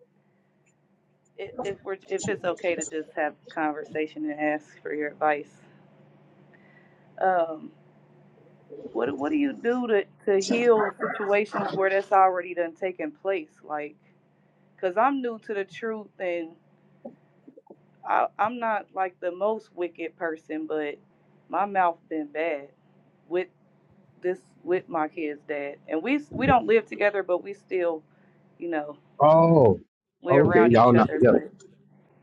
D: i- if we're if it's okay to just have a conversation and ask for your advice? Um What what do you do to to heal situations where that's already done taken place? Like, cause I'm new to the truth, and I I'm not like the most wicked person, but my mouth been bad with this with my kid's dad, and we we don't live together, but we still, you know,
C: Oh,
D: we're
C: okay,
D: around
C: y'all
D: each
C: not
D: other.
C: together.
D: But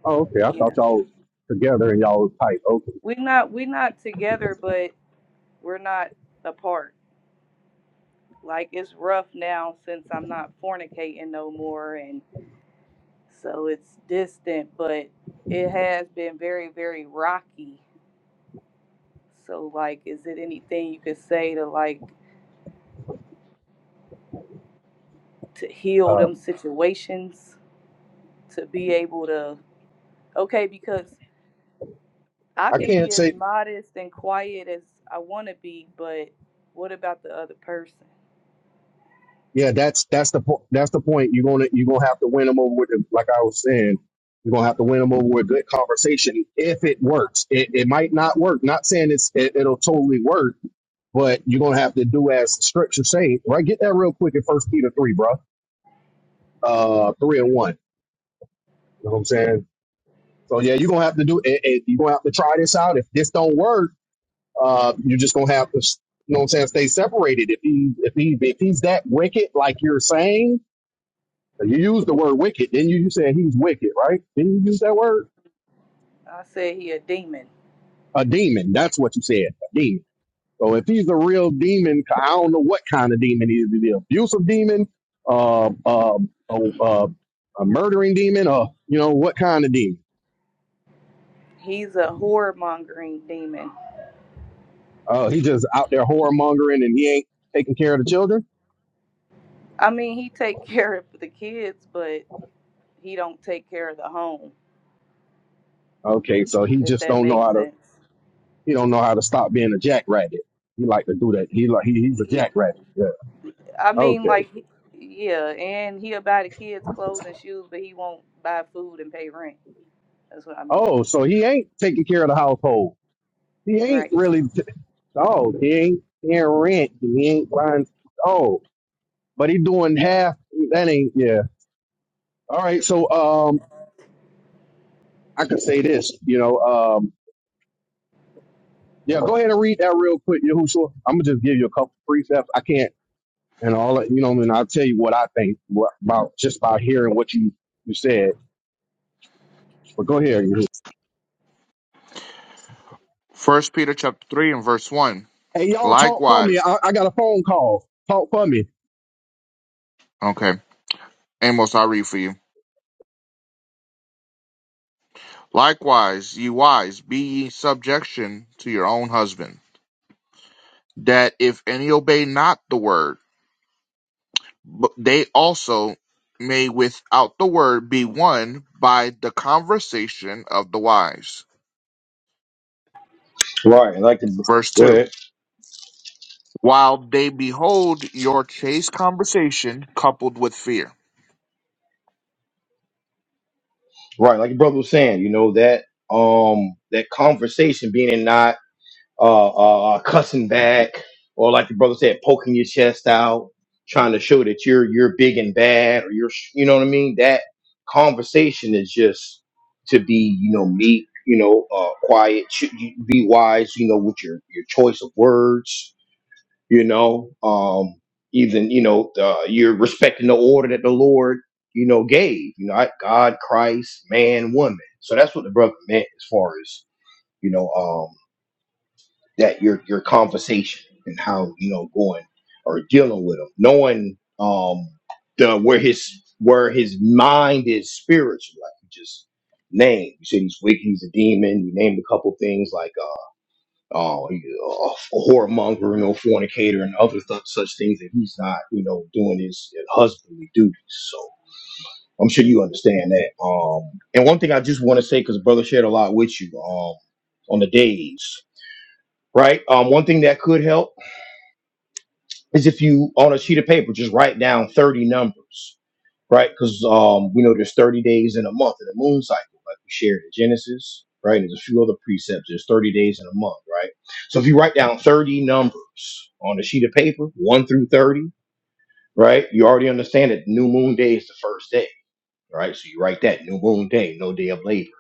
C: Oh, okay, I thought
D: yeah,
C: y'all was together and y'all was tight. Okay,
D: we not we not together, but we're not apart. Like it's rough now since I'm not fornicating no more, and so it's distant, but it has been very, very rocky. So, like, is it anything you could say to like to heal
C: uh,
D: them situations to be able to okay? Because I
C: I
D: can
C: can't
D: be as
C: say
D: modest and quiet as I want to be, but what about the other person?
C: Yeah, that's that's the po- that's the point. You're gonna you're gonna have to win them over with, the, like I was saying, you're gonna have to win them over with good conversation. If it works, it, it might not work. Not saying it's it, it'll totally work, but you're gonna have to do as the scripture say. Right, get that real quick in First Peter three, bro. Uh, three and one. You know what I'm saying? So yeah, you're gonna have to do it. it- You're gonna have to try this out. If this don't work, uh, you're just gonna have to, you know what I'm saying? Stay separated. If he if he if he's that wicked, like you're saying You use the word wicked. Then you, you said he's wicked, right? Didn't you use that word?
D: I said he a demon.
C: A demon. That's what you said. A demon. So if he's a real demon, I don't know what kind of demon he is. Is he an abusive demon? Uh, uh, uh, uh, a murdering demon? Uh, you know, what kind of demon?
D: He's a horror mongering demon.
C: Uh, he just out there whoremongering and he ain't taking care of the children?
D: I mean, he take (laughs) care of the kids, but he don't take care of the home.
C: Okay, so he
D: If
C: just
D: that
C: don't know
D: makes
C: how to,
D: sense.
C: he don't know how to stop being a jackrabbit. He like to do that. He like, he, he's a jackrabbit. Yeah.
D: I mean,
C: Okay.
D: like, he- yeah, and he'll buy the kids clothes and shoes, but he won't buy food and pay rent. That's what I mean,
C: Oh, so he ain't taking care of the household. He ain't
D: right?
C: really sold. He ain't paying rent. He ain't buying Oh, But he doing half. That ain't yeah. All right. So um, I could say this. You know um, yeah. Go ahead and read that real quick, Yahushua. I'm gonna just give you a couple precepts. I can't and all that. You know, and I'll tell you what I think what, about just by hearing what you you said. But go ahead. Yahushua.
B: First Peter chapter three and verse one.
C: Hey, y'all talk for
B: Likewise.
C: me. I, I got a phone call. Talk for me.
B: Okay. Amos, I'll read for you. Likewise, ye wives, be ye subjection to your own husband, that if any obey not the word, they also may without the word be won by the conversation of the wives.
A: Right, and like the
B: Verse
A: go
B: 2.
A: ahead.
B: While they behold your chaste conversation coupled with fear.
A: Right, like your brother was saying, you know that um that conversation being in nine. uh, uh, uh, cussing back, or like the brother said, poking your chest out, trying to show that you're you're big and bad, or you're s- you know what I mean. That conversation is just to be you know meek, you know, uh, quiet, ch- you- be wise, you know, with your your choice of words, you know, um, even you know uh, you're respecting the order that the Lord you know gave, you know, I- God, Christ, man, woman. So that's what the brother meant as far as you know. um, that your your conversation and how you know going or dealing with him, knowing um the where his where his mind is spiritual, like you just named. You said he's wicked, he's a demon. You named a couple things like uh oh he- uh, a whoremonger, you know, fornicator, and other th- such things that he's not you know doing his husbandly duties. So. I'm sure you understand that. Um, and one thing I just want to say, because brother shared a lot with you um, on the days, right? Um, one thing that could help is if you on a sheet of paper just write down 30 numbers right because um we know there's 30 days in a month in the moon cycle like we shared in genesis right and there's a few other precepts there's 30 days in a month right so if you write down 30 numbers on a sheet of paper 1 through 30 right you already understand that new moon day is the first day right so you write that new moon day no day of labor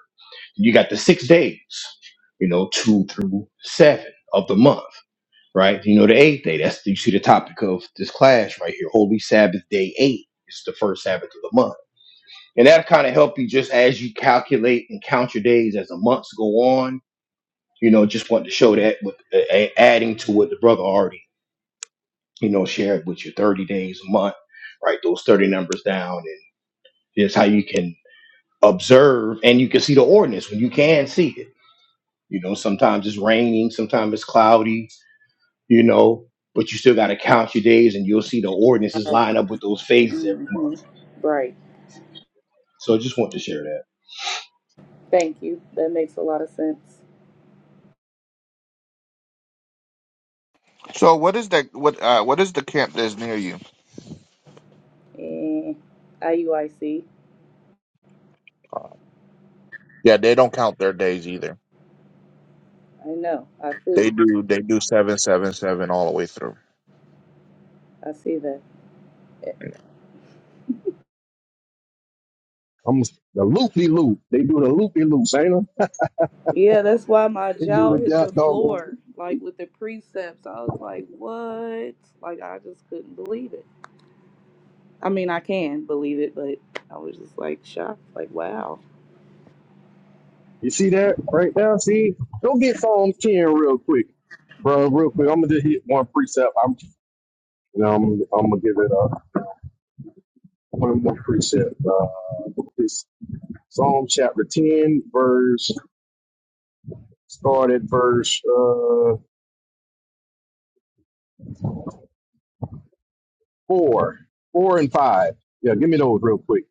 A: you got the six days you know two through seven of the month right? You know, the eighth day. That's you see the topic of this class right here. Holy Sabbath, day eight. It's the first Sabbath of the month, and that'll kind of help you just as you calculate and count your days as the months go on. You know, just want to show that with uh, a- adding to what the brother already you know shared with your thirty days a month, right? Those thirty numbers down, and here's how you can observe and you can see the ordinance when you can see it. You know, sometimes it's raining, sometimes it's cloudy, you know, but you still got to count your days and you'll see the ordinances line up with those phases every
D: hmm
A: month.
D: Right.
A: So I just want to share that.
D: Thank you. That makes a lot of sense.
B: So what is that what uh what is the camp that's near you?
D: And IUIC, I C.
B: Yeah, they don't count their days either.
D: I know. I see.
B: They do they do seven seven seven all the way through.
D: I see that.
C: I'm the loopy loop. They do the loopy loops, ain't them?
D: Yeah, that's why my
C: They do
D: jaw hit
C: the
D: the
C: dog.
D: floor, like with the precepts. I was like, what? Like, I just couldn't believe it. I mean, I can believe it, but I was just like shocked, like, wow.
C: You see that right now? See? Go get Psalms 10 real quick, bro. Real quick. I'm going to just hit one precept. I'm, you know, I'm, I'm going to give it uh, one more precept. Uh, it's Psalm chapter 10, verse, start at verse uh, 4, 4 and 5. Yeah, give me those real quick.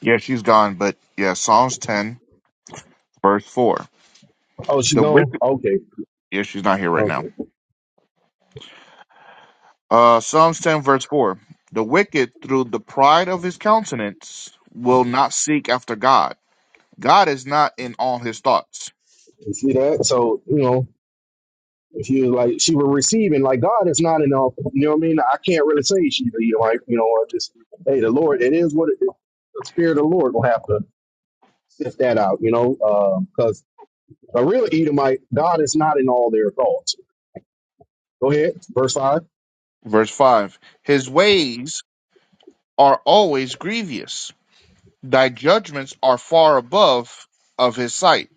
B: Yeah, she's gone, but yeah, Psalms 10, verse 4.
C: Oh, she
B: The
C: gone?
B: wicked,
C: Okay.
B: yeah, she's not here right
C: Okay.
B: now. Uh, Psalms 10, verse 4. The wicked, through the pride of his countenance, will not seek after God. God is not in all his thoughts.
C: You see that? So, you know, She was like, she was receiving, like, God is not enough. You know what I mean? I can't really say she, you know, like, you know, I just, hey, the Lord, it is what it is. The Spirit of the Lord will have to sift that out, you know, because a real Edomite, God is not in all their thoughts. Go ahead, verse 5.
B: Verse 5. His ways are always grievous. Thy judgments are far above of his sight.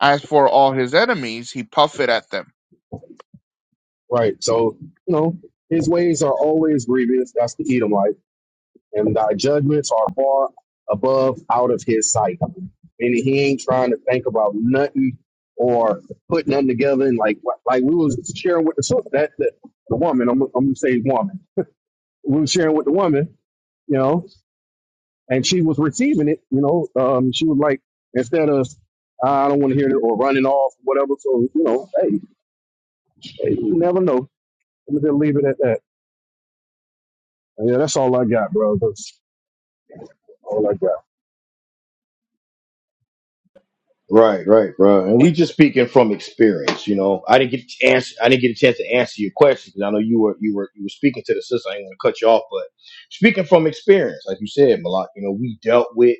B: As for all his enemies, he puffeth at them.
C: Right. So, you know, his ways are always grievous. That's the Edomite. And thy judgments are far above out of his sight. and he ain't trying to think about nothing or put nothing together. And like like we was sharing with the sis- that, that the woman. I'm, I'm gonna say woman. We was sharing with the woman, you know, and she was receiving it. You know, um, she was like instead of I don't want to hear it or running off whatever. So you know, hey, hey, you never know. I'm gonna just leave it at that. Yeah, that's all I got, bro. That's all I got.
A: Right, right, bro. And we
C: And
A: just speaking from experience, you know. I didn't get to answer. I didn't get a chance to answer your question 'cause I know you were you were you were speaking to the sister. I didn't want to cut you off, but speaking from experience, like you said, Malak, you know, we dealt with.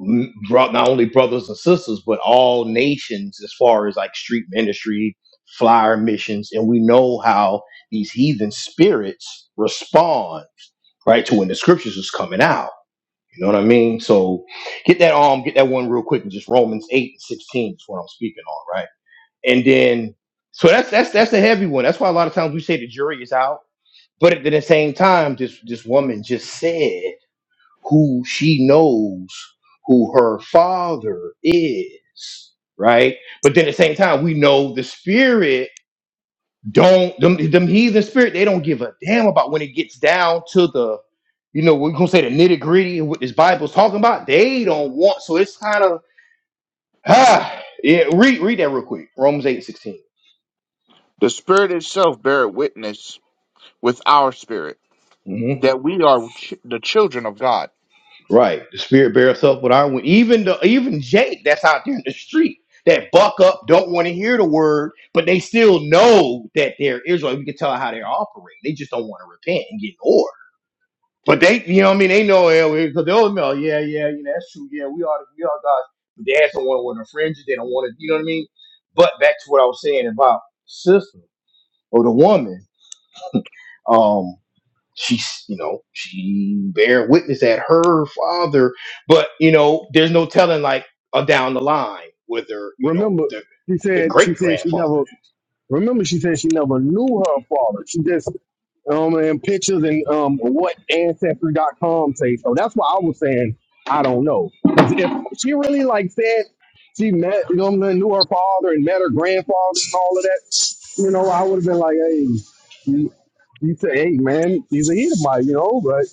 A: n- bro- not only brothers and sisters, but all nations as far as like street ministry, flyer missions, and we know how these heathen spirits respond, right, to when the scriptures is coming out. You know what I mean? So get that um, get that one real quick and just Romans 8 and 16 is what I'm speaking on, right? And then so that's that's that's a heavy one. That's why a lot of times we say the jury is out. But at the same time, this this woman just said who she knows who her father is, right? But then at the same time, we know the spirit don't them them heathen spirit, they don't give a damn about when it gets down to the you know, we're gonna say the nitty-gritty of what this Bible's talking about, they don't want so it's kind of ah (sighs) yeah, read read that real quick. Romans eight sixteen.
B: The Spirit itself beareth witness with our spirit
A: Mm-hmm.
B: that we are ch- the children of God.
A: Right. The spirit bears up with our witness. Even the even Jake that's out there in the street that buck up, don't want to hear the word, but they still know that they're Israel. We can tell how they're operating. They just don't want to repent and get in order. But they, you know what I mean? They know because they'll know, yeah, yeah, you know, that's true. Yeah, we are we are God's but they just don't want to want to infringe it. They don't want to, you know what I mean? But back to what I was saying about sister or the woman. um, she's you know she bear witness that her father but you know there's no telling like uh, down the line whether you know
C: remember,
A: the
C: she
A: the
C: said she
A: great
C: said she
A: grandfather
C: never. Remember, she said she never knew her father. She just um, and pictures and um, what ancestry.com say. So that's why I was saying I don't know because if she really like said she met you know, knew her father and met her grandfather and all of that, you know, I would have been like, hey, you you say, hey man, he's a Edomite, you know, but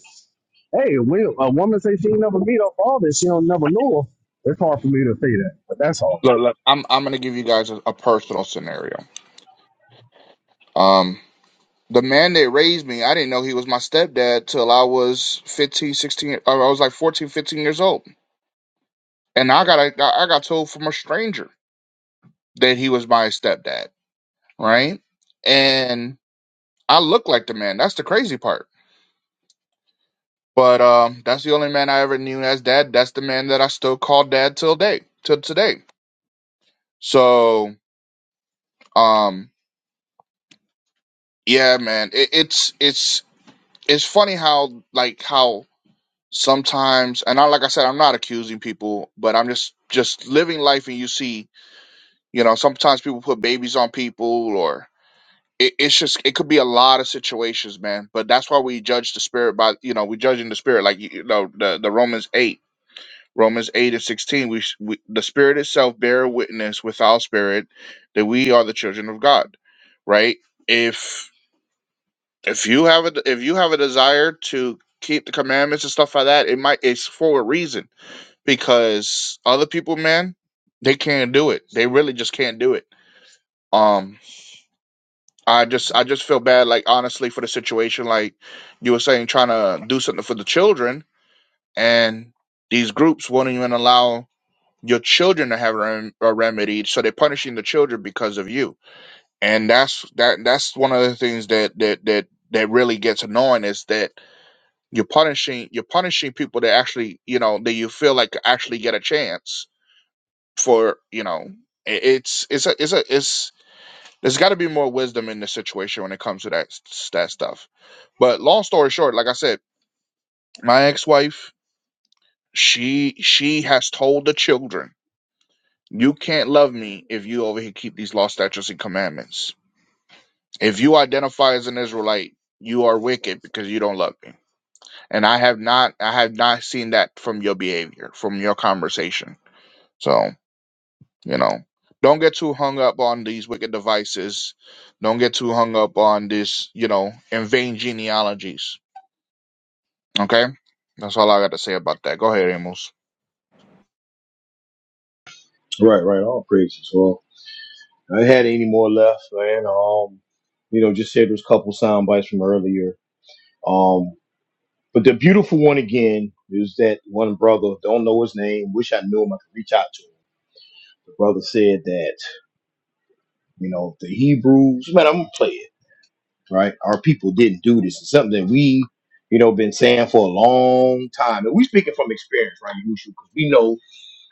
C: hey, we, a woman say she ain't never meet her father, she don't never know her. It's hard for me to say that, but that's all.
B: Look, look, I'm I'm gonna give you guys a, a personal scenario. Um, the man that raised me, I didn't know he was my stepdad till I was 15, 16. uh, I was like 14, 15 years old, and I got I got told from a stranger that he was my stepdad, right? And I look like the man. That's the crazy part. But um, that's the only man I ever knew as dad. That's the man that I still call dad till day till today. So um, yeah, man, it, it's it's it's funny how like how sometimes and I like I said I'm not accusing people, but I'm just just living life and you see, you know, sometimes people put babies on people or it, it's just it could be a lot of situations, man. But that's why we judge the spirit by you know we judge in the spirit like you you know the the Romans eight. Romans 8 and 16, we, sh- we the spirit itself bear witness with our spirit that we are the children of God, right? If if you have a if you have a desire to keep the commandments and stuff like that, it might it's for a reason because other people, man, they can't do it. They really just can't do it. Um, I just I just feel bad, like honestly, for the situation. Like you were saying, trying to do something for the children, and these groups won't even allow your children to have a, rem- a remedy, so they're punishing the children because of you. And that's that that's one of the things that that that that really gets annoying is that You're punishing you're punishing people that actually you know that you feel like actually get a chance for you know i- it's it's a it's a it's there's got to be more wisdom in this situation when it comes to that s- that stuff. But long story short, like I said, my ex-wife she she has told the children, you can't love me if you over here keep these law statutes and commandments. If you identify as an Israelite, you are wicked because you don't love me. And I have not I have not seen that from your behavior, from your conversation So, you know, don't get too hung up on these wicked devices. Don't get too hung up on this, you know, in vain genealogies. Okay? That's all I got to say about that. Go ahead, Amos.
A: Right, right. All praises. Well, I had any more left, man. Um, you know, just said those couple sound bites from earlier. Um, but the beautiful one again is that one brother. Don't know his name. Wish I knew him. I could reach out to him. The brother said that you know the Hebrews. Man, I'm gonna play it. right? Our people didn't do this. It's something that we, you know, been saying for a long time. And we speaking from experience, right, Yahushua? Because we know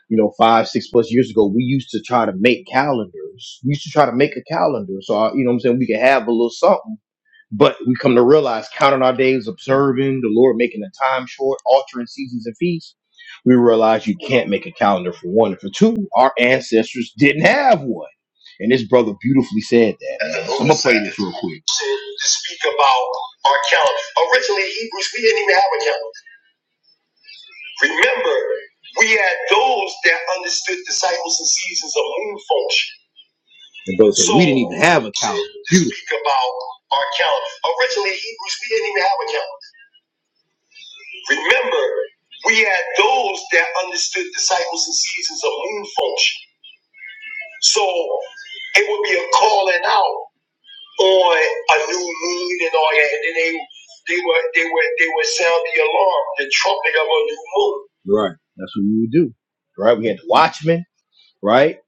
A: you know, five, six plus years ago, we used to try to make calendars. We used to try to make a calendar. So, I, you know what I'm saying? We could have a little something, but we come to realize counting our days, observing the Lord, making the time short, altering seasons and feasts. We realize you can't make a calendar for one. And for two, our ancestors didn't have one. And this brother beautifully said that. man. And the man. I'm going to play this real quick. Said To speak about our calendar. Originally, Hebrews, we didn't even have a calendar. Remember, we had those that understood disciples and seasons of moon function. And those that we didn't even have a calendar. To speak about our calendar. Originally, Hebrews, we didn't even have a calendar. Remember, we had those that understood disciples and seasons of moon function. So it would be a calling out on a new moon and all that, and then they they were they were they would sound the alarm, the trumpet of a new moon. Right. That's what we would do. Right. We had the watchmen. right?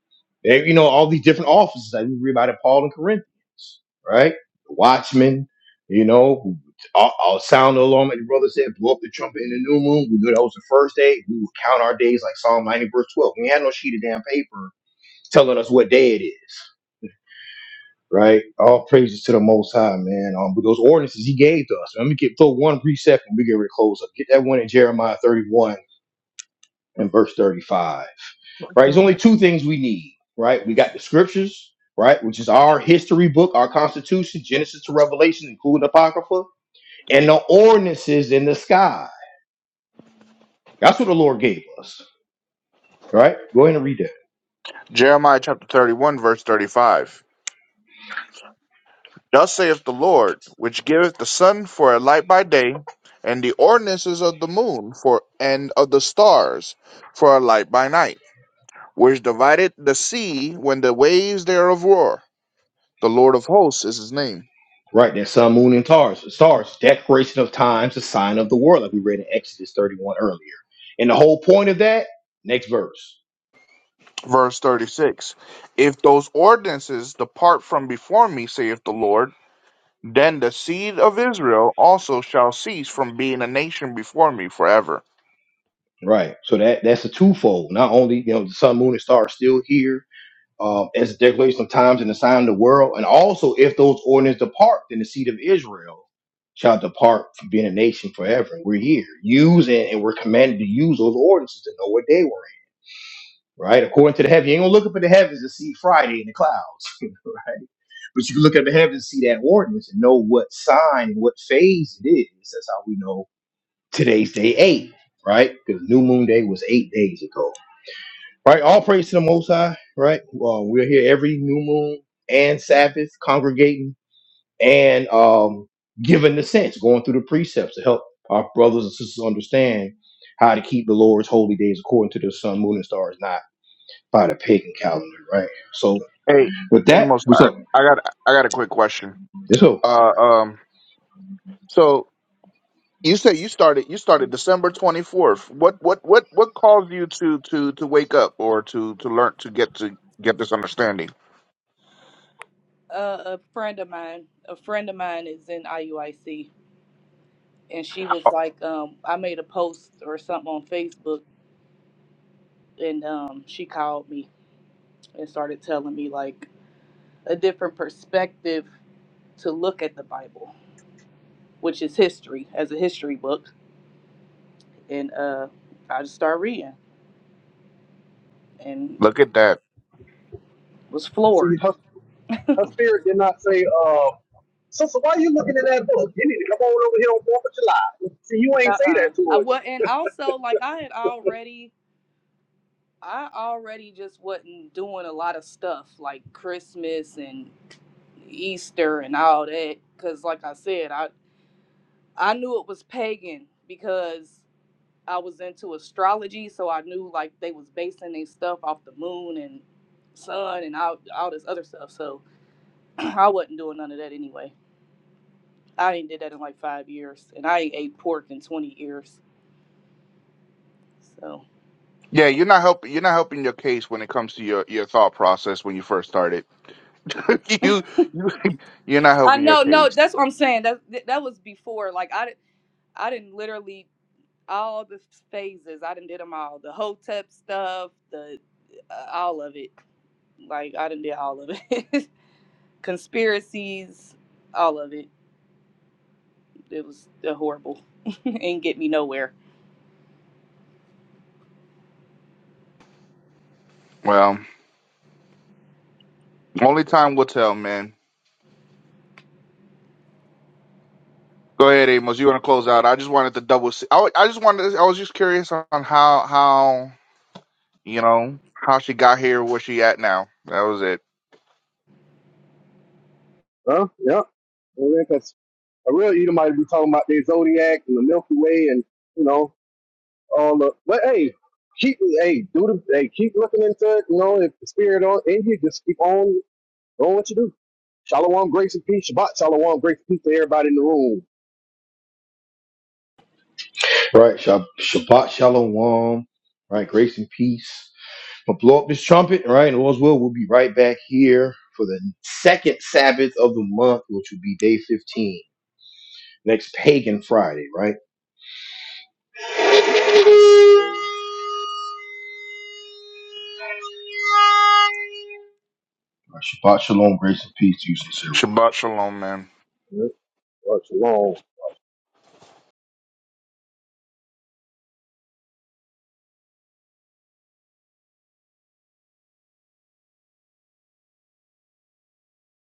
A: They- you know, all these different offices that we read about in Paul and Corinthians, right? The watchmen, you know, who all, all sound the alarm. And the brother said, blow up the trumpet in the new moon. We knew that was the first day. We would count our days like Psalm 90, verse 12. We had no sheet of damn paper telling us what day it is. Right, all praises to the Most High, man. Um, but those ordinances He gave to us. Let me get throw one precept and we get ready to close up. Get that one in Jeremiah thirty-one and verse thirty-five right? There's only two things we need, right? We got the scriptures, right, which is our history book, our constitution, Genesis to Revelation, including Apocrypha, and the ordinances in the sky. That's what the Lord gave us, right? Go ahead and read that.
B: Jeremiah chapter 31, verse 35. Thus saith the Lord, which giveth the sun for a light by day, and the ordinances of the moon for and of the stars for a light by night, which divided the sea when the waves thereof roar. The Lord of hosts is his name.
A: Right, that sun, moon, and stars. Stars, declaration of times, the sign of the world, like we read in Exodus 31 earlier. And the whole point of that, next verse.
B: Verse 36 If those ordinances depart from before me, saith the Lord, then the seed of Israel also shall cease from being a nation before me forever.
A: Right. So that that's a twofold. Not only, you know, the sun, moon, and stars still here, um, as declaration of times and the sign of the world. And also, if those ordinances depart, then the seed of Israel shall depart from being a nation forever. And we're here using and we're commanded to use those ordinances to know what day we're in, right? According to the heaven, you ain't gonna look up at the heavens and see Friday in the clouds, (laughs) right? But you can look at the heavens and see that ordinance and know what sign and what phase it is. That's how we know today's day eight, right? Because New Moon Day was eight days ago Right? All praise to the Most High, right? Well, we're here every new moon and Sabbath congregating and um, giving the sense, going through the precepts to help our brothers and sisters understand how to keep the Lord's holy days according to the sun, moon, and stars, not by the pagan calendar, right? So,
B: Hey,
A: with that,
B: Amos,
A: what's
B: I,
A: up?
B: I got I got a quick question.
A: It's up,
B: Uh, um, so you said you started you started December 24th. What what what what caused you to to to wake up or to to learn to get to get this understanding?
D: Uh, a friend of mine, a friend of mine is in IUIC, and she was like, um, I made a post or something on Facebook, and um, she called me and started telling me like a different perspective to look at the Bible, which is history as a history book, and uh, I just started reading and
B: Look at that.
D: was
C: See,
D: floored.
C: her Her spirit did not say, uh, sister, why are you looking at that book? You need to come on over here on 4th of July. See, you ain't say that
D: Uh-uh. I
C: to
D: wa
C: her.
D: and also like I had already I already just wasn't doing a lot of stuff like Christmas and Easter and all that because, like I said, I I knew it was pagan because I was into astrology, so I knew like they was basing their stuff off the moon and sun and all all this other stuff. So (clears throat) I wasn't doing none of that anyway. I ain't did that in like five years, and I ain't ate pork in twenty years. So
B: Yeah, you're not helping. You're not helping your case when it comes to your, your thought process when you first started. (laughs) you you you're not
D: I
B: helping your
D: know, no,
B: case.
D: that's what I'm saying. That that was before. Like I di- I didn't literally all the phases. I didn't did them all. The hotep stuff, the uh, all of it Like I done did all of it. (laughs) Conspiracies, all of it. It was horrible. (laughs) and get me nowhere.
B: Well, only time will tell, man. Go ahead, Amos. You want to close out? I just wanted to double. See. I, wa- I just wanted. I was just curious on how how you know how she got here, where she at now. That was it.
C: Huh? Yeah. Because a real Edomite be talking about their zodiac and the Milky Way and, you know, all the, but hey, keep, hey, do the, hey, keep looking into it. You know, if the spirit on in you, just keep on doing what you do. Shalom, grace and peace. Shabbat, shalom, grace and peace to everybody in the room.
A: right? Shab- Shabbat Shalom, right? Grace and peace. But blow up this trumpet, all right? And all's well, we'll be right back here for the second Sabbath of the month, which will be day 15 next pagan Friday, right? (laughs) All right, Shabbat shalom, grace and peace to you, sincere one.
B: Shabbat shalom, man.
C: Yeah. Shalom.